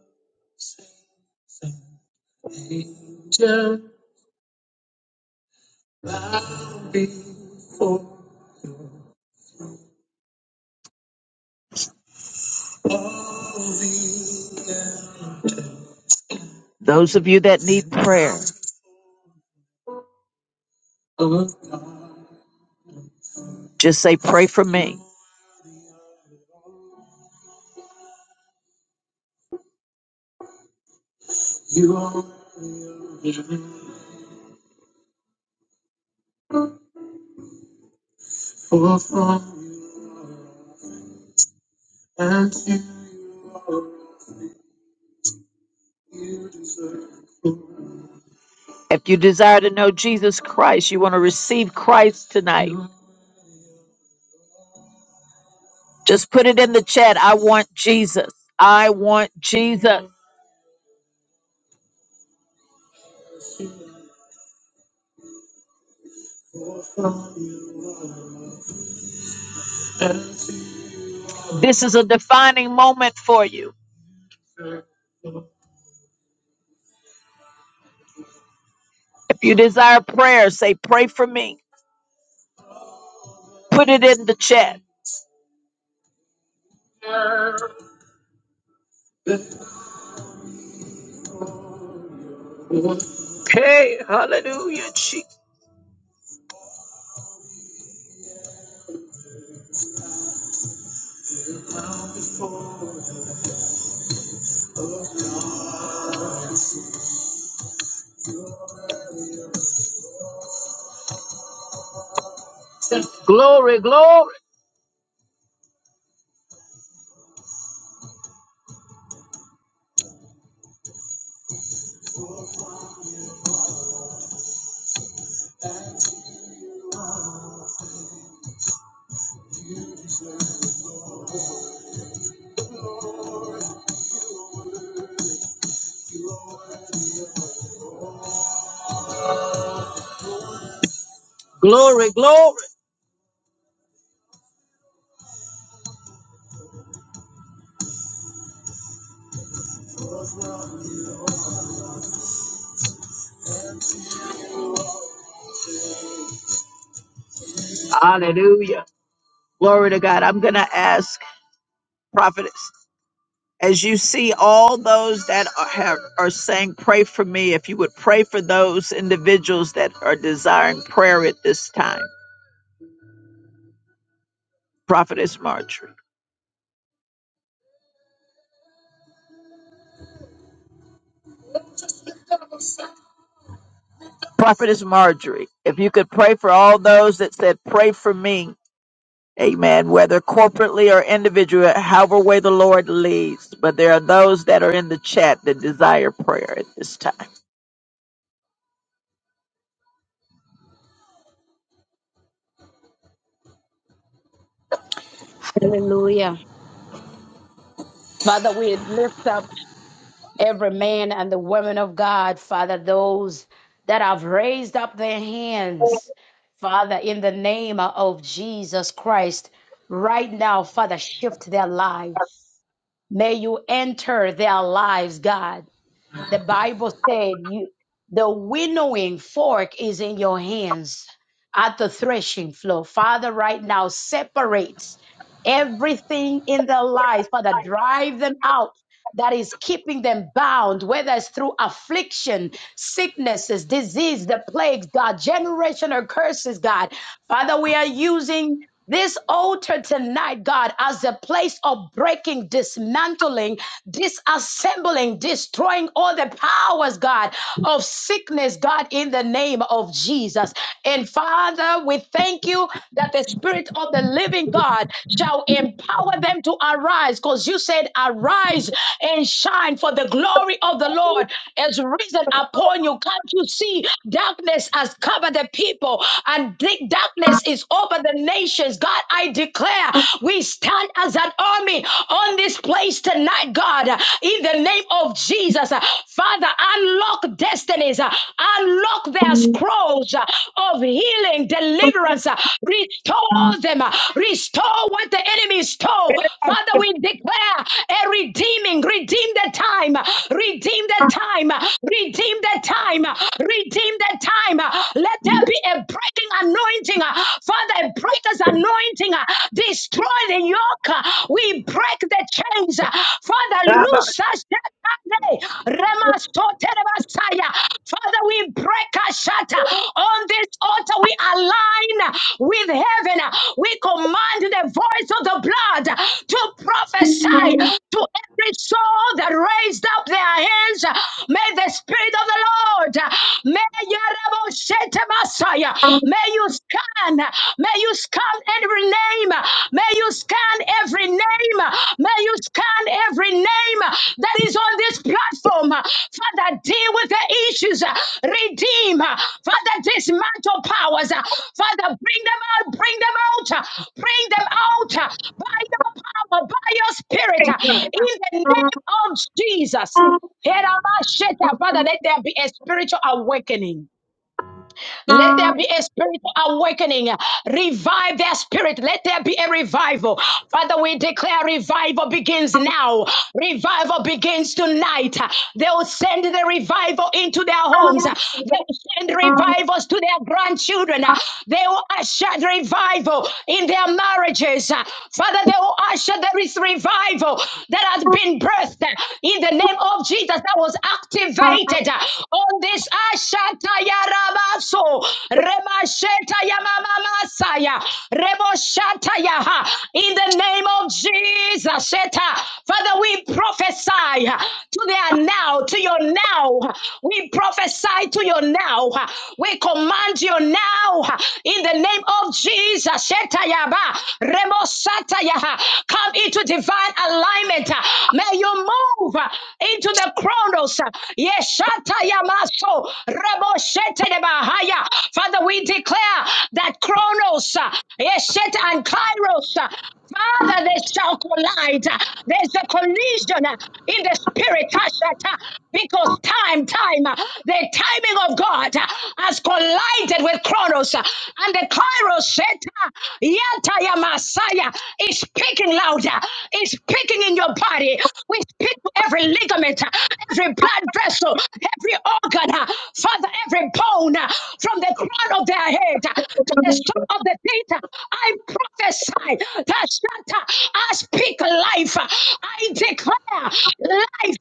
Those of you that need prayer, just say, pray for me. If you desire to know Jesus Christ, you want to receive Christ tonight, just put it in the chat. I want Jesus. I want Jesus. This is a defining moment for you. If you desire prayer, say, Pray for me. Put it in the chat. Glory, glory. Hallelujah. Glory to God. I'm going to ask Prophet. as you see all those that are, have, are saying, Pray for me, if you would pray for those individuals that are desiring prayer at this time. Prophetess Marjorie. Prophetess Marjorie, if you could pray for all those that said, Pray for me. Amen. Whether corporately or individually, however way the Lord leads. But there are those that are in the chat that desire prayer at this time.
Hallelujah. Father, we lift up every man and the woman of God, Father, those that have raised up their hands, Father, in the name of Jesus Christ. Right now, Father, shift their lives. May you enter their lives, God. The Bible said you the winnowing fork is in your hands at the threshing floor. Father, right now separates everything in their lives. Father, drive them out that is keeping them bound, whether it's through affliction, sicknesses, disease, the plagues, God, generation or curses, God. Father, we are using this altar tonight, God, as a place of breaking, dismantling, disassembling, destroying all the powers, God, of sickness, God, in the name of Jesus. And Father, we thank you that the Spirit of the living God shall empower them to arise because you said, Arise and shine, for the glory of the Lord is risen upon you. Can't you see? Darkness has covered the people, and deep darkness is over the nations. God, I declare we stand as an army on this place tonight tonight, God, uh, in the name of Jesus. Uh, Father, unlock destinies, uh, unlock their scrolls uh, of healing, deliverance, uh, restore them, uh, restore what the enemy stole. Father, we declare a redeeming, redeem the time, uh, redeem the time, uh, redeem the time, uh, redeem the time. uh, Let there be a breaking anointing, uh, Father, a breaker's anointing anointing, uh, destroy the yoke. uh, We break the chains. uh, Father, loose us. Shekande, Remasote Remasaya. Father, we break a shatter on this altar. We align with heaven. We command the voice of the blood to prophesy to every soul that raised up their hands. May the Spirit of the Lord, may Messiah. May you scan, may you scan every name, may you scan every name, may you scan every name that is on this platform. Father, deal with the issues, redeem, Father, dismantle powers, Father, bring them out, bring them out, bring them out by your power, by your spirit, in the name of Jesus. Father, let there be a spiritual awakening. Let there be a spiritual awakening. Revive their spirit. Let there be a revival. Father, we declare revival begins now. Revival begins tonight. They will send the revival into their homes. They will send revivals to their grandchildren. They will usher the revival in their marriages. Father, they will usher there is revival that has been birthed in the name of Jesus that was activated uh, on this Ashatayarabaso Remashetayamasaya Reboshataya uh, in the name of Jesus. Sheta. Father, we prophesy uh, to their now, to your now. We prophesy to your now. We command you now uh, in the name of Jesus. Setayaba, Remosataya. Come into divine alignment. May you move into the chronos. Yeshatayamaso, Remoshetedebahaya. Father, we declare that chronos, Yeshet and kairos, Father, they shall collide. There's a collision in the spirit because time, time, uh, the timing of God uh, has collided with Chronos, uh, and the Kairos set, uh, Yata Messiah is speaking louder, is speaking in your body. We speak to every ligament, uh, every blood vessel, every organ, uh, Father, every bone, uh, from the crown of their head uh, to the sole of the feet. uh, I prophesy that I speak life. I declare life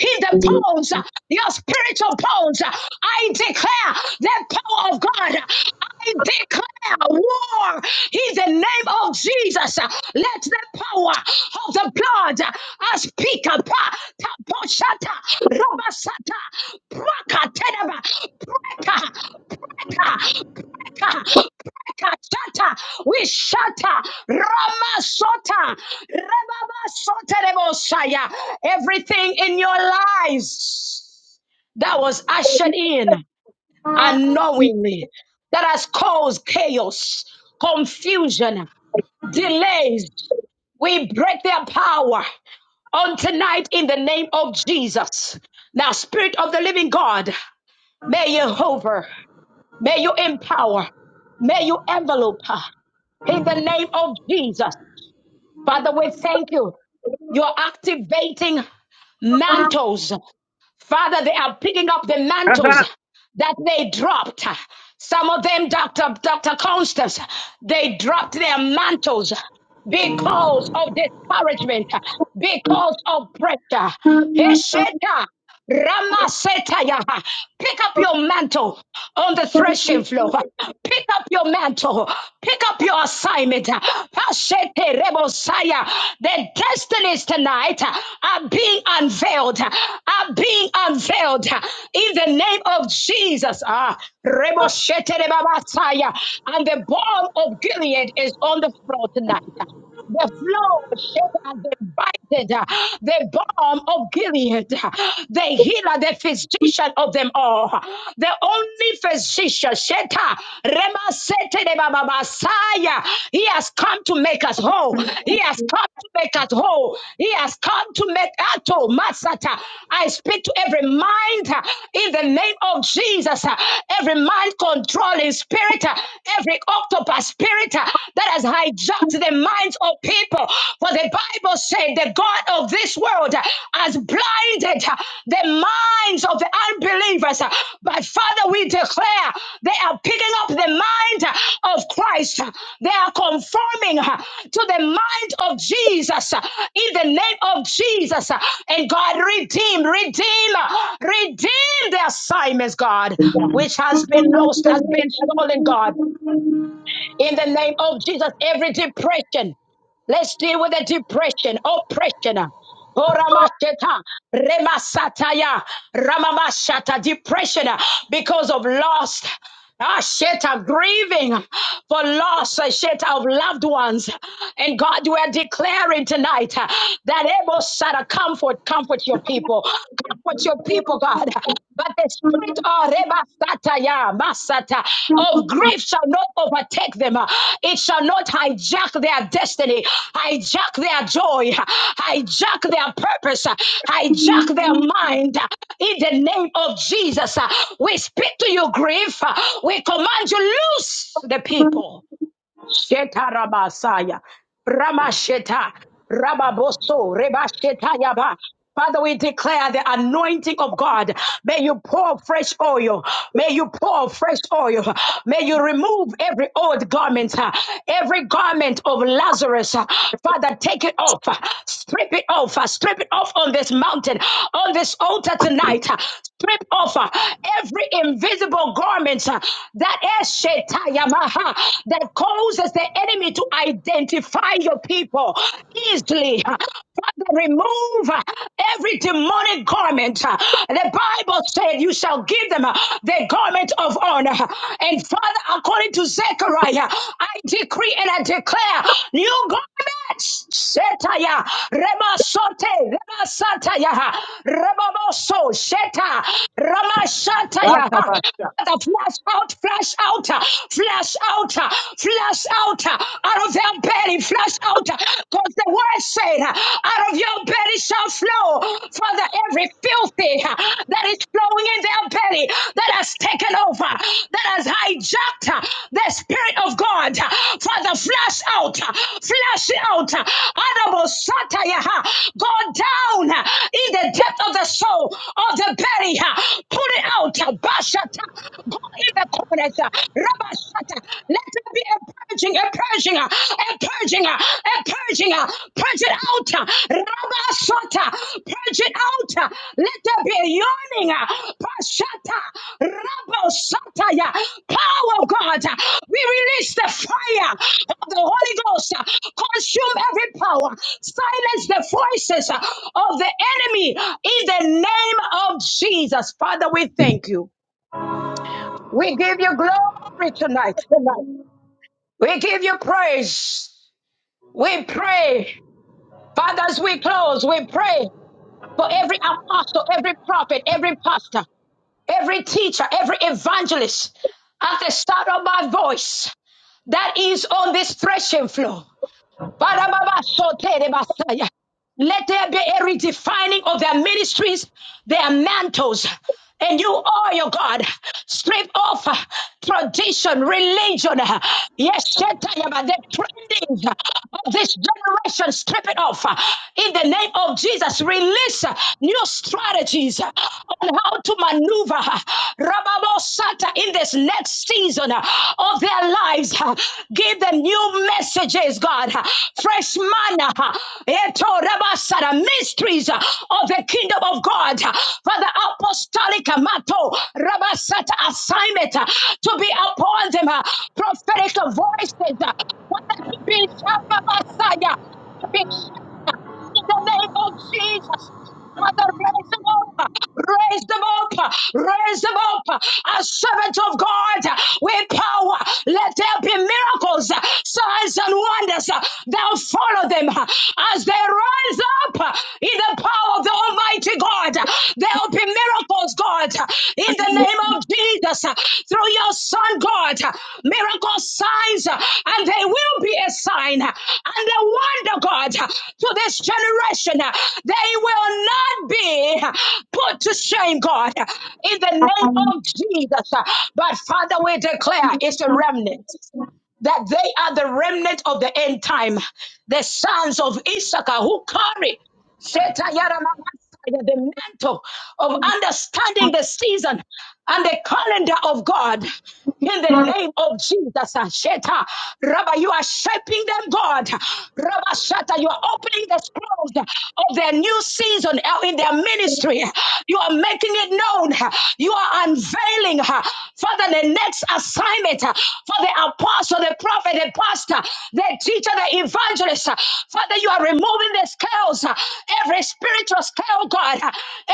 in the bones, your spiritual bones. I declare the power of God. I declare war in the name of Jesus. Let the power of the blood I speak up. Taposhata, Robasata, Praka, Teneba, Preka, Preka, Preka. Kachata, we shatter Rama Sota, Rebaba Sota Rebosaya. Everything in your lives that was ushered in unknowingly, that has caused chaos, confusion, delays, we break their power on tonight in the name of Jesus. Now, Spirit of the Living God, may you hover, may you empower, may you envelope. her in the name of Jesus. Father, we thank you. You're activating mantles. Father, they are picking up the mantles that they dropped. Some of them, Dr. Dr. Constance, they dropped their mantles because of discouragement, because of pressure. Hesheta, Ramasetaya. Pick up your mantle on the threshing floor. Pick up your mantle. Pick up your assignment. Hashete Rebosaya. The destinies tonight are being unveiled. Are being unveiled in the name of Jesus. Ah, Reboshete Rebabasaya. And the bomb of Gilead is on on the floor tonight. The flow shaker, They bited, uh, the balm of Gilead, uh, the healer, the physician of them all, uh, the only physician, Sheta, Rema Sete de Baba Messiah. He has come to make us whole. He has come to make us whole. He has come to make Ato Masata. I speak to every mind uh, in the name of Jesus. uh, Every mind controlling spirit, uh, every octopus spirit uh, that has hijacked the minds of people. For the Bible said the God of this world uh, has blinded uh, the minds of the unbelievers. uh, But Father, we declare they are picking up the mind uh, of Christ. uh, They are conforming uh, to the mind of Jesus uh, in the name of Jesus. uh, And God, redeem, redeem, uh, redeem the assignments, God, which has been lost, has been stolen, God. In the name of Jesus, every depression, let's deal with the depression, oppression. Horamasheta, remasataya, ramamashata, depression uh, because of loss. Ah, sheta, grieving for loss, uh, sheta of loved ones. And God, we are declaring tonight uh, that Ebo Sada, comfort, comfort your people. Comfort your people, God. But the spirit of Rebasataya, Masata, of grief shall not overtake them. It shall not hijack their destiny, hijack their joy, hijack their purpose, hijack their mind. In the name of Jesus, we speak to you, grief. We command you, loose the people. Sheta Rabasaya. Ramasheta. Rababoso. Rebasheta Yaba. Father, we declare the anointing of God. May you pour fresh oil. May you pour fresh oil. May you remove every old garment, uh, every garment of Lazarus. uh, Father, take it off. uh, Strip it off. uh, Strip it off on this mountain, on this altar tonight. uh, Strip off uh, every invisible garment uh, that is Shetayama huh, that causes the enemy to identify your people easily. huh. Father, remove uh, every demonic garment. Uh, The Bible said, You shall give them uh, the garment of honor. And Father, according to Zechariah, I decree and I declare new garments. Shetaya, Remasote, Remasataya, Remaboso, Sheta, Ramashataya. Father, flash out, flash out, uh, flash out, uh, flash out uh, out of your belly, flash out. Because the word said, uh, out of your belly shall flow. Father, every filthy uh, that is flowing in their belly, that has taken over, that has hijacked uh, the Spirit of God. uh, Father, flash out, uh, flash it out. uh, Adamo Sataya, uh, Go down uh, in the depth of the soul, of the belly. uh, Put it out. uh, Bash Shata. Go in the corners. uh, Rabashata. Let there be a purging, a purging, uh, a purging, uh, a purging. uh, Purge it out. uh, Rabashata. Purge it out. uh, Let there be a yawning. uh, Pashata. Rabashata. yeah. Power of God. uh, We release the fire of the Holy Ghost. uh, Consume every power. Silence the voices uh, of the enemy in the name of Jesus. Father, we thank you. We give you glory tonight. We give you praise. We pray. Father, as we close, we pray for every apostle, every prophet, every pastor, every teacher, every evangelist at the start of my voice that is on this threshing floor. Barababashoterebasaya. Let there be a redefining of their ministries, their mantles. And you, oh your God, strip off uh, tradition, religion. uh, Yes, Shetayaba, the trendings uh, of this generation, strip it off. uh, In the name of Jesus, release uh, new strategies uh, on how to maneuver. uh, Rababosata, in this next season uh, of their lives, uh, give them new messages, God, uh, fresh manna, uh, eto rabasara, mysteries uh, of the kingdom of God, uh, for the apostolic uh, mato rabasata assignment uh, to be upon them, uh, prophetic voices, uh, whether it be Shabbat Messiah, in the name of Jesus. Father, raise them up, raise them up, raise them up as servants of God with power. Let there be miracles, signs, and wonders that follow them as they rise up in the power of the Almighty God. There will be miracles, God, in the name of Jesus. Jesus, uh, through your Son, God, uh, miracle signs, uh, and they will be a sign uh, and a wonder, God, uh, to this generation. uh, They will not be uh, put to shame, God, uh, in the name of Jesus. uh, But Father, we declare it's a remnant that they are the remnant of the end time, the sons of Issachar who carry Sheta Yaramasaya, the mantle of understanding the season and the calendar of God. In the name of Jesus, uh, Sheta, Rabbi, you are shaping them, God. Rabbi Sheta, you are opening the scrolls of their new season uh, in their ministry. You are making it known. You are unveiling, uh, Father, Father, the next assignment uh, for the apostle, the prophet, the pastor, the teacher, the evangelist. uh, Father, you are removing the scales, uh, every spiritual scale, God, uh,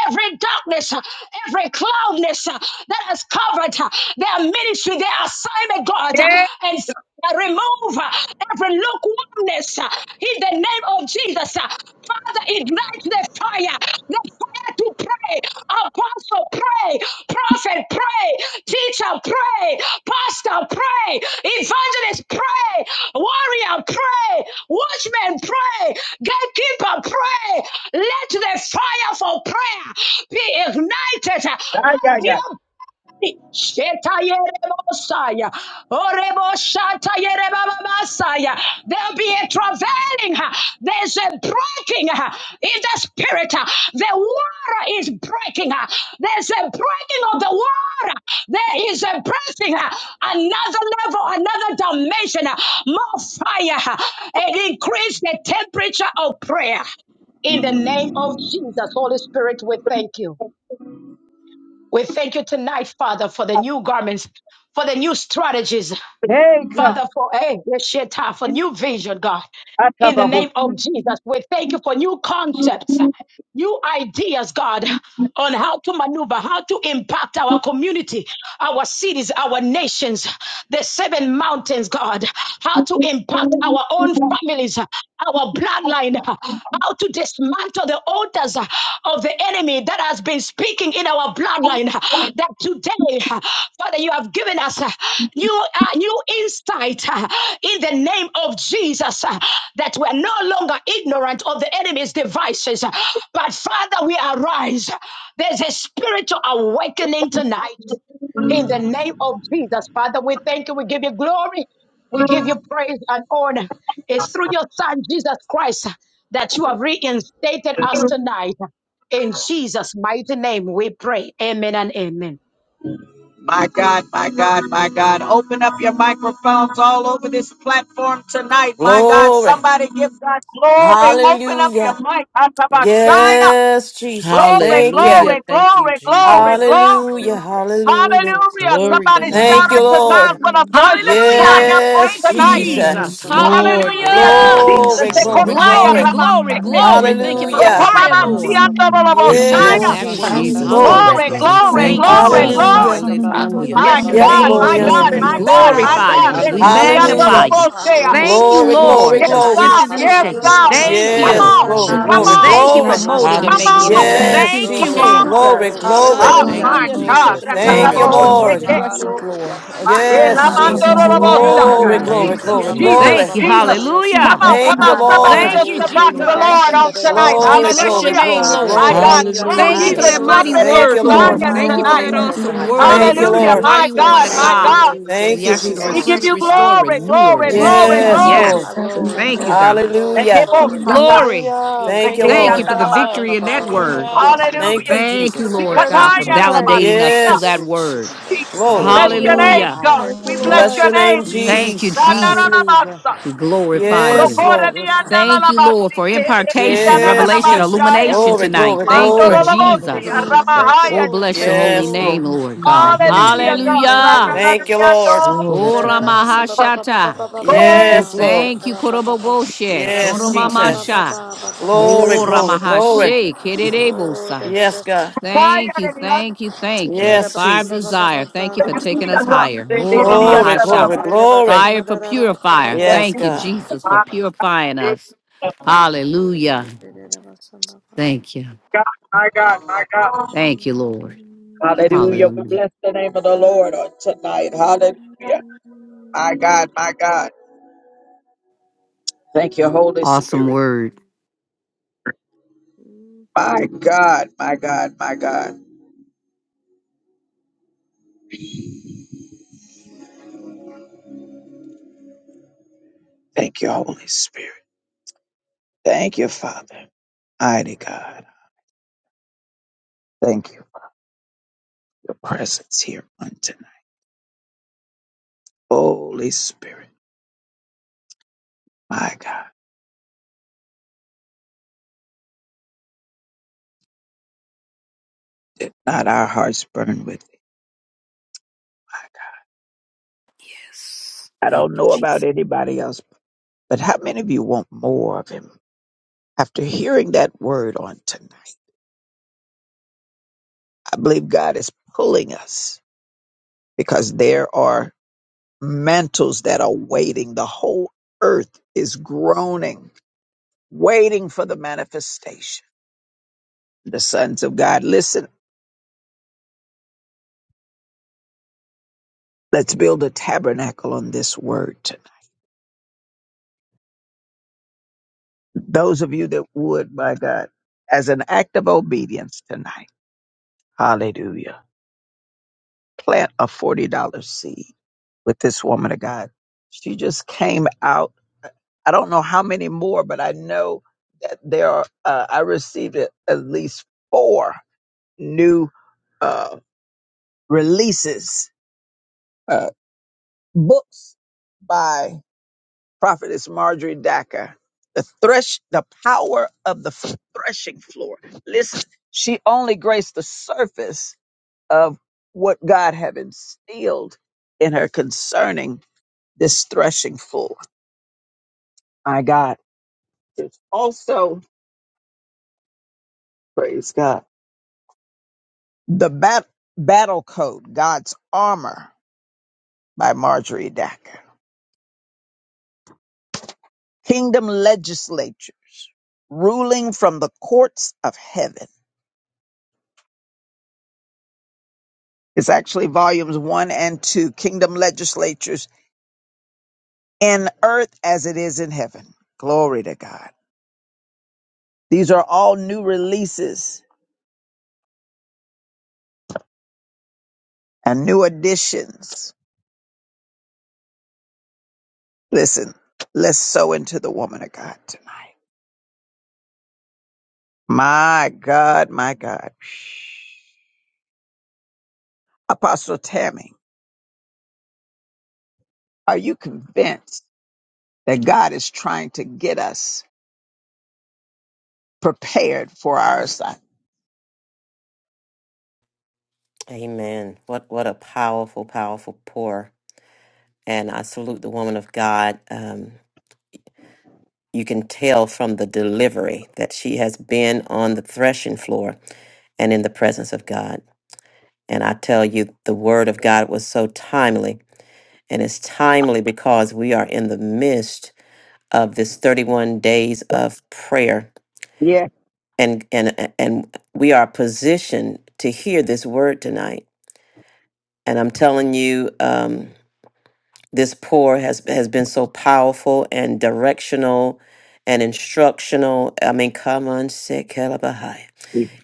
every darkness, uh, every cloudness uh, that has covered uh, their ministry, their assignment, God, uh, and Father, remove uh, every lukewarmness uh, in the name of Jesus. uh. Father, ignite the fire, the fire to pray. Apostle, pray. Prophet, pray. Teacher, pray. Pastor, pray. Evangelist, pray. Warrior, pray. Watchman, pray. Gatekeeper, pray. Let the fire for prayer be ignited uh, out of your Shetayerebosaya. Orebosatayerebababasaya. There'll be a travailing. uh, There's a breaking uh, in the spirit. uh, The water is breaking. uh, There's a breaking of the water. There is a breaking. uh, Another level, another dimension. uh, More fire. uh, And increase the temperature of prayer. In the name of Jesus, Holy Spirit, we thank you. We thank you tonight, Father, for the new garments, for the new strategies, Father, for hey, Yeshua, for new vision, God. In the name of Jesus, we thank you for new concepts, new ideas, God, on how to maneuver, how to impact our community, our cities, our nations, the seven mountains, God, how to impact
Yeah.
our own families, our bloodline, how to dismantle the altars of the enemy that has been been speaking in our bloodline uh, that today, uh, Father, you have given us uh, new, uh, new insight uh, in the name of Jesus uh, that we're no longer ignorant of the enemy's devices. uh, But Father, we arise. There's a spiritual awakening tonight. In the name of Jesus, Father, we thank you. We give you glory. We give you praise and honor. It's through your Son, Jesus Christ, that you have reinstated us tonight. In Jesus' mighty name, we pray. Amen and amen.
My God, my God, my God. Open up your microphones all over this platform tonight. My God,
Glory.
somebody give God glory. Open up your
Hallelujah.
mic. Atabashaya.
Yes, Jesus.
Glory,
Thank you.
glory,
Hallelujah. Thank you,
glory, glory,
Jesus.
Yes,
glory.
Hallelujah,
Lord. Yes, Lord.
hallelujah.
Yes.
Hallelujah.
Glory to
Somebody shout
Thank
God.
you,
Hallelujah,
unto God
Lord.
with a
hallelujah,
voice of
Hallelujah.
triumph on
Yes,
Thank you,
tonight.
hallelujah,
Jesus.
Yes,
Jesus.
hallelujah.
Hallelujah.
Lord. Yes,
Hallelujah.
Thank you,
Lord.
Hallelujah.
Yes,
Jesus.
Glory,
Hallelujah.
Jesus.
Lord.
glory,
Oh,
Ekotaya
Glory,
glory.
hallelujah,
glory,
rabaseke.
glory.
Hallelujah.
hallelujah,
Da
Thank you
da
for
da
the
ba
Hallelujah.
sum
fire,
ba ba ba
Rokobabasiya
Lord,
ba ba
hallelujah,
ba ba ba
of
toboloboshaya.
ba
Yes,
Glory.
hallelujah,
that
ba
word.
Jesus.
da da
hallelujah.
Jesus,
da
we
Glory.
ba
Hallelujah.
Hallelujah.
love
Glory,
sum
you.
Thank
ba
We
ba.
you,
glory,
Oh,
thank
Thank
you,
you,
glory,
Father
Father.
Luna
Jesus.
ba
God,
glory.
Jesus.
Hallelujah.
sum ba ba
Father,
ba
We
we
ba
Hallelujah.
hallelujah,
ba
My
give
bless
ba
you
your
ba
Yes,
ba
God,
ba
name,
hallelujah,
Lord.
my
glory
Yes,
ba
God,
Jesus.
ba
Glory
Lord.
We
hallelujah.
ba
my
even
be
ba
Yes,
to
sum
God,
da
my
now.
God.
Lord.
da
glorify
da
God.
you.
Thank
da da
We
ba
you.
ba
Jesus,
Thank
magnify
Hallelujah.
Hallelujah.
you,
you.
Jesus,
Residiantodobosea.
Father.
Thank
Oh
Jesus,
you,
da
Glory,
da da
glory,
Lord,
da
Oh
for
Jesus,
da
Yes,
the
ba
God, you're
glory.
God,
shifting and the
Jesus,
so
yes,
shaking.
good.
la
God.
You're
Jesus,
ba
Yes,
Thank
kan
so
Come
da na
Lord.
you.
Yes,
ba
on,
good.
glory,
ba
come
ba ba.
glory,
Hallelujah.
on,
Jesus,
Hallelujah.
Thank you for
glory.
Jesus,
molding and
Glory,
come
Jesus,
making
on,
us.
glory,
Thank
Hallelujah.
align,
Yes,
you,
Thank
come
you,
Father
Jesus.
glory,
Lord.
on.
Glory,
Jesus.
glory,
God,
glory.
Oh,
glory,
Thank
Hallelujah.
my
you,
align
Hallelujah.
me
To
to
God.
glory.
take
your
Jesus.
him
Da da
plan,
da
Thank
through
Glory.
da
you,
ba
to
that
your
Lord.
Hallelujah,
Rakatabohoseke.
Hallelujah.
will.
threshing
Lord.
Hallelujah.
floor
Ah,
experience,
Oh,
Yes,
Lord
Hallelujah.
Haro
Jesus.
God.
hallelujah,
kora
La
Thank
la
you,
elamantodobosea.
la
Glory,
baba
la
Lord.
ba
glory,
hallelujah,
Thank you,
Jesus,
sikia
glory,
samba ba
hallelujah,
ba
Jesus,
ba
dasa
glory.
Thank
ba
you.
Jesus.
ba ba
Jesus.
di
kasa.
dio samba
Oh
Come
Hallelujah.
ba
on,
my
ba
come
Thank you,
on.
God,
Ikara
Somebody
my
baba
Lord.
iko
Thank
just
you,
come
God,
ne
back to
oh
me
sikia.
the
ba ma
Thank
Jesus.
Lord
kanda
on
you,
re re re
Jesus,
tonight.
ba
Father.
We
sa
Glory,
ba ba
bless
Jesus,
your
glory,
ba
Hallelujah.
ba
name,
ba
glory,
Jesus,
My
Lord.
glory.
la
Yeah.
God,
ba
Jesus,
Hallelujah,
ba
blow
Thank
sanda
you
ye
for
ra
Hallelujah.
the
ra
Jesus.
that
ba
hallelujah.
sa
mighty
ba
Hallelujah.
trumpet
ba
Thank
ba
in
word,
you,
ba
You
ba
Oh
are
Lord.
Lord.
ba
Zion
God,
Thank
samba
you're
you for
ba
worthy,
tonight.
that
Glory
ba
so
to
worthy,
Okay.
awesome
God.
good,
worthy,
you're
word
Thank
worthy
you,
yes
and
so
Hallelujah.
that
Hallelujah.
lord
God.
Lord.
My
good,
mighty
you're
woman
God,
of
yes
so
my
Thank you,
God.
God.
lord
good.
Jesus.
Thank
We
you,
yes
ask
Yes,
you to
We
Thank
lord
Jesus.
Lord.
give
you,
refresh,
you
restore,
Father.
glory,
renew
Mm,
her,
glory,
Thank
yes
you,
Yes,
Open
glory,
Jesus.
lord
the
Yes,
God.
Father.
glory.
windows of
glory
Lord.
Yes.
heaven,
glory
Father
Thank
Thank you,
you,
Hallelujah.
God.
glory
God.
glory
Jesus.
Hallelujah.
glory
Hallelujah,
Rekeboshata,
Glory.
Hallelujah.
Yes,
Thank
Thank
you,
you,
Ne
hallelujah,
Thank
God.
you
ra
for
Lord.
ra
the
ba
rekeriandanabasa.
ba
Jesus.
victory in that
ba ba ba ba
word.
ba
Hallelujah.
Yes,
Thank
Lord.
Hallelujah,
you,
Thank you,
Jesus.
Jesus.
thank
Lord
Worthy
you
God,
to
for
be
Thank you,
jesus
praised.
validating us
Ikatayananabashita.
through
thank
that
Yes.
you
Jesus.
word.
jesus
Jesus.
Glory.
Bless
Glory
your
to
Oh,
name,
Hallelujah.
Hallelujah.
God.
God.
Thank you,
We
hallelujah,
hallelujah
bless
Bless
your
your
Lord.
name,
name,
hallelujah,
Jesus.
Mm,
Mm,
Thank you,
Jesus.
Jesus.
Hallelujah.
Dananabasa.
We glorify
Yes,
you.
Lord.
Yes, sir.
mm.
hallelujah.
Thank you,
Rokorediandanabasike,
Lord, for
Ah,
impartation,
yeah,
hallelujah.
Yes,
yeah,
revelation,
yeah, yeah.
Jesus.
rekitananabashaya.
illumination
Glory,
Mm, thank
tonight.
glory,
you,
Glory
Thank
to
you,
glory.
the
Lord. Thank
King of
you,
Mandorolobosi,
the
Jesus.
Lord.
universe.
Thank you,
Ramahaya,
Oh,
Lord.
bless
Jesus.
your
Thank you,
holy
Yes,
name,
Lord.
Lord.
Lord God.
Thank you,
Mhm.
Hallelujah,
Lord.
God.
Thank you,
Hallelujah.
Thank
Lord.
you, Lord.
Rananadiando.
Glory
Oh,
to God.
Da-da-da-da-ba-sum,
Ramahashata.
ba-ba-ba-ba-ba-ba-ba-ba-ba.
Thank
Oh,
you,
Yes,
Jesus.
Lord.
Thank you,
Da-da-da-ba-ba-ba-ba.
Koroboboshe.
Yes,
Da-da-ba-sum,
Mm,
Jesus.
Koromamasha.
Yes.
Glory,
Oh,
Lord.
ba-ba-ba-ba-ba-ba-ba-ba-ba.
glory, glory.
Ramahashe.
Oh,
Kererebosa.
Yes, God.
da-da-da-da-da.
fire
Thank you,
in the
thank you, thank you.
Yes,
Fire
Da-da-da-ba-sum,
of
Jesus.
ba-ba-ba-ba.
desire, thank you
My
for
Da-da-da-ba-sum,
taking us
ba-ba.
higher. Oh,
Glory,
Ramahasha.
glory, glory.
Da-da-da-ba-kum,
Fire for
da-da-da-da-ba-sum,
purifier.
Yes,
Thank you,
ba-ba-ba-ba-ba.
God.
Jesus, for purifying us. Hallelujah.
Mm, da-da-da-ba-sum, ba-ba.
Thank you.
God, my God.
Thank you, Lord.
Mm.
Hallelujah. We
Hallelujah.
bless the name of the Lord on tonight. Hallelujah. My God, my God. Thank you, Holy
Awesome
Spirit.
word.
Mm-hmm.
My God, my God, my God. Thank
Yes. Thank you, Jesus.
Let's build a tabernacle on this word. tonight. Those of you that would, my God, as an act of obedience tonight. Hallelujah. plant a $40 seed with this woman of God. She just came out. I don't know how many more, but I know that there are, uh, I received at at least four new uh, releases, uh, books by Prophetess Marjorie Dacker. The thresh, the power of the threshing floor. Listen, she only graced the surface of what God had instilled in her concerning. this threshing floor. My God. There's also, glory to God. These are all new releases and new additions. Listen, let's sow into the woman of God tonight. My God, my God. Apostle Tammy, are you convinced that God is trying to get us prepared for our assignment?
Amen. What what a powerful, powerful pour. And I salute the woman of God. Um, you can tell from the delivery that she has been on the threshing floor and in the presence of God. And I tell you, the word of God was so timely. And it's timely because we are in the midst of this 31 days of prayer. And and and we are positioned to hear this word tonight. And I'm telling you, um, This pour has has been so powerful and directional and instructional. I mean, come on, Sekelabahai.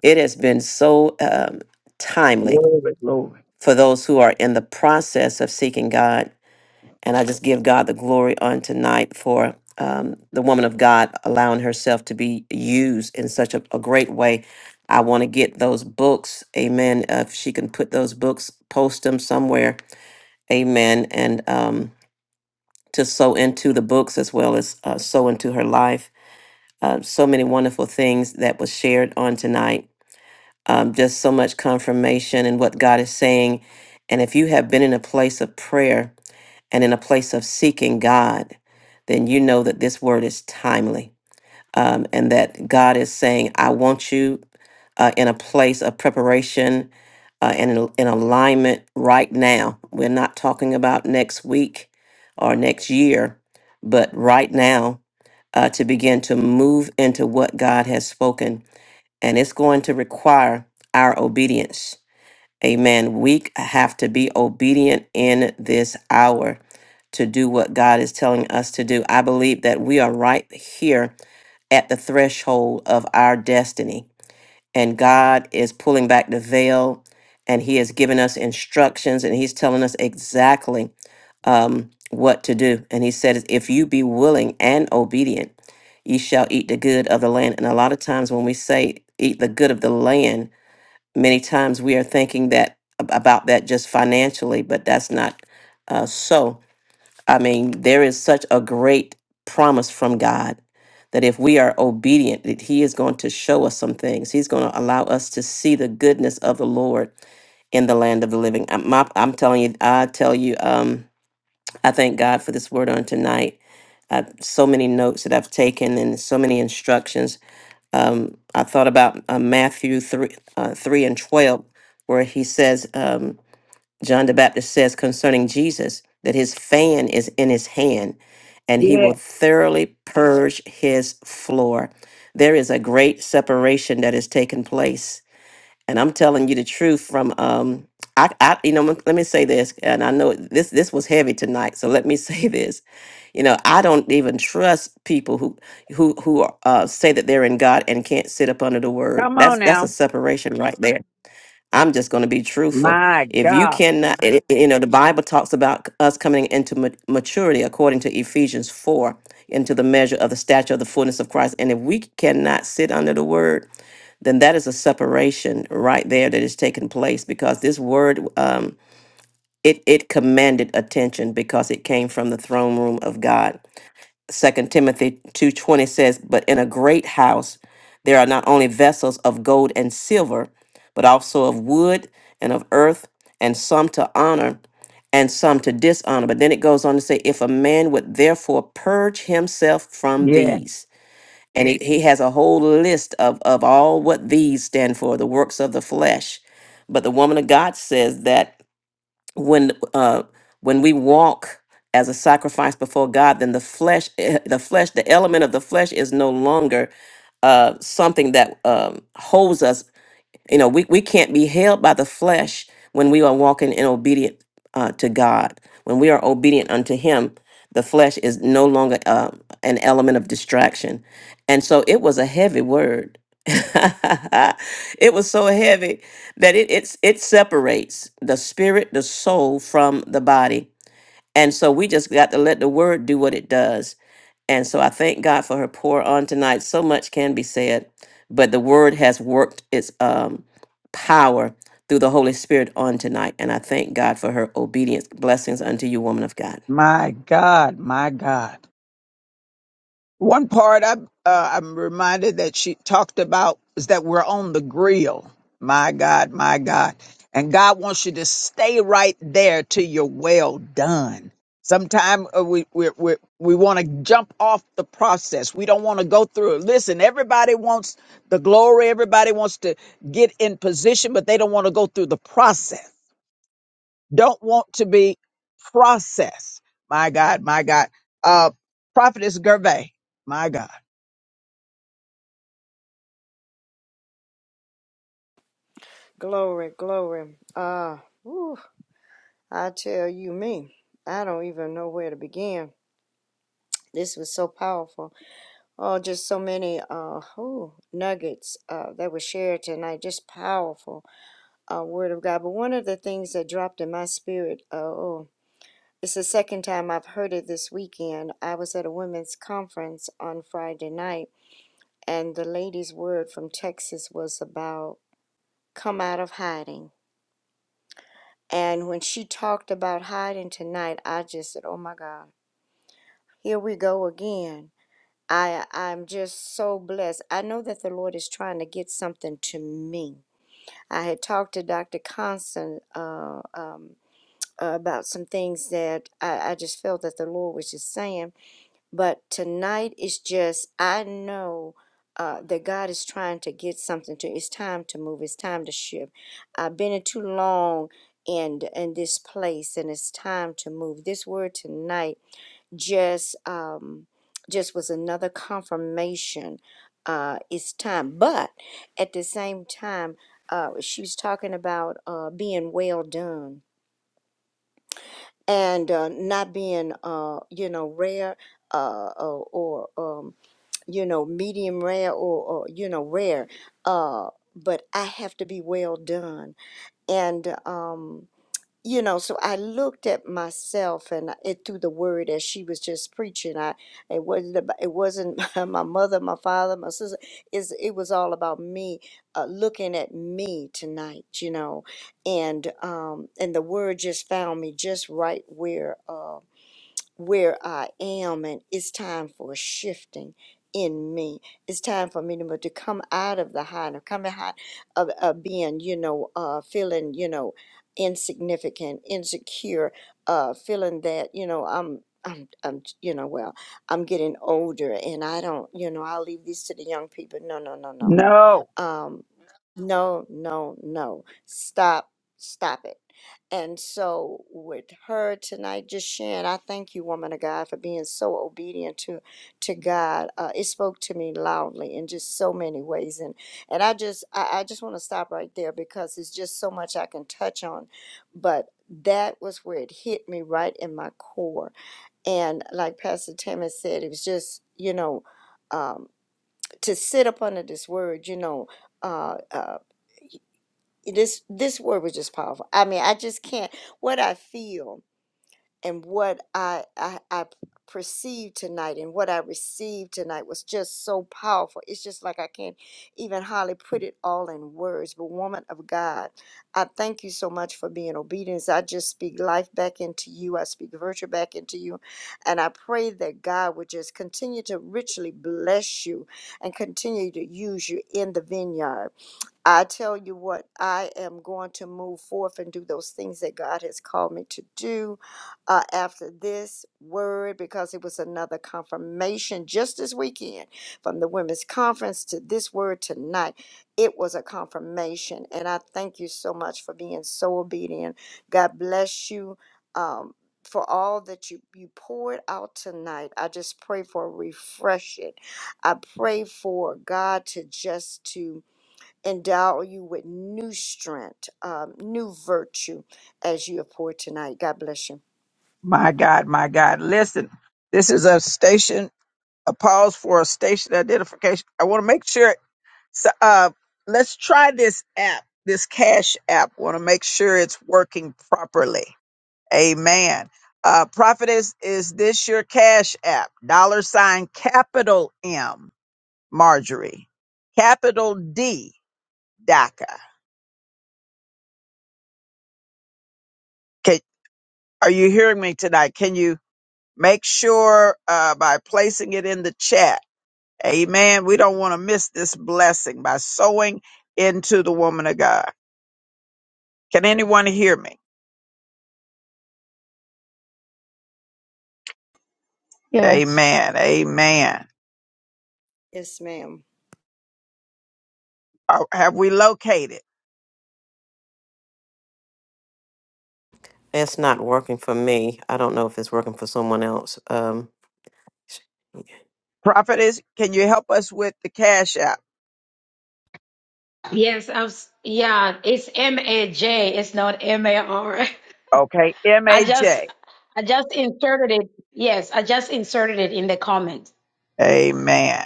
It has been so um, timely for those who are in the process of seeking God. And I just give God the glory on tonight for um, the woman of God allowing herself to be used in such a, a great way. I want to get those books, amen. Uh, if she can put those books, post them somewhere, amen. And um, to sow into the books as well as uh, sow into her life. Uh, so many wonderful things that was shared on tonight. Um, just so much confirmation in what God is saying. And if you have been in a place of prayer and in a place of seeking God, then you know that this word is timely um, and that God is saying, I want you uh, in a place of preparation uh, and in, in alignment right now. We're not talking about next week or next year, but right now uh, to begin to move into what God has spoken. And it's going to require our obedience. Amen. We have to be obedient in this hour to do what God is telling us to do. I believe that we are right here at the threshold of our destiny. And God is pulling back the veil and He has given us instructions and He's telling us exactly um, what to do. And He said, If you be willing and obedient, ye shall eat the good of the land. And a lot of times when we say eat the good of the land, many times we are thinking that ab- about that just financially, but that's not uh, so. I mean, there is such a great promise from God that if we are obedient, that He is going to show us some things. He's going to allow us to see the goodness of the Lord in the land of the living. I'm, my- I'm telling you, I tell you, um, I thank God for this word on tonight. Uh, so many notes that I've taken and so many instructions. Um, I thought about uh, Matthew 3, uh, 3 and 12, where he says, um, John the Baptist says concerning Jesus that his fan is in his hand and he
Yeah,
will thoroughly purge his floor. There is a great separation that has taken place. And I'm telling you the truth from um I, I you know let me say this and I know this this was heavy tonight so let me [laughs] say this. You know, I don't even trust people who who who uh, say that they're in God and can't sit up under the word.
come on
That's that's a
now.
separation right there I'm just going to be truthful.
My
If you
God.
cannot, it- it- you know, the Bible talks about c- us coming into ma- maturity according to Ephesians 4, into the measure of the stature of the fullness of Christ. And if we cannot sit under the word, then that is a separation right there that is taking place because this word, um, it, it commanded attention because it came from the throne room of God. Second Timothy 2:20 says, "But in a great house there are not only vessels of gold and silver, but also of wood and of earth, and some to honor and some to dishonor." But then it goes on to say, "If a man would therefore purge himself from
Yeah,
these." And he, he has a whole list of, of all what these stand for, the works of the flesh. But the woman of God says that when uh when we walk as a sacrifice before God, then the flesh, eh, eh, the flesh, the element of the flesh is no longer uh, something that um, holds us you know we, we can't be held by the flesh when we are walking in obedient uh, to god when we are obedient unto him the flesh is no longer uh, an element of distraction and so it was a heavy word [laughs] it was so heavy that it it's it separates the spirit, the soul from the body. And so we just got to let the word do what it does. And so I thank God for her pour on tonight. So much can be said, but the word has worked its um, power through the Holy Spirit on tonight. And I thank God for her obedience. Blessings unto you, woman of God.
my God, my God. One part I, uh, I'm reminded that she talked about is that we're on the grill. My God, my God. And God wants you to stay right there till you're well done. Sometimes we, we, we, we want to jump off the process. We don't want to go through it. Listen, everybody wants the glory. Everybody wants to get in position, but they don't want to go through the process. Don't want to be processed. My God, my God. Uh, Prophetess Gervais, my God.
Glory, glory. Ah, whew, I tell you, me, I don't even know where to begin. This was so powerful. Oh, just so many uh, whew, nuggets uh, that were shared tonight. Just powerful uh, word of God. But one of the things that dropped in my spirit, uh, oh, it's the second time I've heard it this weekend. I was at a women's conference on Friday night, and the lady's word from Texas was about come out of hiding And when she talked about hiding tonight, I just said, "Oh my God, here we go again." I I'm just so blessed. I know that the Lord is trying to get something to me. I had talked to Dr. Constant uh, um, about some things that I, I just felt that the Lord was just saying. But tonight is just, I know uh, that God is trying to get something to. It's time to move. It's time to shift. I've been in too long in in this place, and it's time to move. This word tonight just um, just was another confirmation. Uh, it's time, but at the same time, uh, she was talking about uh, being well done and uh, not being, uh, you know, rare uh, or, or um, you know, medium rare or, or you know, rare. Uh, but I have to be well done. And, um, you know, so I looked at myself and it through the word as she was just preaching. I it wasn't ab- it wasn't [laughs] my mother, my father, my sister. Is it was all about me, uh, looking at me tonight, you know, and um, and the word just found me just right where. Uh, where I am, and it's time for a shifting in me. It's time for me to, to come out of the high, to come out of, of being, you know, uh, feeling, you know, insignificant, insecure, uh, feeling that, you know, I'm. I'm, I'm, you know, well, I'm getting older and I don't, you know, I'll leave this to the young people. No, no, no, no
No,
um no no no stop stop it and so with her tonight just sharing i thank you woman of god for being so obedient to to god uh, it spoke to me loudly in just so many ways and and i just i, I just want to stop right there because it's just so much i can touch on but that was where it hit me right in my core and like pastor Tammy said it was just you know um, to sit up under this word, you know, uh, uh, this this word was just powerful. I mean, I just can't. What I feel and what I, I I perceived tonight and what I received tonight was just so powerful. It's just like I can't even hardly put it all in words. But woman of God, I thank you so much for being obedient. I just speak life back into you. I speak virtue back into you, and I pray that God would just continue to richly bless you and continue to use you in the vineyard. I tell you what, I am going to move forth and do those things that God has called me to do uh, after this word because it was another confirmation just this weekend from the women's conference to this word tonight. It was a confirmation, and I thank you so much for being so obedient. God bless you. Um, for all that you, you poured out tonight, I just pray for refreshing. I pray for God to just to endow you with new strength, um, new virtue as you have poured tonight. God bless you.
this isn't a pause for a station identification. I want to make sure. So, uh, let's try this app, this cash app. Want to make sure it's working properly. Amen. Uh, prophetess, is this your cash app? Dollar sign capital M, Marjorie, capital D, DACA. Can, are you hearing me tonight? Can you make sure uh, by placing it in the chat? Amen. We don't want to miss this blessing by sowing into the woman of God. Can anyone hear me?
Yes.
Amen. Amen.
Yes, ma'am.
Uh, Have we located?
It's not working for me. I don't know if it's working for someone else. Um, Okay.
Prophetess, can you help us with the cash app?
Yes, I was, yeah, it's M A J. It's not M A R.
Okay.
[laughs] I just
MAJ.
I just inserted it. Yes, I just inserted it in the comment.
Amen.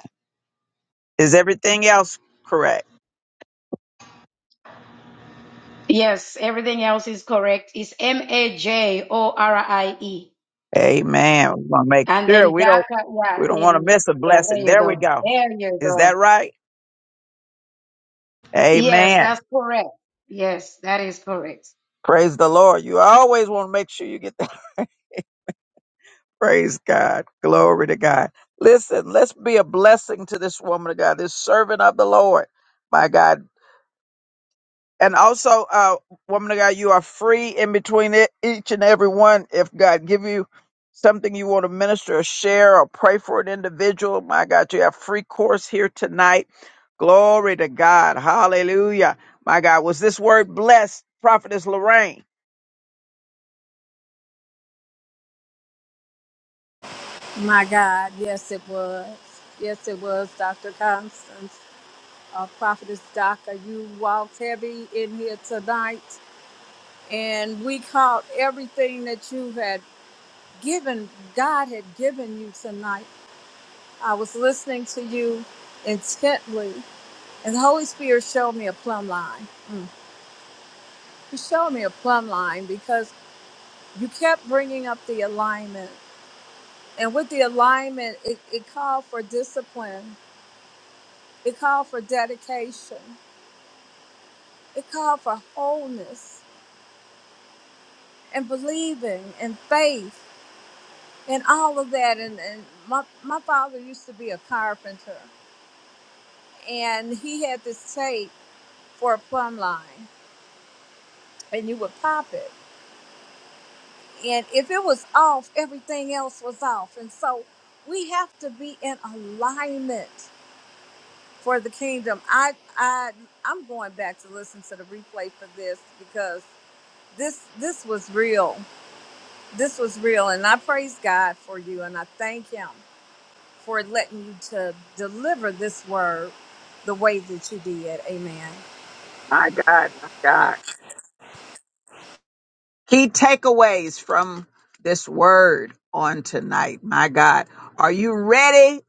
Is everything else correct?
Yes, everything else is correct. It's M A J O R I E.
Amen. We want to make
And
sure
then
we
dark,
don't, we
yeah,
don't want to
then,
miss a
yeah,
blessing.
there you
There we
go.
go.
There you
Is
go.
that right?
Yes,
Amen.
that's correct. Yes, that is correct.
Praise the Lord. You always want to make sure you get that. [laughs] Praise God. Glory to God. Listen, let's be a blessing to this woman of God, this servant of the Lord. My God. And also, uh, woman of God, you are free in between it, each and every one. If God give you something you want to minister or share or pray for an individual, my God, you have free course here tonight. Glory to God. Hallelujah. My God, was this word blessed, Prophetess Lorraine?
My God, yes, it was. Yes, it was, Dr. Constance. Uh, Prophetess Doc, you walked heavy in here tonight. and we caught everything that you had given, God had given you tonight. I was listening to you intently, and the Holy Spirit showed me a plumb line. Mm. He showed me a plumb line because you kept bringing up the alignment. And with the alignment, it, it called for discipline, it called for dedication, it called for wholeness and believing and faith and all of that. And, and my, my father used to be a carpenter and he had this tape for a plumb line, and you would pop it. And if it was off, everything else was off. And so we have to be in alignment for the kingdom. I I I'm going back to listen to the replay for this because this this was real. This was real, and I praise God for you, and I thank Him for letting you to deliver this word the way that you did. Amen.
My God, my God. key takeaways from this word on tonight. My God, are you ready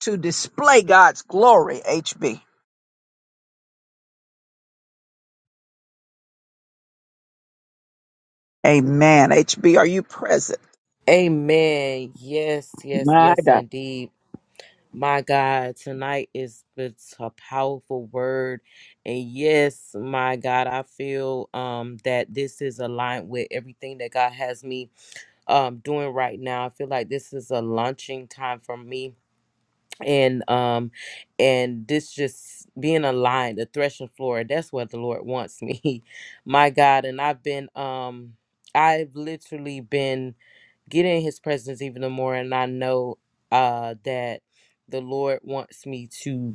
to display God's glory, HB? Amen. HB, are you present?
Amen. Yes, yes,
my
yes,
God?
indeed. My God, tonight is it's a powerful word. And yes, my God, I feel um that this is aligned with everything that God has me um doing right now. I feel like this is a launching time for me. And um and this just being aligned, the threshing floor, that's what the Lord wants me. [laughs] my God, and I've been um I've literally been get in his presence even the more and I know uh that the Lord wants me to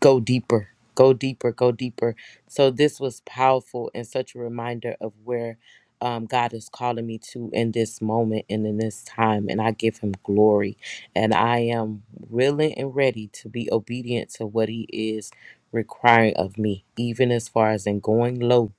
go deeper, go deeper, go deeper. So this was powerful and such a reminder of where um, God is calling me to in this moment and in this time, and I give Him glory. And I am willing and ready to be obedient to what He is requiring of me, even as far as in going low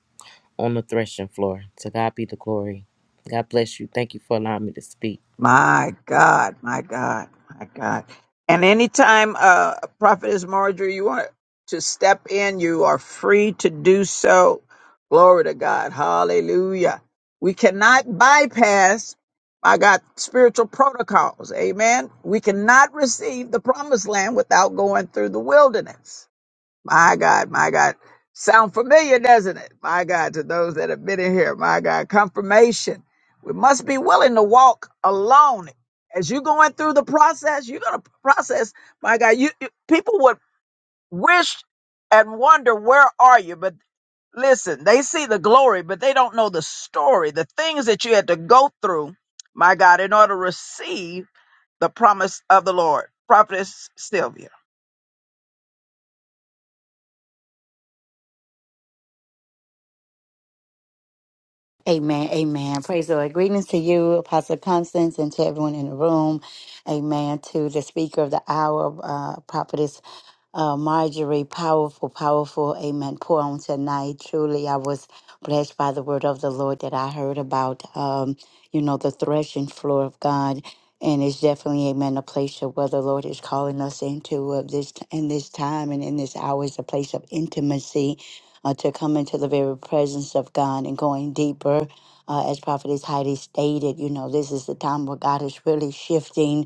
on the threshing floor. To God be the glory. God bless you. Thank you for allowing me to speak.
My God, my God, my God. And anytime uh Prophetess Marjorie, you want to step in, you are free to do so. Glory to God. Hallelujah. We cannot bypass, my God, spiritual protocols. Amen. We cannot receive the promised land without going through the wilderness. My God, my God. Sound familiar, doesn't it? My God, to those that have been in here, my God, confirmation. We must be willing to walk alone. As you're going through the process, you're going to process, my God, you, you- people would wish and wonder, where are you? But listen, they see the glory, but they don't know the story, the things that you had to go through, my God, in order to receive the promise of the Lord. Prophetess Sylvia.
Amen. Amen. Praise the Lord. Greetings to you, Apostle Constance, and to everyone in the room. Amen. To the speaker of the hour, uh, Prophetess Uh, Marjorie, powerful, powerful, amen. Pour on tonight. Truly, I was blessed by the word of the Lord that I heard about, um, you know, the threshing floor of God. And it's definitely, amen, a place of where the Lord is calling us into of this in this time and in this hour is a place of intimacy uh, to come into the very presence of God and going deeper. Uh, as Prophetess Heidi stated, you know, this is the time where God is really shifting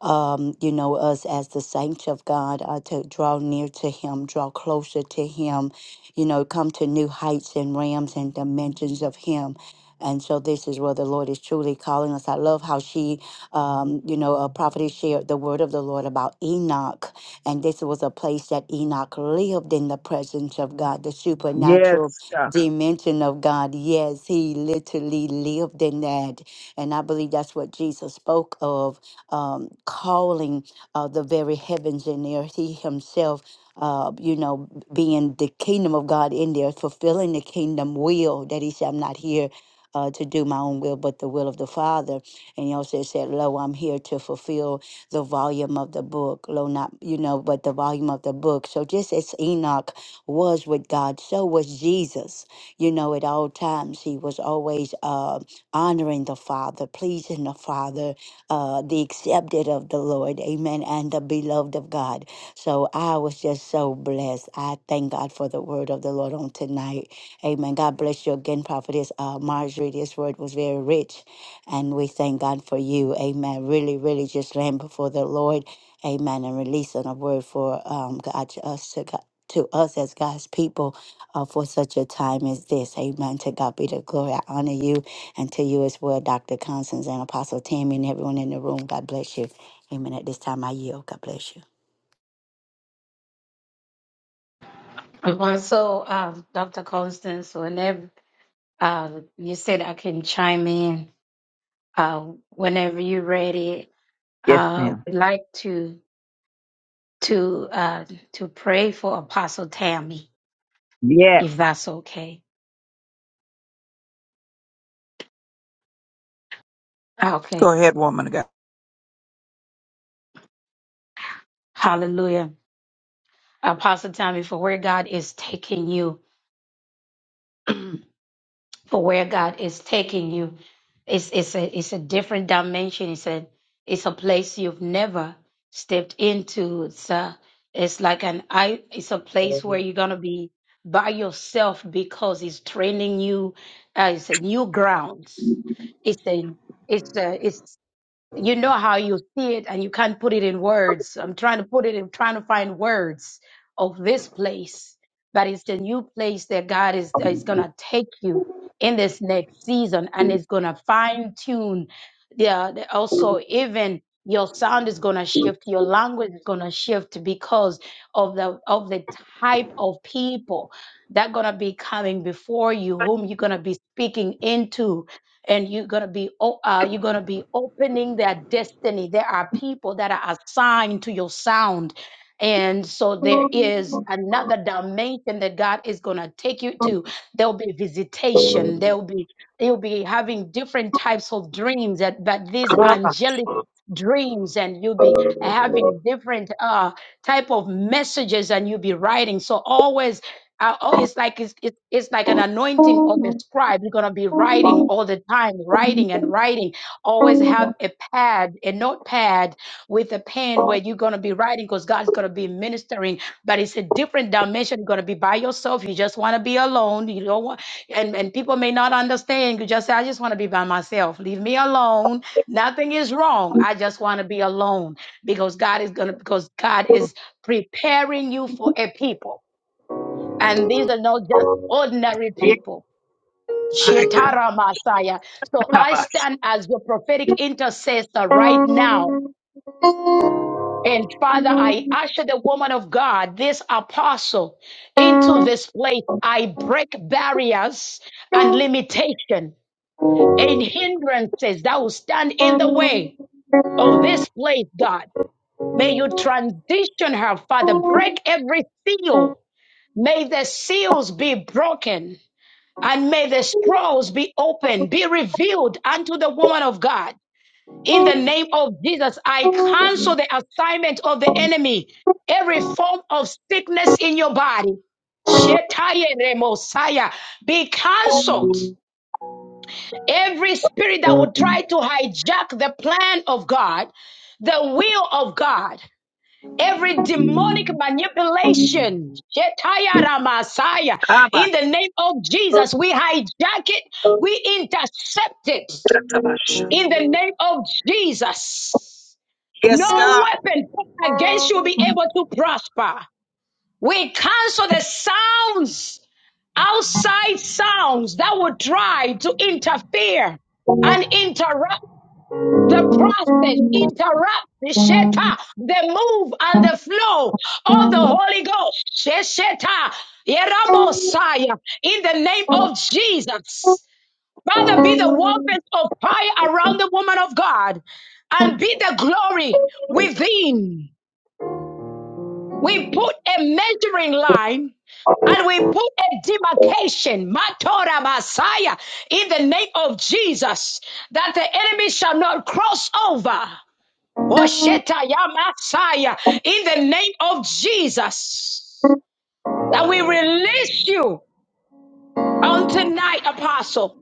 um, you know, us as the saints of God uh, to draw near to Him, draw closer to Him, you know, come to new heights and realms and dimensions of Him. And so this is where the Lord is truly calling us. I love how she, um, you know, a prophetess shared the word of the Lord about Enoch. And this was a place that Enoch lived in the presence of God, the supernatural
Yes, God.
dimension of God. Yes, he literally lived in that. And I believe that's what Jesus spoke of um, calling uh, the very heavens and earth. He himself, uh, you know, being the kingdom of God in there, fulfilling the kingdom will that he said, I'm not here. Uh, to do my own will, but the will of the Father. And he also said, Lo, I'm here to fulfill the volume of the book. Lo, not, you know, but the volume of the book. So just as Enoch was with God, so was Jesus. You know, at all times, he was always uh, honoring the Father, pleasing the Father, uh, the accepted of the Lord, amen, and the beloved of God. So I was just so blessed. I thank God for the word of the Lord on tonight, amen. God bless you again, prophetess uh, Marjorie. This word was very rich, and we thank God for you, amen. Really, really just laying before the Lord, amen, and releasing a word for um, God to us to God. To us as God's people, uh, for such a time as this, Amen. To God be the glory. I honor you, and to you as well, Dr. Constance and Apostle Tammy and everyone in the room, God bless you. Amen. At this time, I yield. God bless you.
Uh, So, um, Dr. Constance, whenever uh, you said I can chime in, uh, whenever you're ready,
Yes,
uh,
ma'am.
would like to to uh, to pray for Apostle Tammy,
Yes.
if that's okay.
Go
Okay,
ahead, woman of God.
Hallelujah, Apostle Tammy, for where God is taking you. [clears throat] for where God is taking you. It's it's a it's a different dimension. It's a it's a place you've never stepped into. It's a, it's like an I it's a place where you're gonna be by yourself because it's training you. Uh, it's a new grounds. It's a it's a it's you know how you see it and you can't put it in words. I'm trying to put it in trying to find words of this place, but it's the new place that God is is gonna take you in this next season, and it's gonna fine tune. Yeah, the- also even your sound is gonna shift, your language is gonna shift because of the of the type of people that gonna be coming before you, whom you're gonna be speaking into and you're going to be o- uh, you're going to be opening their destiny there are people that are assigned to your sound and so there is another dimension that God is going to take you to. There'll be visitation. There'll be you'll be having different types of dreams that but these angelic
Kabash.
dreams and you'll be having different uh type of messages and you'll be writing so always uh, oh, it's like it's, it's it's like an anointing of a scribe. You're gonna be writing all the time, writing and writing. Always have a pad, a notepad with a pen where you're gonna be writing because God's gonna be ministering. But it's a different dimension. You're gonna be by yourself. You just want to be alone. You don't want, and and people may not understand. You just say, I just want to be by myself. Leave me alone. Nothing is wrong. I just want to be alone because God is gonna because God is preparing you for a people. And these are not just ordinary
My
people.
God.
Shetara Messiah. So I
Kabash.
stand as your prophetic intercessor right now. And Father, I usher the woman of God, this apostle, into this place. I break barriers and limitation and hindrances that will stand in the way of this place, God. May you transition her, Father. Break every seal. May the seals be broken. And may the scrolls be opened, be revealed unto the woman of God. In the name of Jesus, I cancel the assignment of the enemy, every form of sickness in your body. Shetaye remosaya, Be cancelled. Every spirit that would try to hijack the plan of God, the will of God. Every demonic manipulation, Shetaya Ramasaya, in
Kabash.
the name of Jesus, we hijack it, we intercept it
Katabash.
in the name of Jesus. No
Yes, God.
weapon formed against you will be able to prosper. We cancel the sounds, outside sounds that would try to interfere and interrupt the process, interrupt the sheta, the move and the flow of the Holy Ghost. Sheta, Yeramosaya, in the name of Jesus. Father, be the warmth of fire around the woman of God and be the glory within. We put a measuring line and we put a demarcation, Matora Messiah, in the name of Jesus, that the enemy shall not cross over. Osheta Yamasaya, in the name of Jesus, that we release you on tonight, Apostle,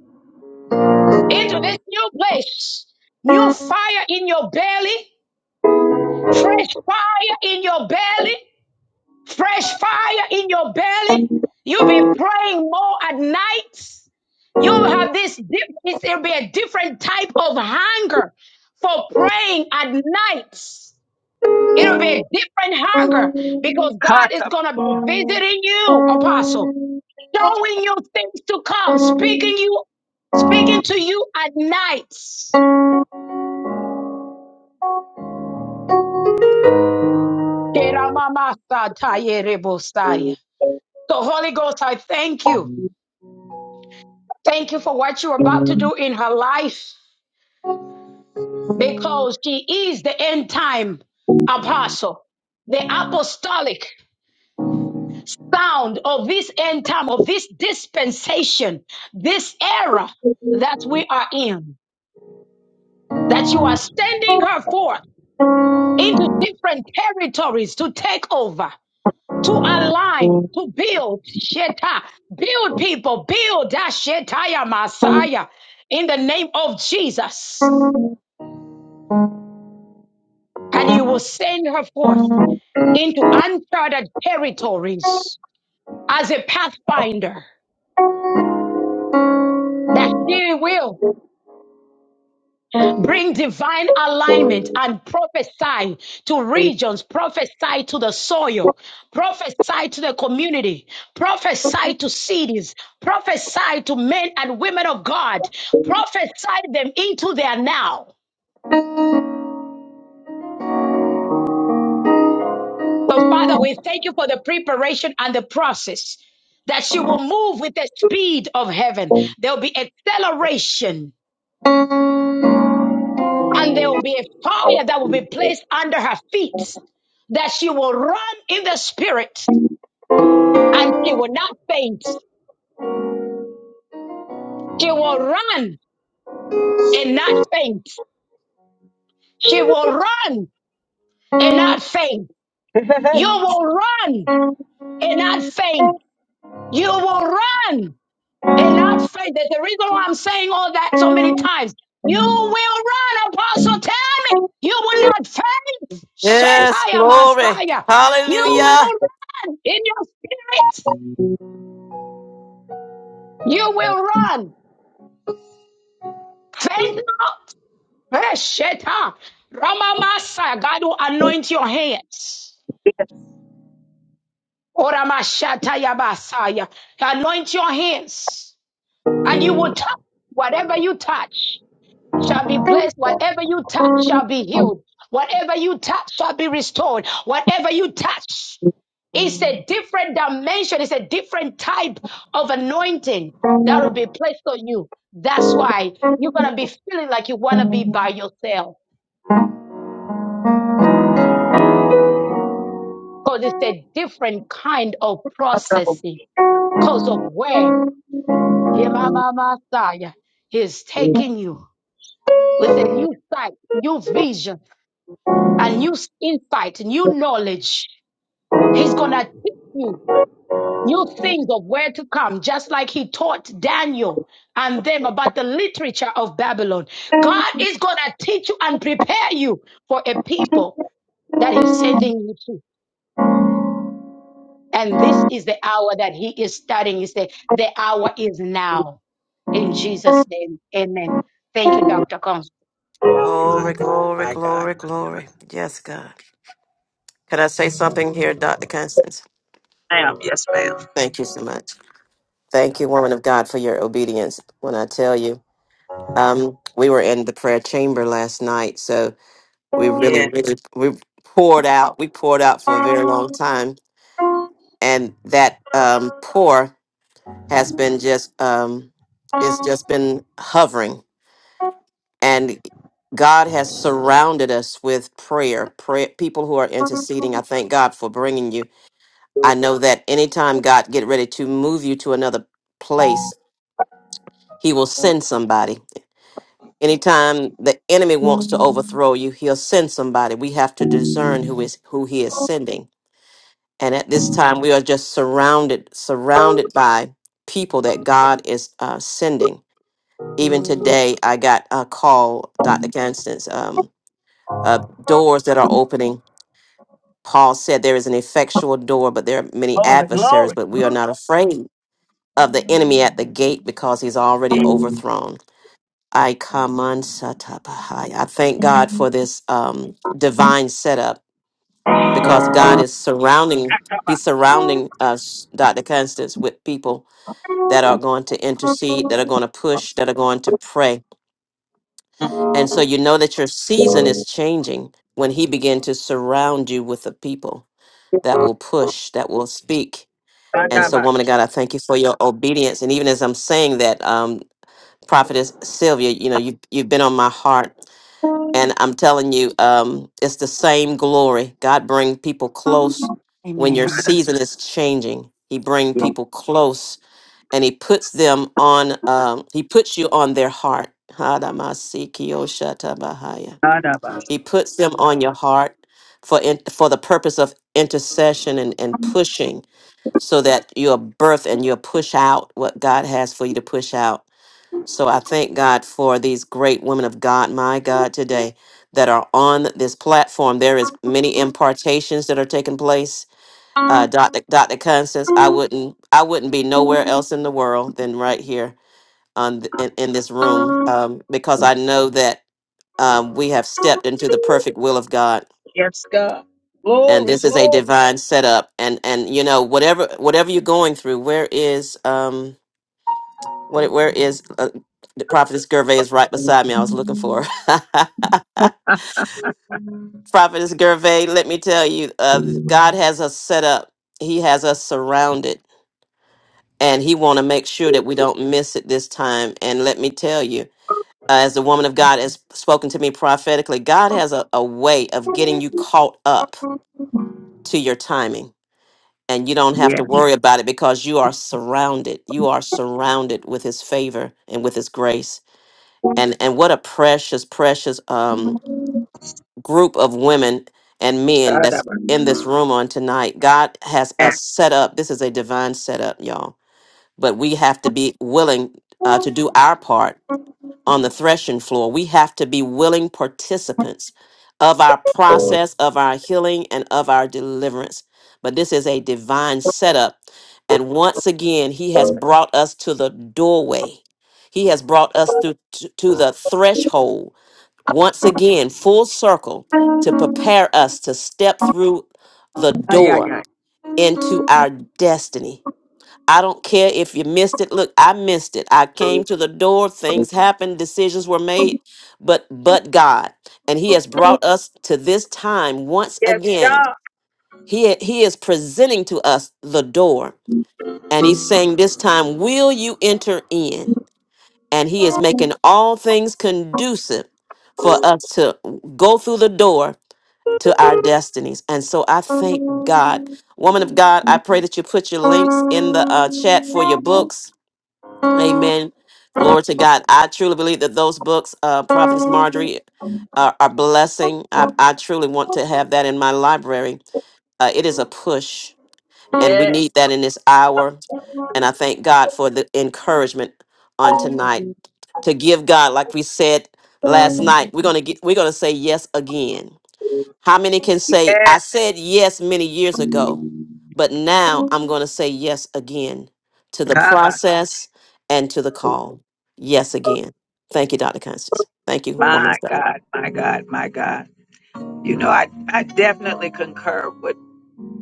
into this new place. New fire in your belly, fresh fire in your belly, fresh fire in your belly. You'll be praying more at night. You'll have this, dip- it's- it'll be a different type of hunger for praying at night. It'll be a different hunger because God is
Katabash.
going to be visiting you, apostle, showing you things to come, speaking you, speaking to you at nights. Keramamastatayereboshaya. So, Holy Ghost, I thank you. Thank you for what you're about to do in her life because she is the end time apostle, the apostolic. sound of this end time, of this dispensation, this era that we are in, that you are sending her forth into different territories to take over, to align, to build, Sheta, build people, build that Shetaya Messiah in the name of Jesus. And you will send her forth into uncharted territories as a pathfinder that she will Bring divine alignment and prophesy to regions, prophesy to the soil, prophesy to the community, prophesy to cities, prophesy to men and women of God, prophesy them into their now. Well, Father, we thank you for the preparation and the process that she will move with the speed of heaven. There'll be acceleration and there will be a fire that will be placed under her feet that she will run in the spirit and she will not faint. She will run and not faint. She will run and not faint. You will run and not faint. You will run and not faint. That's the reason why I'm saying all that so many times. You will run, Apostle. Tell me. You will not faint.
Yes,
Shetaya
glory.
Messiah. You will
Hallelujah.
run in your spirit. You will run. Faint not Eh, Sheta. Ramamasa, God will anoint your hands. Oramashata yabasaya. Anoint your hands, and you will touch whatever you touch shall be blessed. Whatever you touch shall be healed. Whatever you touch shall be restored. Whatever you touch, it's a different dimension. It's a different type of anointing that will be placed on you. That's why you're gonna be feeling like you wanna be by yourself. because it's a different kind of processing because of where Yemama Messiah is taking you with a new sight, new vision, and new insight, new knowledge. He's going to teach you new things of where to come, just like he taught Daniel and them about the literature of Babylon. God is going to teach you and prepare you for a people that he's sending you to. And this is the hour that he is starting. Is the the hour is now in Jesus' name. Amen. Thank you, Dr. Combs.
Glory, glory, glory, glory. Yes, God. Can I say something here, Dr. Constance?
Ma'am. Yes,
Thank you so much. Thank you, woman of God, for your obedience. When I tell you, Um, we were in the prayer chamber last night, so we really,
yeah.
really we poured out. We poured out for a very long time, and that um, pour has been just um, it's just been hovering, and God has surrounded us with prayer. Prayer people who are interceding. I thank God for bringing you. I know that anytime God get ready to move you to another place, He will send somebody Anytime the enemy wants to overthrow you, he'll send somebody. We have to discern who is who he is sending. And at this time, we are just surrounded surrounded by people that God is uh, sending. Even today, I got a call, Dr. Constance, um, uh, doors that are opening. Paul said there is an effectual door, but there are many
Holy
adversaries,
glory.
but we are not afraid of the enemy at the gate because he's already overthrown. I come on Satabahai. I thank God for this um, divine setup because God is surrounding, He's surrounding us, Dr. Constance, with people that are going to intercede, that are going to push, that are going to pray. And so you know that your season is changing when He begin to surround you with the people that will push, that will speak. And so, woman of
Katabash.
God, I thank you for your obedience. And even as I'm saying that, um, Prophetess Sylvia, you know, you, you've been on my heart And I'm telling you, um, it's the same glory. God bring people close when your
Amen.
season is changing. He bring people close, and He puts them on. Um, he puts you on their heart. Hadamasikioshatabahaya.
Katabash.
He puts them on your heart for in, for the purpose of intercession and, and pushing, so that you'll birth and you'll push out what God has for you to push out so I thank God for these great women of God, my God, today that are on this platform. There is many impartations that are taking place. Uh, Dr. Dr. Constance, I wouldn't I wouldn't be nowhere else in the world than right here on th- in, in this room um, because I know that um, we have stepped into the perfect will of God.
Yes, God.
And
Glory,
this is a
glory.
divine setup, and and you know whatever whatever you're going through, where is um What? Where is uh, the prophetess Gervais? Is right beside me. I was looking for her. [laughs] prophetess Gervais. Let me tell you, uh, God has us set up. He has us surrounded, and He want to make sure that we don't miss it this time. And let me tell you, uh, as the woman of God has spoken to me prophetically, God has a, a way of getting you caught up to your timing. And you don't have
Yes.
to worry about it because you are surrounded. You are surrounded with his favor and with his grace. and and what a precious precious um group of women and men that's in this
Katabash.
room on tonight god has
Yes.
us set up this is a divine setup y'all but we have to be willing uh, to do our part on the threshing floor we have to be willing participants of our process of our healing and of our deliverance but this is a divine setup and once again he has brought us to the doorway he has brought us through to, to the threshold once again full circle to prepare us to step through the
Ay, ay,
door
ay.
into our destiny. I don't care if you missed it. Look, I missed it. I came to the door, things happened, decisions were made, but but God, and he has brought us to this time once
Yes,
again.
God.
He he is presenting to us the door, and he's saying this time, will you enter in? and he is making all things conducive for us to go through the door to our destinies and so i thank god woman of god i pray that you put your links in the uh, chat for your books amen glory to god i truly believe that those books uh, prophetess marjorie are, are blessing I, I truly want to have that in my library uh, it is a push and we
Yes.
need that in this hour and i thank god for the encouragement on tonight to give God, like we said last night, we're gonna get, we're gonna say yes again. How many can say I
Yes.
said yes many years ago, but now I'm gonna say yes again to the
Kabash.
process and to the call. Yes again. Thank you, Dr. Constance. Thank you, woman
My
of God.
God. My God. My God. You know, I, I definitely concur with.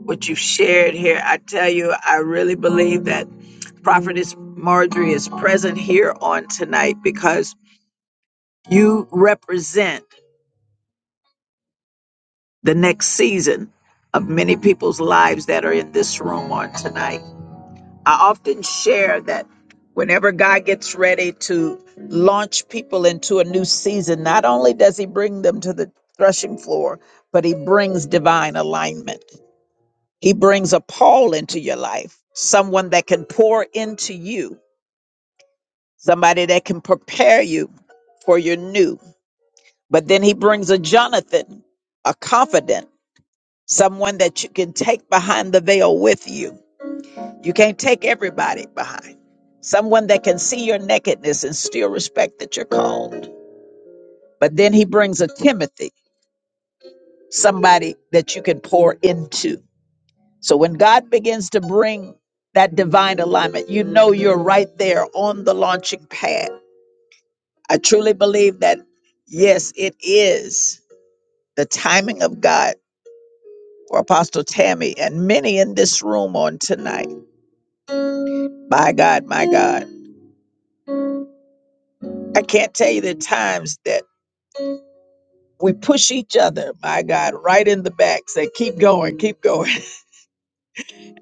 what you have shared here. I tell you, I really believe that Prophetess Marjorie is present here on tonight because you represent the next season of many people's lives that are in this room on tonight. I often share that whenever God gets ready to launch people into a new season, not only does He bring them to the threshing floor, but He brings divine alignment. He brings a Paul into your life, someone that can pour into you, somebody that can prepare you for your new. But then he brings a Jonathan, a confidant, someone that you can take behind the veil with you. You can't take everybody behind. Someone that can see your nakedness and still respect that you're called. But then he brings a Timothy, somebody that you can pour into. So when God begins to bring that divine alignment, you know you're right there on the launching pad. I truly believe that, yes, it is the timing of God for Apostle Tammy and many in this room on tonight. My God, my God. I can't tell you the times that we push each other, my God, right in the back, say, keep going, keep going.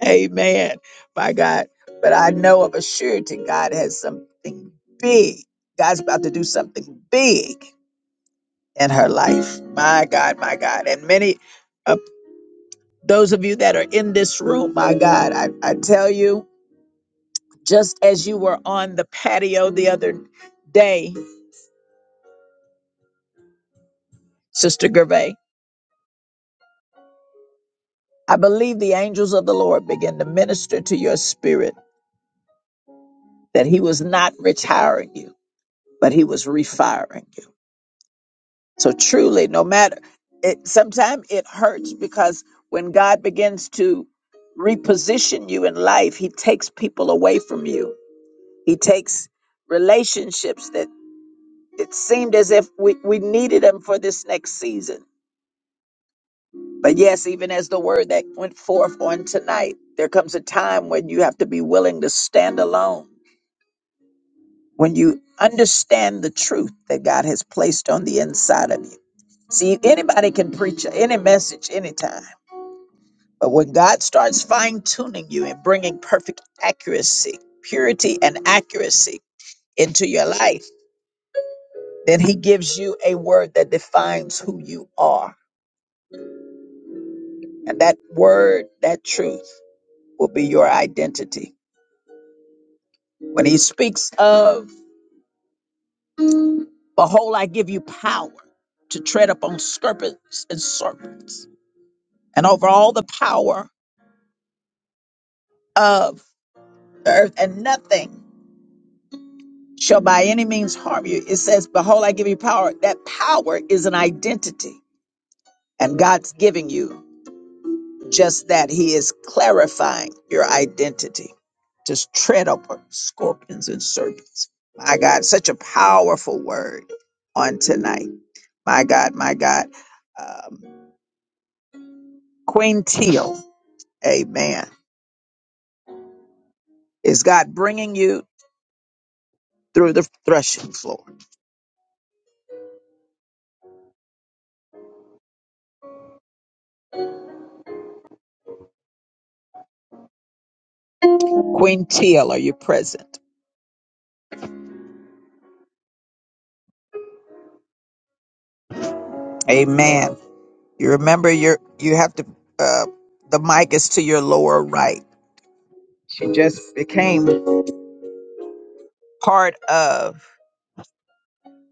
Amen. My God. But I know of a surety God has something big. God's about to do something big in her life. My God, my God. And many of those of you that are in this room, my God, I, I tell you, just as you were on the patio the other day, Sister Gervais, I believe the angels of the Lord began to minister to your spirit that he was not retiring you, but he was refiring you. So truly, no matter it, sometimes it hurts because when God begins to reposition you in life, He takes people away from you. He takes relationships that it seemed as if we, we needed them for this next season. But yes, even as the word that went forth on tonight, there comes a time when you have to be willing to stand alone, when you understand the truth that God has placed on the inside of you. See, anybody can preach any message anytime But when God starts fine tuning you and bringing perfect accuracy, purity, and accuracy into your life, then He gives you a word that defines who you are. And that word, that truth, will be your identity. When He speaks of, Behold, I give you power to tread upon scorpions and serpents, and over all the power of the earth, and nothing shall by any means harm you. It says, Behold, I give you power. That power is an identity. And God's giving you just that. He is clarifying your identity. Just tread upon scorpions and serpents. My God, such a powerful word on tonight. My God, my God. Um, Queen Teal, amen. Is God bringing you through the threshing floor? Queen Teal, are you present? Amen. You remember your you have to uh the mic is to your lower right. Became part of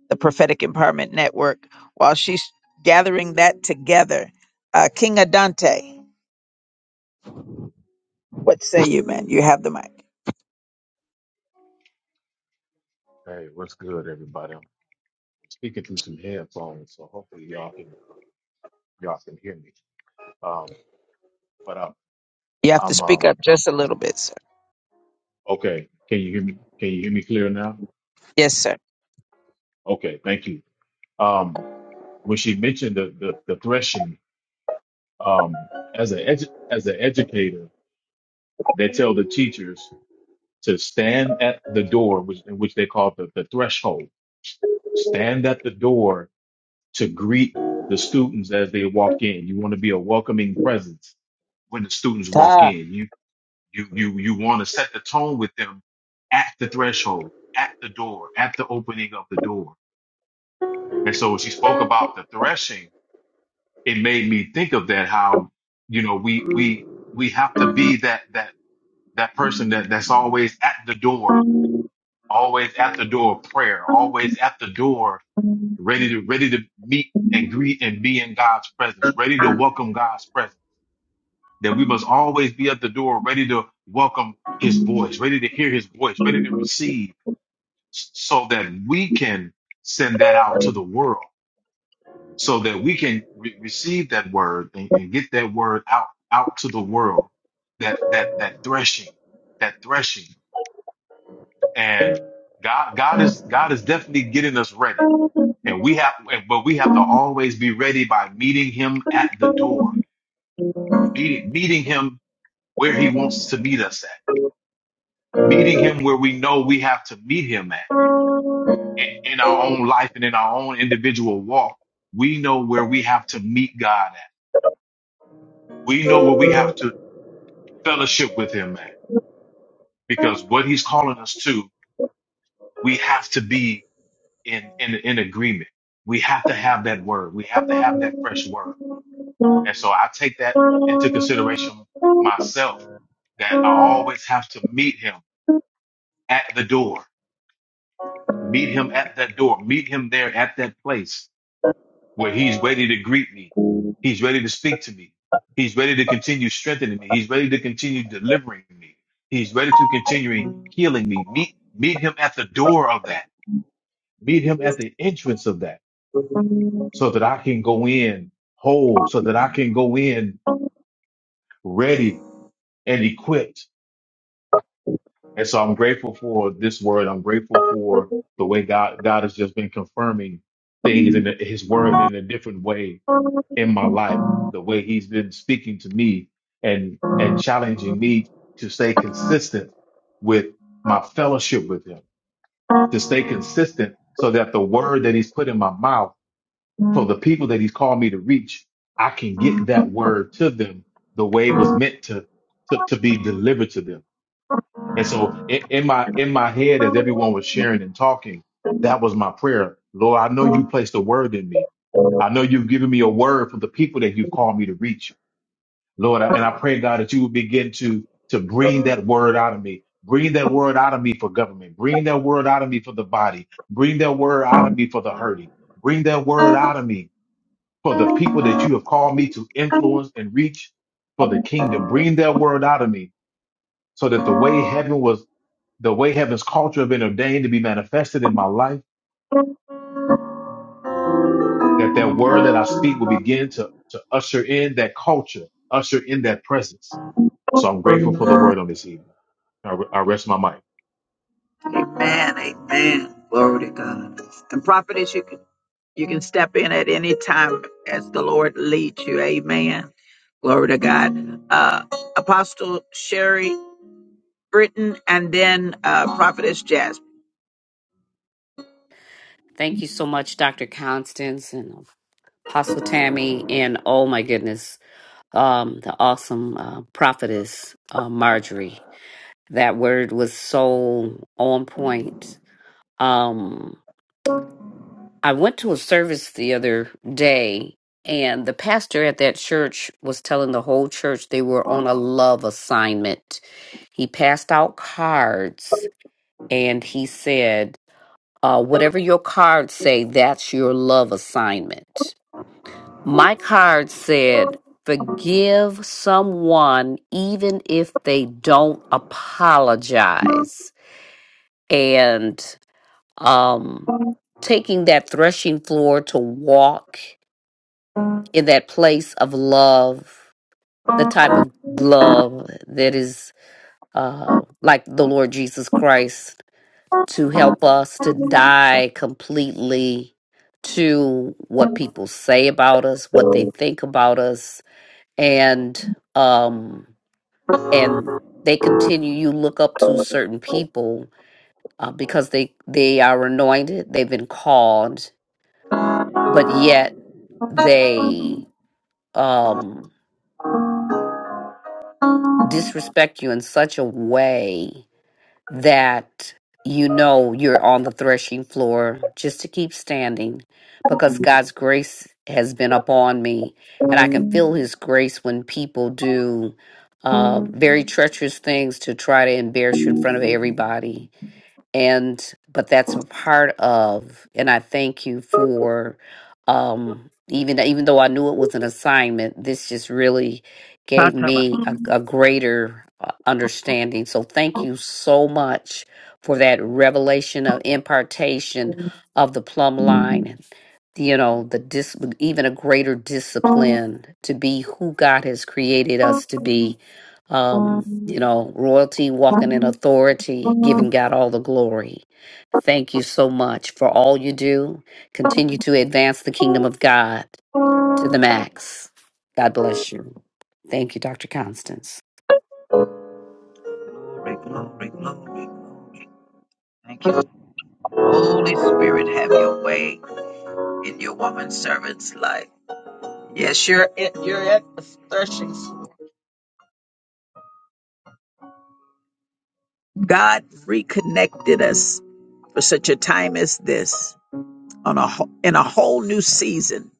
the Prophetic Empowerment Network while she's gathering that together. Uh King Adante, what say you, man? You have the mic.
Hey, what's good, everybody? I'm speaking through some headphones, so hopefully y'all can uh, y'all can hear me. Um, but I,
You have to
I'm um
speak up just a bit, sir.
okay. Can you hear me? Can you hear me clear now?
Yes.
Okay, thank you. Um, when she mentioned the the, the threshing um, as a edu- as an educator, they tell the teachers to stand at the door, which in which they call the, the threshold. Stand at the door to greet the students as they walk in. You want to be a welcoming presence when the students walk
Ah,
in. You you you you want to set the tone with them at the threshold, at the door, at the opening of the door. And so when she spoke about the threshing. it made me think of that how you know we we we have to be that that that person that that's always at the door always at the door of prayer always at the door ready to ready to meet and greet and be in god's presence ready to welcome god's presence that we must always be at the door ready to welcome his voice ready to hear his voice ready to receive s- so that we can send that out to the world so that we can re- receive that word and, and get that word out out to the world that that that threshing that threshing and god god is god is definitely getting us ready and we have but we have to always be ready by meeting him at the door meeting meeting him where he wants to meet us at meeting him where we know we have to meet him at in, in our own life and in our own individual walk we know where we have to meet god at we know where we have to fellowship with him, man, because what he's calling us to, we have to be in, in, in agreement. We have to have that word. We have to have that fresh word. And so I take that into consideration myself that I always have to meet him at the door, meet him at that door, meet him there at that place where he's ready to greet me. He's ready to speak to me. He's ready to continue strengthening me. He's ready to continue delivering me. He's ready to continue healing me. Meet, meet him at the door of that. Meet him at the entrance of that so that I can go in whole, so that I can go in ready and equipped. And so I'm grateful for this word. I'm grateful for the way God, God has just been confirming things in the, his word in a different way in my life, the way he's been speaking to me and and challenging me to stay consistent with my fellowship with him, to stay consistent so that the word that he's put in my mouth for the people that he's called me to reach, I can get that word to them the way it was meant to to, to be delivered to them. And so in, in my in my head, as everyone was sharing and talking, that was my prayer. Lord, I know you placed a word in me. I know you've given me a word for the people that you've called me to reach. Lord, and I pray, God, that you would begin to, to bring that word out of me. Bring that word out of me for government. Bring that word out of me for the body. Bring that word out of me for the hurting. Bring that word out of me for the people that you have called me to influence and reach for the kingdom. Bring that word out of me so that the way heaven was, the way heaven's culture have been ordained to be manifested in my life, that that word that I speak will begin to, to usher in that culture, usher in that presence. So I'm grateful for the word on this evening. I, I rest my mic.
Amen. Amen. Glory to God. And prophetess, you can you can step in at any time as the Lord leads you. Amen. Glory to God. Uh Apostle Sherry Britain, and then uh, Prophetess Jasmine.
Thank you so much, Dr. Constance and Apostle Tammy, and oh my goodness, um, the awesome uh, prophetess uh, Marjorie. That word was so on point Um, I went to a service the other day, and the pastor at that church was telling the whole church they were on a love assignment. He passed out cards and he said, uh, Whatever your cards say, that's your love assignment. My card said, Forgive someone even if they don't apologize. And um taking that threshing floor to walk in that place of love the type of love that is uh like the lord jesus christ to help us to die completely to what people say about us what they think about us and um and they continue you look up to certain people uh, because they they are anointed they've been called but yet they um disrespect you in such a way that you know you're on the threshing floor just to keep standing because God's grace has been upon me and I can feel his grace when people do uh, very treacherous things to try to embarrass you in front of everybody and but that's a part of and i thank you for um even even though i knew it was an assignment this just really gave me a, a greater uh, understanding so thank you so much for that revelation of impartation of the plumb line you know the dis even a greater discipline to be who God has created us to be um you know royalty walking in authority giving God all the glory thank you so much for all you do continue to advance the kingdom of God to the max god bless you thank you Dr. Constance
Thank you, Holy Spirit, have your way in your woman servant's life. Yes, you're at, you're at the threshing. floor. God reconnected us for such a time as this, on a wh- in a whole new season,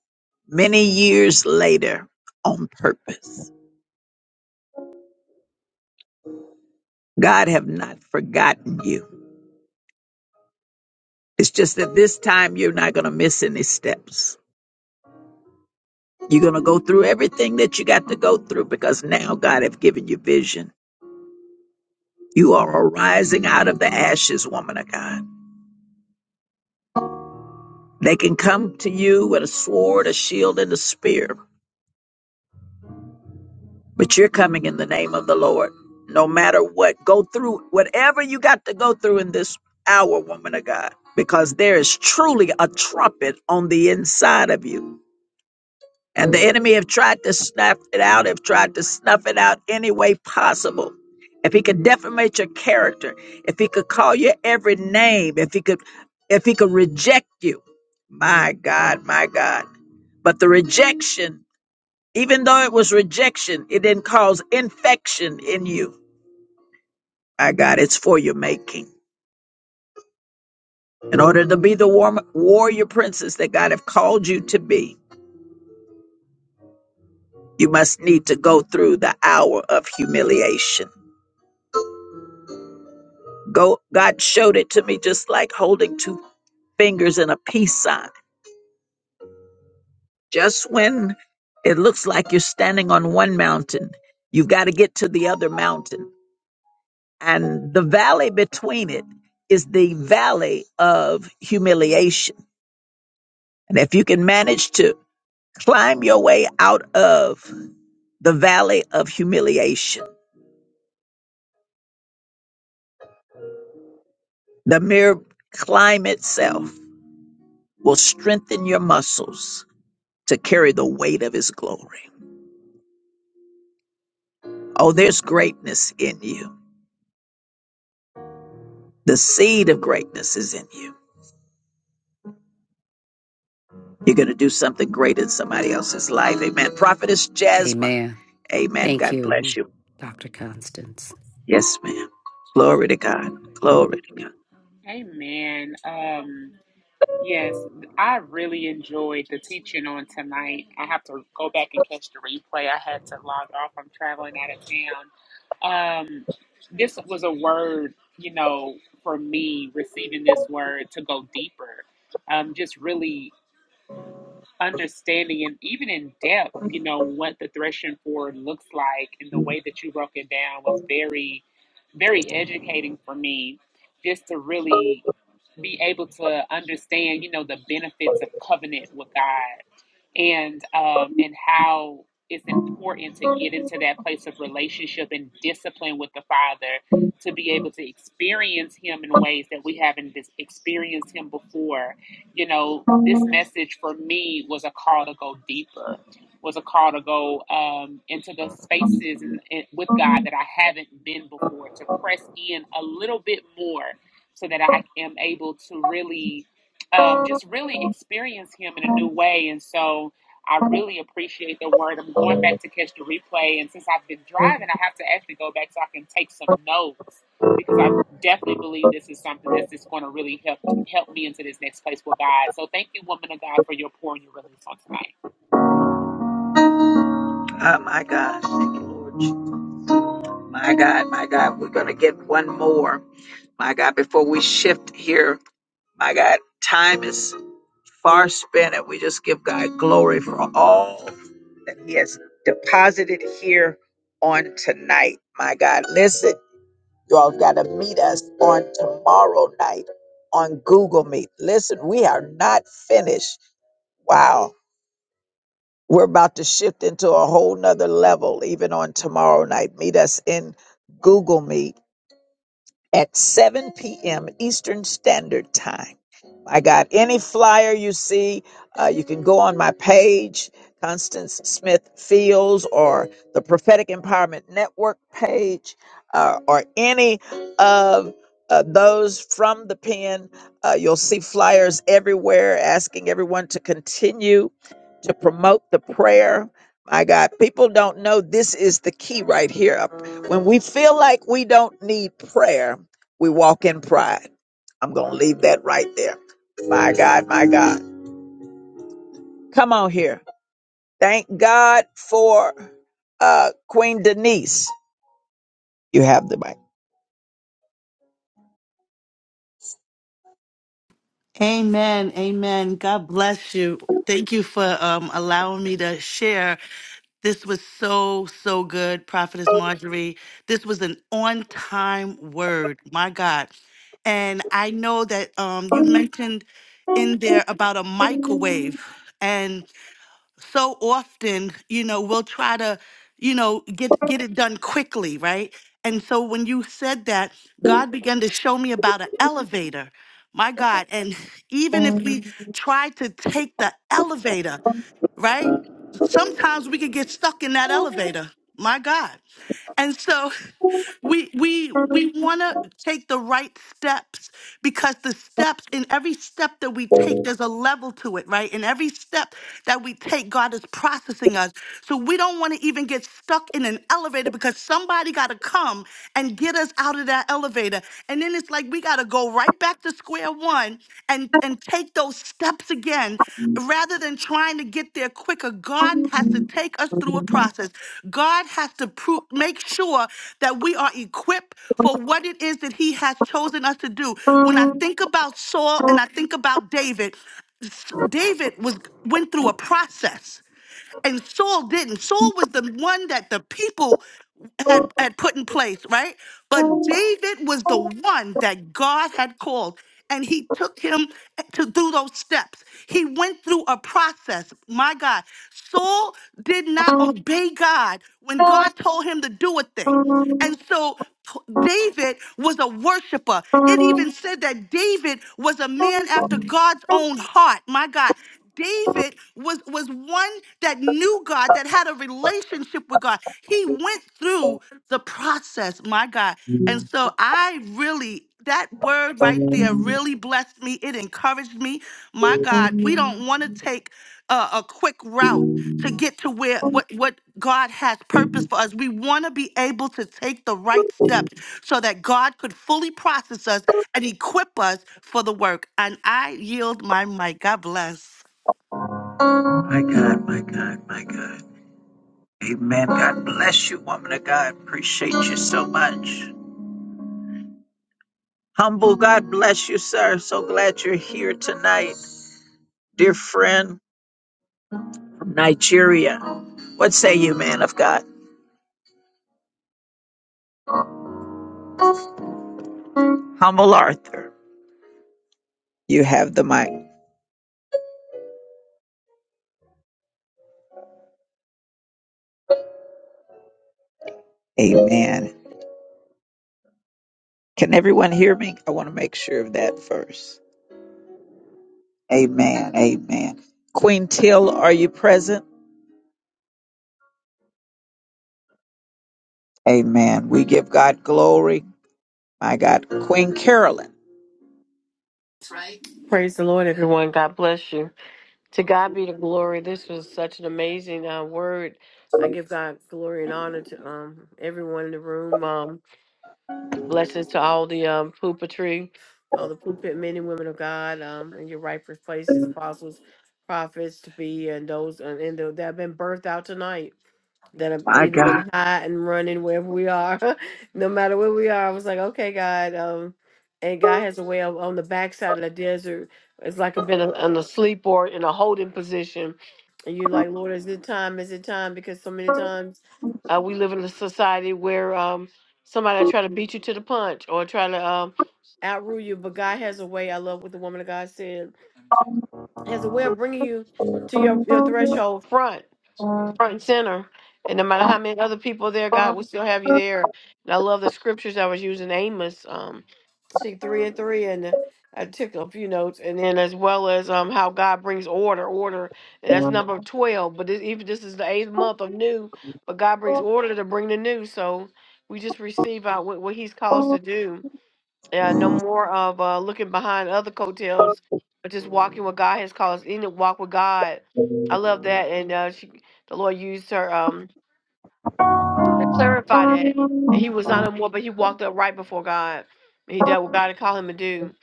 many years later, on purpose. God have not forgotten you. It's just that this time you're not going to miss any steps. You're going to go through everything that you got to go through because now God have given you vision. You are arising out of the ashes, woman of God. They can come to you with a sword, a shield, and a spear, but you're coming in the name of the Lord. No matter what, go through whatever you got to go through in this hour, woman of God, because there is truly a trumpet on the inside of you. And the enemy have tried to snuff it out, have tried to snuff it out any way possible. If he could defamate your character, if he could call you every name, if he could if he could reject you. My God, my God. But the rejection, even though it was rejection, it didn't cause infection in you. My God, it's for your making. In order to be the war- warrior princess that God have called you to be, you must need to go through the hour of humiliation. Go, God showed it to me just like holding two fingers in a peace sign. Just when it looks like you're standing on one mountain, you've got to get to the other mountain. And the valley between it is the valley of humiliation. And if you can manage to climb your way out of the valley of humiliation, the mere climb itself will strengthen your muscles to carry the weight of his glory. Oh, there's greatness in you. The seed of greatness is in you. You're going to do something great in somebody else's life. Amen. Prophetess Jasmine.
amen
Amen.
thank
God bless
you
you.
Dr. Constance
Yes, ma'am. Glory to God. Glory to God. Oh, my gosh. Thank you, Lord. Jesus. My God, my God. We're going to get one more. My God, before we shift here, my God, time is far spent, and we just give God glory for all that He has deposited here on tonight. My God, listen, y'all got to meet us on tomorrow night on Google Meet. Listen, we are not finished. Wow. We're about to shift into a whole nother level even on tomorrow night. Meet us in Google Meet at 7 p.m. Eastern Standard Time. I got any flyer you see, uh, you can go on my page, Constance Smith Fields, or the Prophetic Empowerment Network page, uh, or any of uh, those from the pen. Uh, you'll see flyers everywhere asking everyone to continue to promote the prayer. My God, people don't know this is the key right here. When we feel like we don't need prayer, we walk in pride. I'm going to leave that right there. My God, my God. Come on here. Thank God for uh, Queen Denise. You have the mic.
Amen. Amen. God bless you. Thank you for um, allowing me to share. This was so, so good, Prophetess Marjorie. This was an on time word. My God. And I know that um, you mentioned in there about a microwave so often, you know, we'll try to, you know, get get it done quickly, right? And so when you said that, God began to show me about an elevator. My God, and even if we try to take the elevator, right? Sometimes we could get stuck in that elevator. My God. And so [laughs] we we we want to take the right steps because the steps in every step that we take there's a level to it, right? In every step that we take God is processing us. So we don't want to even get stuck in an elevator because somebody got to come and get us out of that elevator. And then it's like we got to go right back to square one again and and take those steps again rather than trying to get there quicker god has to take us through a process god has to pro- make sure that we are equipped for what it is that he has chosen us to do when i think about saul and i think about david s- david was went through a process and Saul didn't. Saul was the one that the people had, had put in place, right? But David was the one that God had called. And he took him to through those steps. He went through a process. My God. Saul did not obey God when God told him to do a thing. And so P- David was a worshiper. It even said that David was a man after God's own heart. My God. David was was one that knew God, that had a relationship with God. He went through the process, my God. And so I really that word right there really blessed me. It encouraged me. My God, we don't want to take a, a quick route to get to where what what God has purpose for us. We want to be able to take the right steps so that God could fully process us and equip us for the work. And I yield my mic. God bless.
My God, my God, my God. Amen. God bless you, woman of God. Appreciate you so much. Humble, God bless you, sir. So glad you're here tonight, dear friend. Nigeria. What say you, man of God? Humble Arthur, you have the mic. Amen. Can everyone hear me? I want to make sure of that first. Amen. Amen. Queen Till, are you present? Amen. We give God glory. My God. Queen Carolyn.
Praise the Lord, everyone. God bless you. To God be the glory. This was such an amazing uh, word. I give God glory and honor to um, everyone in the room. Um, blessings to all the um, pulpitry, all the pulpit men and women of God um, in your rightful places, apostles, prophets to be, and those and, and that have been birthed out tonight. that have
My
either
God.
been high and running wherever we are, [laughs] no matter where we are. I was like, okay, God. Um, and God has a way of on the backside of the desert. It's like I've been on a sleep or in a holding position. And you're like, Lord, is it time? Is it time? Because so many times uh, we live in a society where um, somebody try to beat you to the punch or try to um, outrule you. But God has a way. I love what the woman of God said. Has a way of bringing you to your, your threshold front front and center. And no matter how many other people there, God will still have you there. And I love the scriptures I was using Amos, um, I think three and three, and I took a few notes, and then as well as um how God brings order, order. And that's number twelve. But this, even this is the eighth month of new, but God brings order to bring the new. So we just receive out what, what He's called us to do. Yeah, no more of uh, looking behind other coattails, but just walking what God has called us in to walk with God. I love that, and uh, she, the Lord used her. Um, they clarified that that he was not a more, but he walked up right before God. He did what God had called him to do.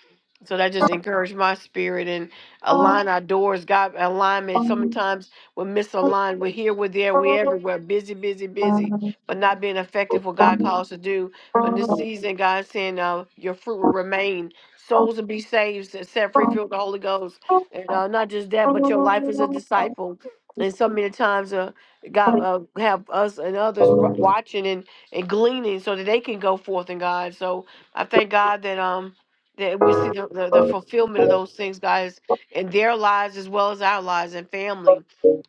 So that just encouraged my spirit and align our doors. God alignment. So many times we're misaligned. We're here, we're there, we're everywhere. Busy, busy, busy, but not being effective what God calls us to do. But in this season, God's saying, uh, your fruit will remain. Souls will be saved, s- set free, filled with the Holy Ghost. And uh, not just that, but your life as a disciple. And so many times uh, God uh, have us and others ru- watching and, and gleaning so that they can go forth in God. So I thank God that um that we see the, the, the fulfillment of those things, guys, in their lives as well as our lives and family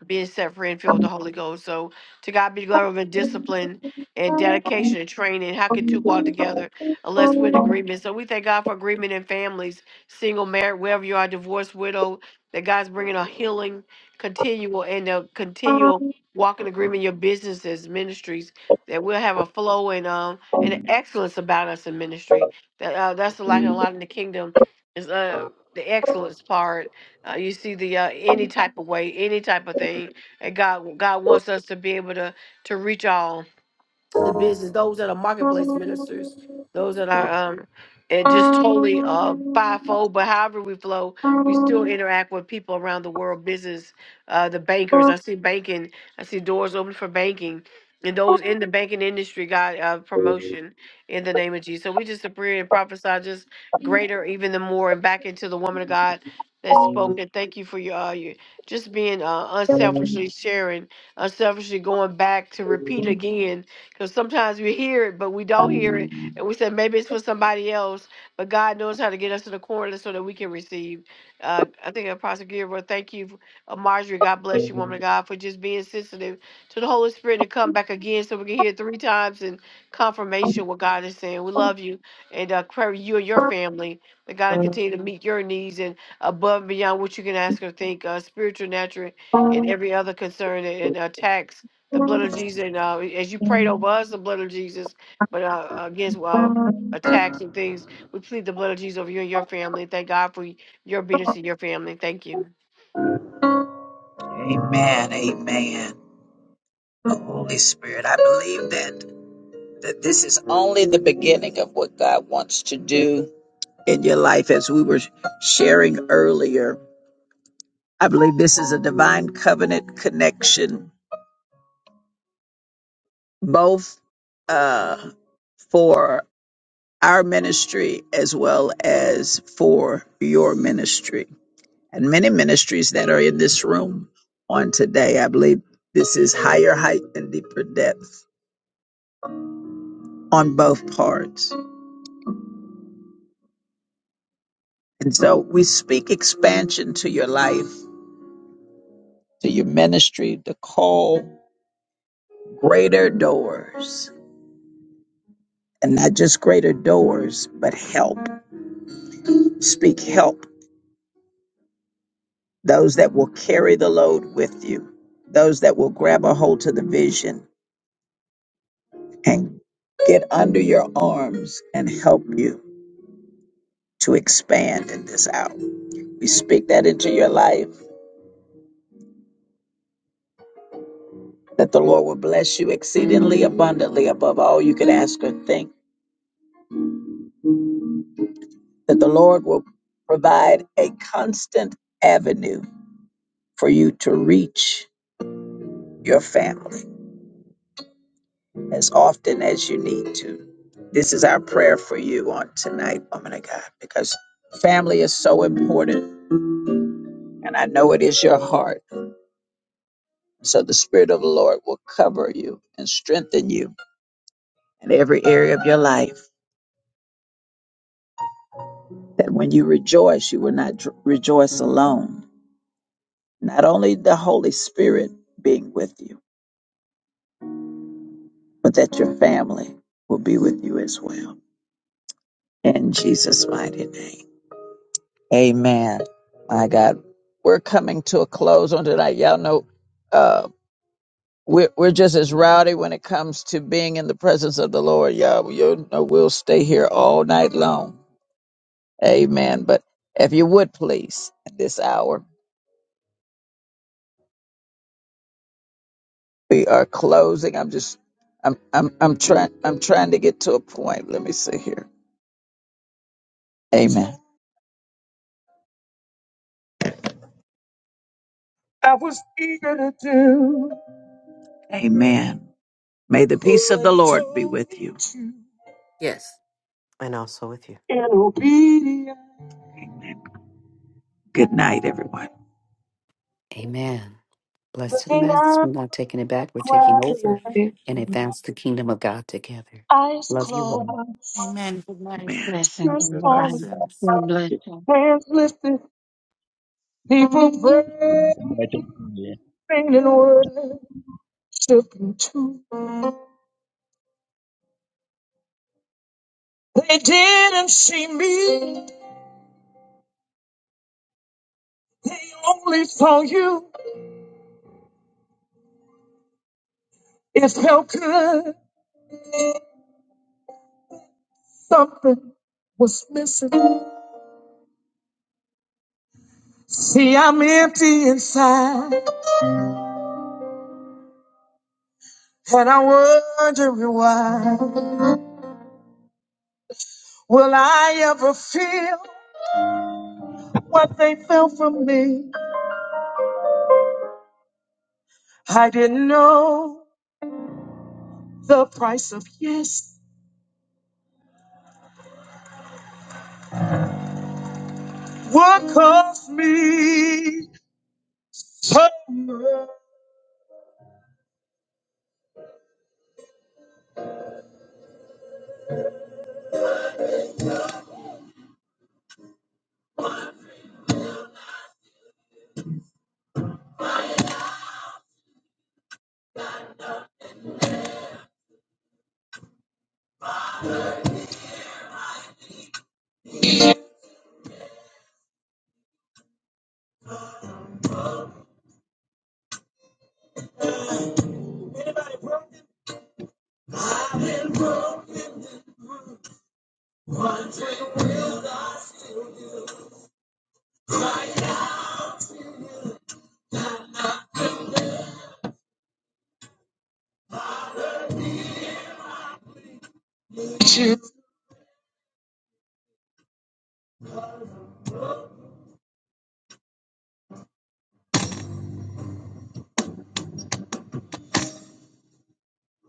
being set free and filled with the Holy Ghost. So to God be the glory and discipline and dedication and training. How can two walk together unless we're in agreement? So we thank God for agreement in families, single, married, wherever you are, divorced, widow, that God's bringing a healing continual and a continual walk in agreement your businesses ministries that we'll have a flow and um and excellence about us in ministry that uh, that's like a lot in the kingdom is uh the excellence part uh, you see the uh, any type of way any type of thing and god god wants us to be able to to reach all the business, those that are marketplace ministers, those that are um and just totally uh fivefold, but however we flow, we still interact with people around the world, business, uh the bankers. I see banking, I see doors open for banking. And those in the banking industry got uh, promotion in the name of Jesus. So we just pray and prophesy just greater, even the more, and back into the woman of God that spoke. And thank you for your, uh, your just being uh, unselfishly sharing, unselfishly going back to repeat again because sometimes we hear it, but we don't hear it. And we say, maybe it's for somebody else. But God knows how to get us in the corner so that we can receive. Uh, I think Apostle Gilbert, thank you, uh, Marjorie. God bless you, woman of God, for just being sensitive to the Holy Spirit and come back again so we can hear three times in confirmation what God is saying. We love you and uh, pray for you and your family. That God continue to meet your needs and above and beyond what you can ask or think, uh, spiritual, natural, and every other concern and attacks the blood of Jesus. And uh, as you prayed over us, the blood of Jesus, but uh, against uh, attacks and things, we plead the blood of Jesus over you and your family. Thank God for your obedience and your family. Thank you.
Amen. Amen. Holy Spirit, I believe that, that this is only the beginning of what God wants to do in your life as we were sharing earlier I believe this is a divine covenant connection, both uh, for our ministry as well as for your ministry and many ministries that are in this room on today. I believe this is higher height and deeper depth on both parts. And so we speak expansion to your life, to your ministry, to call greater doors. And not just greater doors, but help. Speak help those that will carry the load with you, those that will grab a hold to the vision and get under your arms and help you to expand in this hour. We speak that into your life, that the Lord will bless you exceedingly abundantly above all you could ask or think, that the Lord will provide a constant avenue for you to reach your family as often as you need to. This is our prayer for you on tonight, woman of God, because family is so important, and I know it is your heart. So the Spirit of the Lord will cover you and strengthen you in every area of your life, that when you rejoice, you will not dr- rejoice alone. Not only the Holy Spirit being with you, but that your family will be with you as well. In Jesus' mighty name. Amen. My God, we're coming to a close on tonight. Y'all know uh, we're we're just as rowdy when it comes to being in the presence of the Lord. Y'all, you know we'll stay here all night long. Amen. But if you would please, at this hour we are closing. I'm just I'm I'm I'm trying I'm trying to get to a point. Let me see here. Amen. Amen. May the peace of the Lord be with you.
Yes. And also with you.
Good night, everyone.
amen Blessed to the max. We're not taking it back. We're taking
Good
over
night.
and advance the kingdom of God together.
Eyes
Love you
closed,
all.
Amen. Good night.
Blessings,
Have a
tears
good night.
falling,
everybody.
Blessings.
God bless. you.
hands lifted, people praying,
battlefield
singing worshiping too. They didn't see me, they only saw you. It felt good, something was missing. See, I'm empty inside, and I'm wondering why. Will I ever feel what they felt from me? I didn't know. the price of yes. What cost me?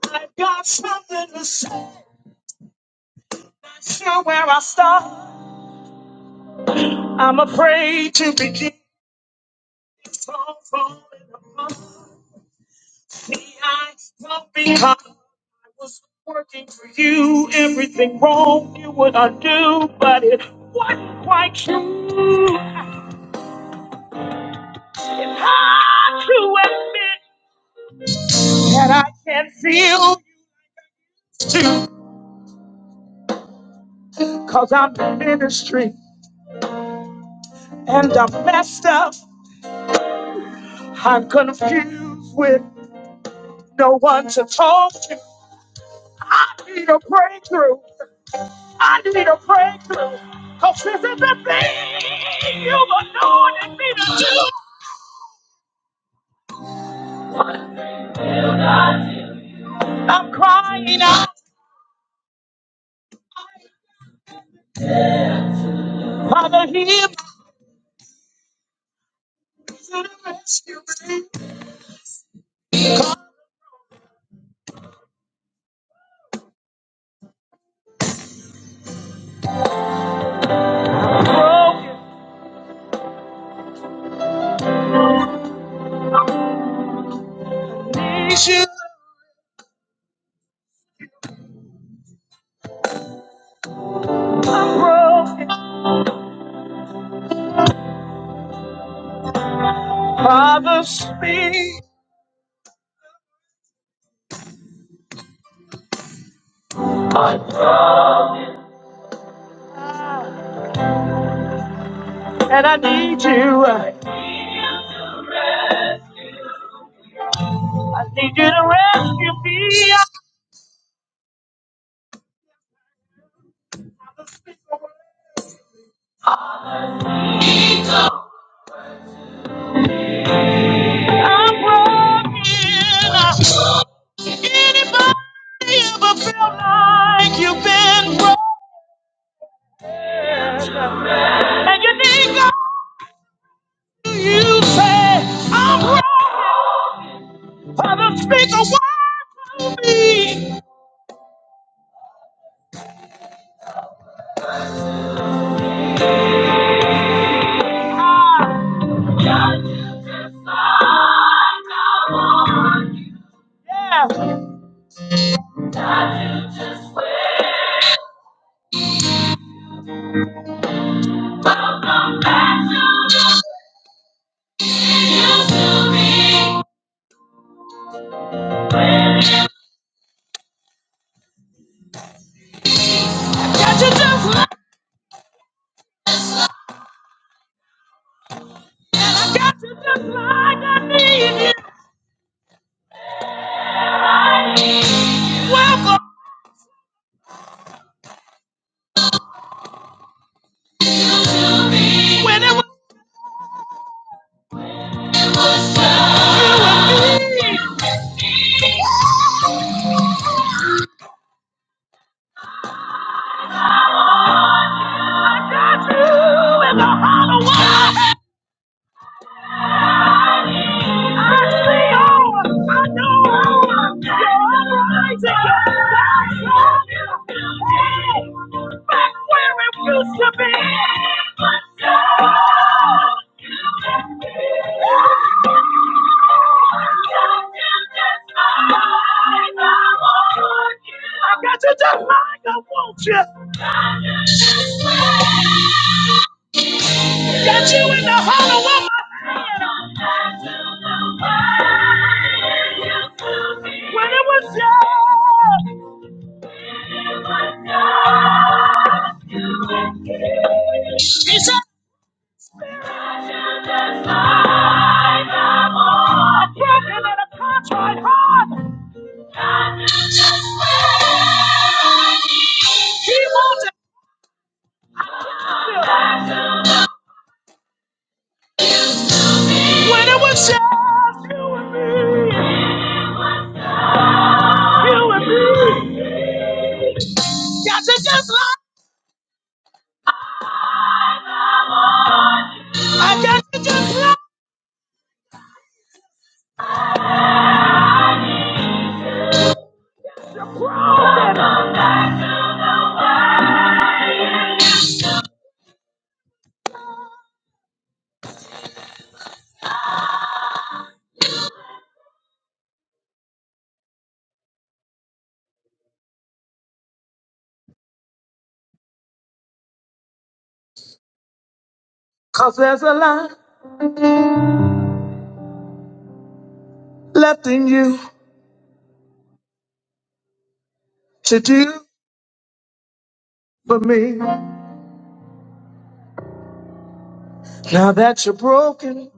I got something to say. Not sure where I start. I'm afraid to begin. So falling apart. See, I don't become. I was working for you. Everything wrong you would undo, but it wasn't quite true. It's hard to admit that I can't see, cause I'm in ministry and I'm messed up. I'm confused. with. no one to talk to. I need a breakthrough. I need a breakthrough. Cause this is the thing of a I'm crying out. Father, hear me to the rescue. people. Father, speak. And I need you. I need you to rescue me. Got you just like I got you just like I need you. Welcome when it was you and me. Got you in the hollow world. I see all. I know all. You're uprising. That's all. Hey, back where it used to be. Let's go. I got you just like I want you. Got you in the hollow of my hand. When it was young, she said, I'm broken and a contrite heart. He wants it. When it was just you and me, you and me. Got to just love, I got to just love. Cause there's a lot left in you to do for me. Now that you're broken.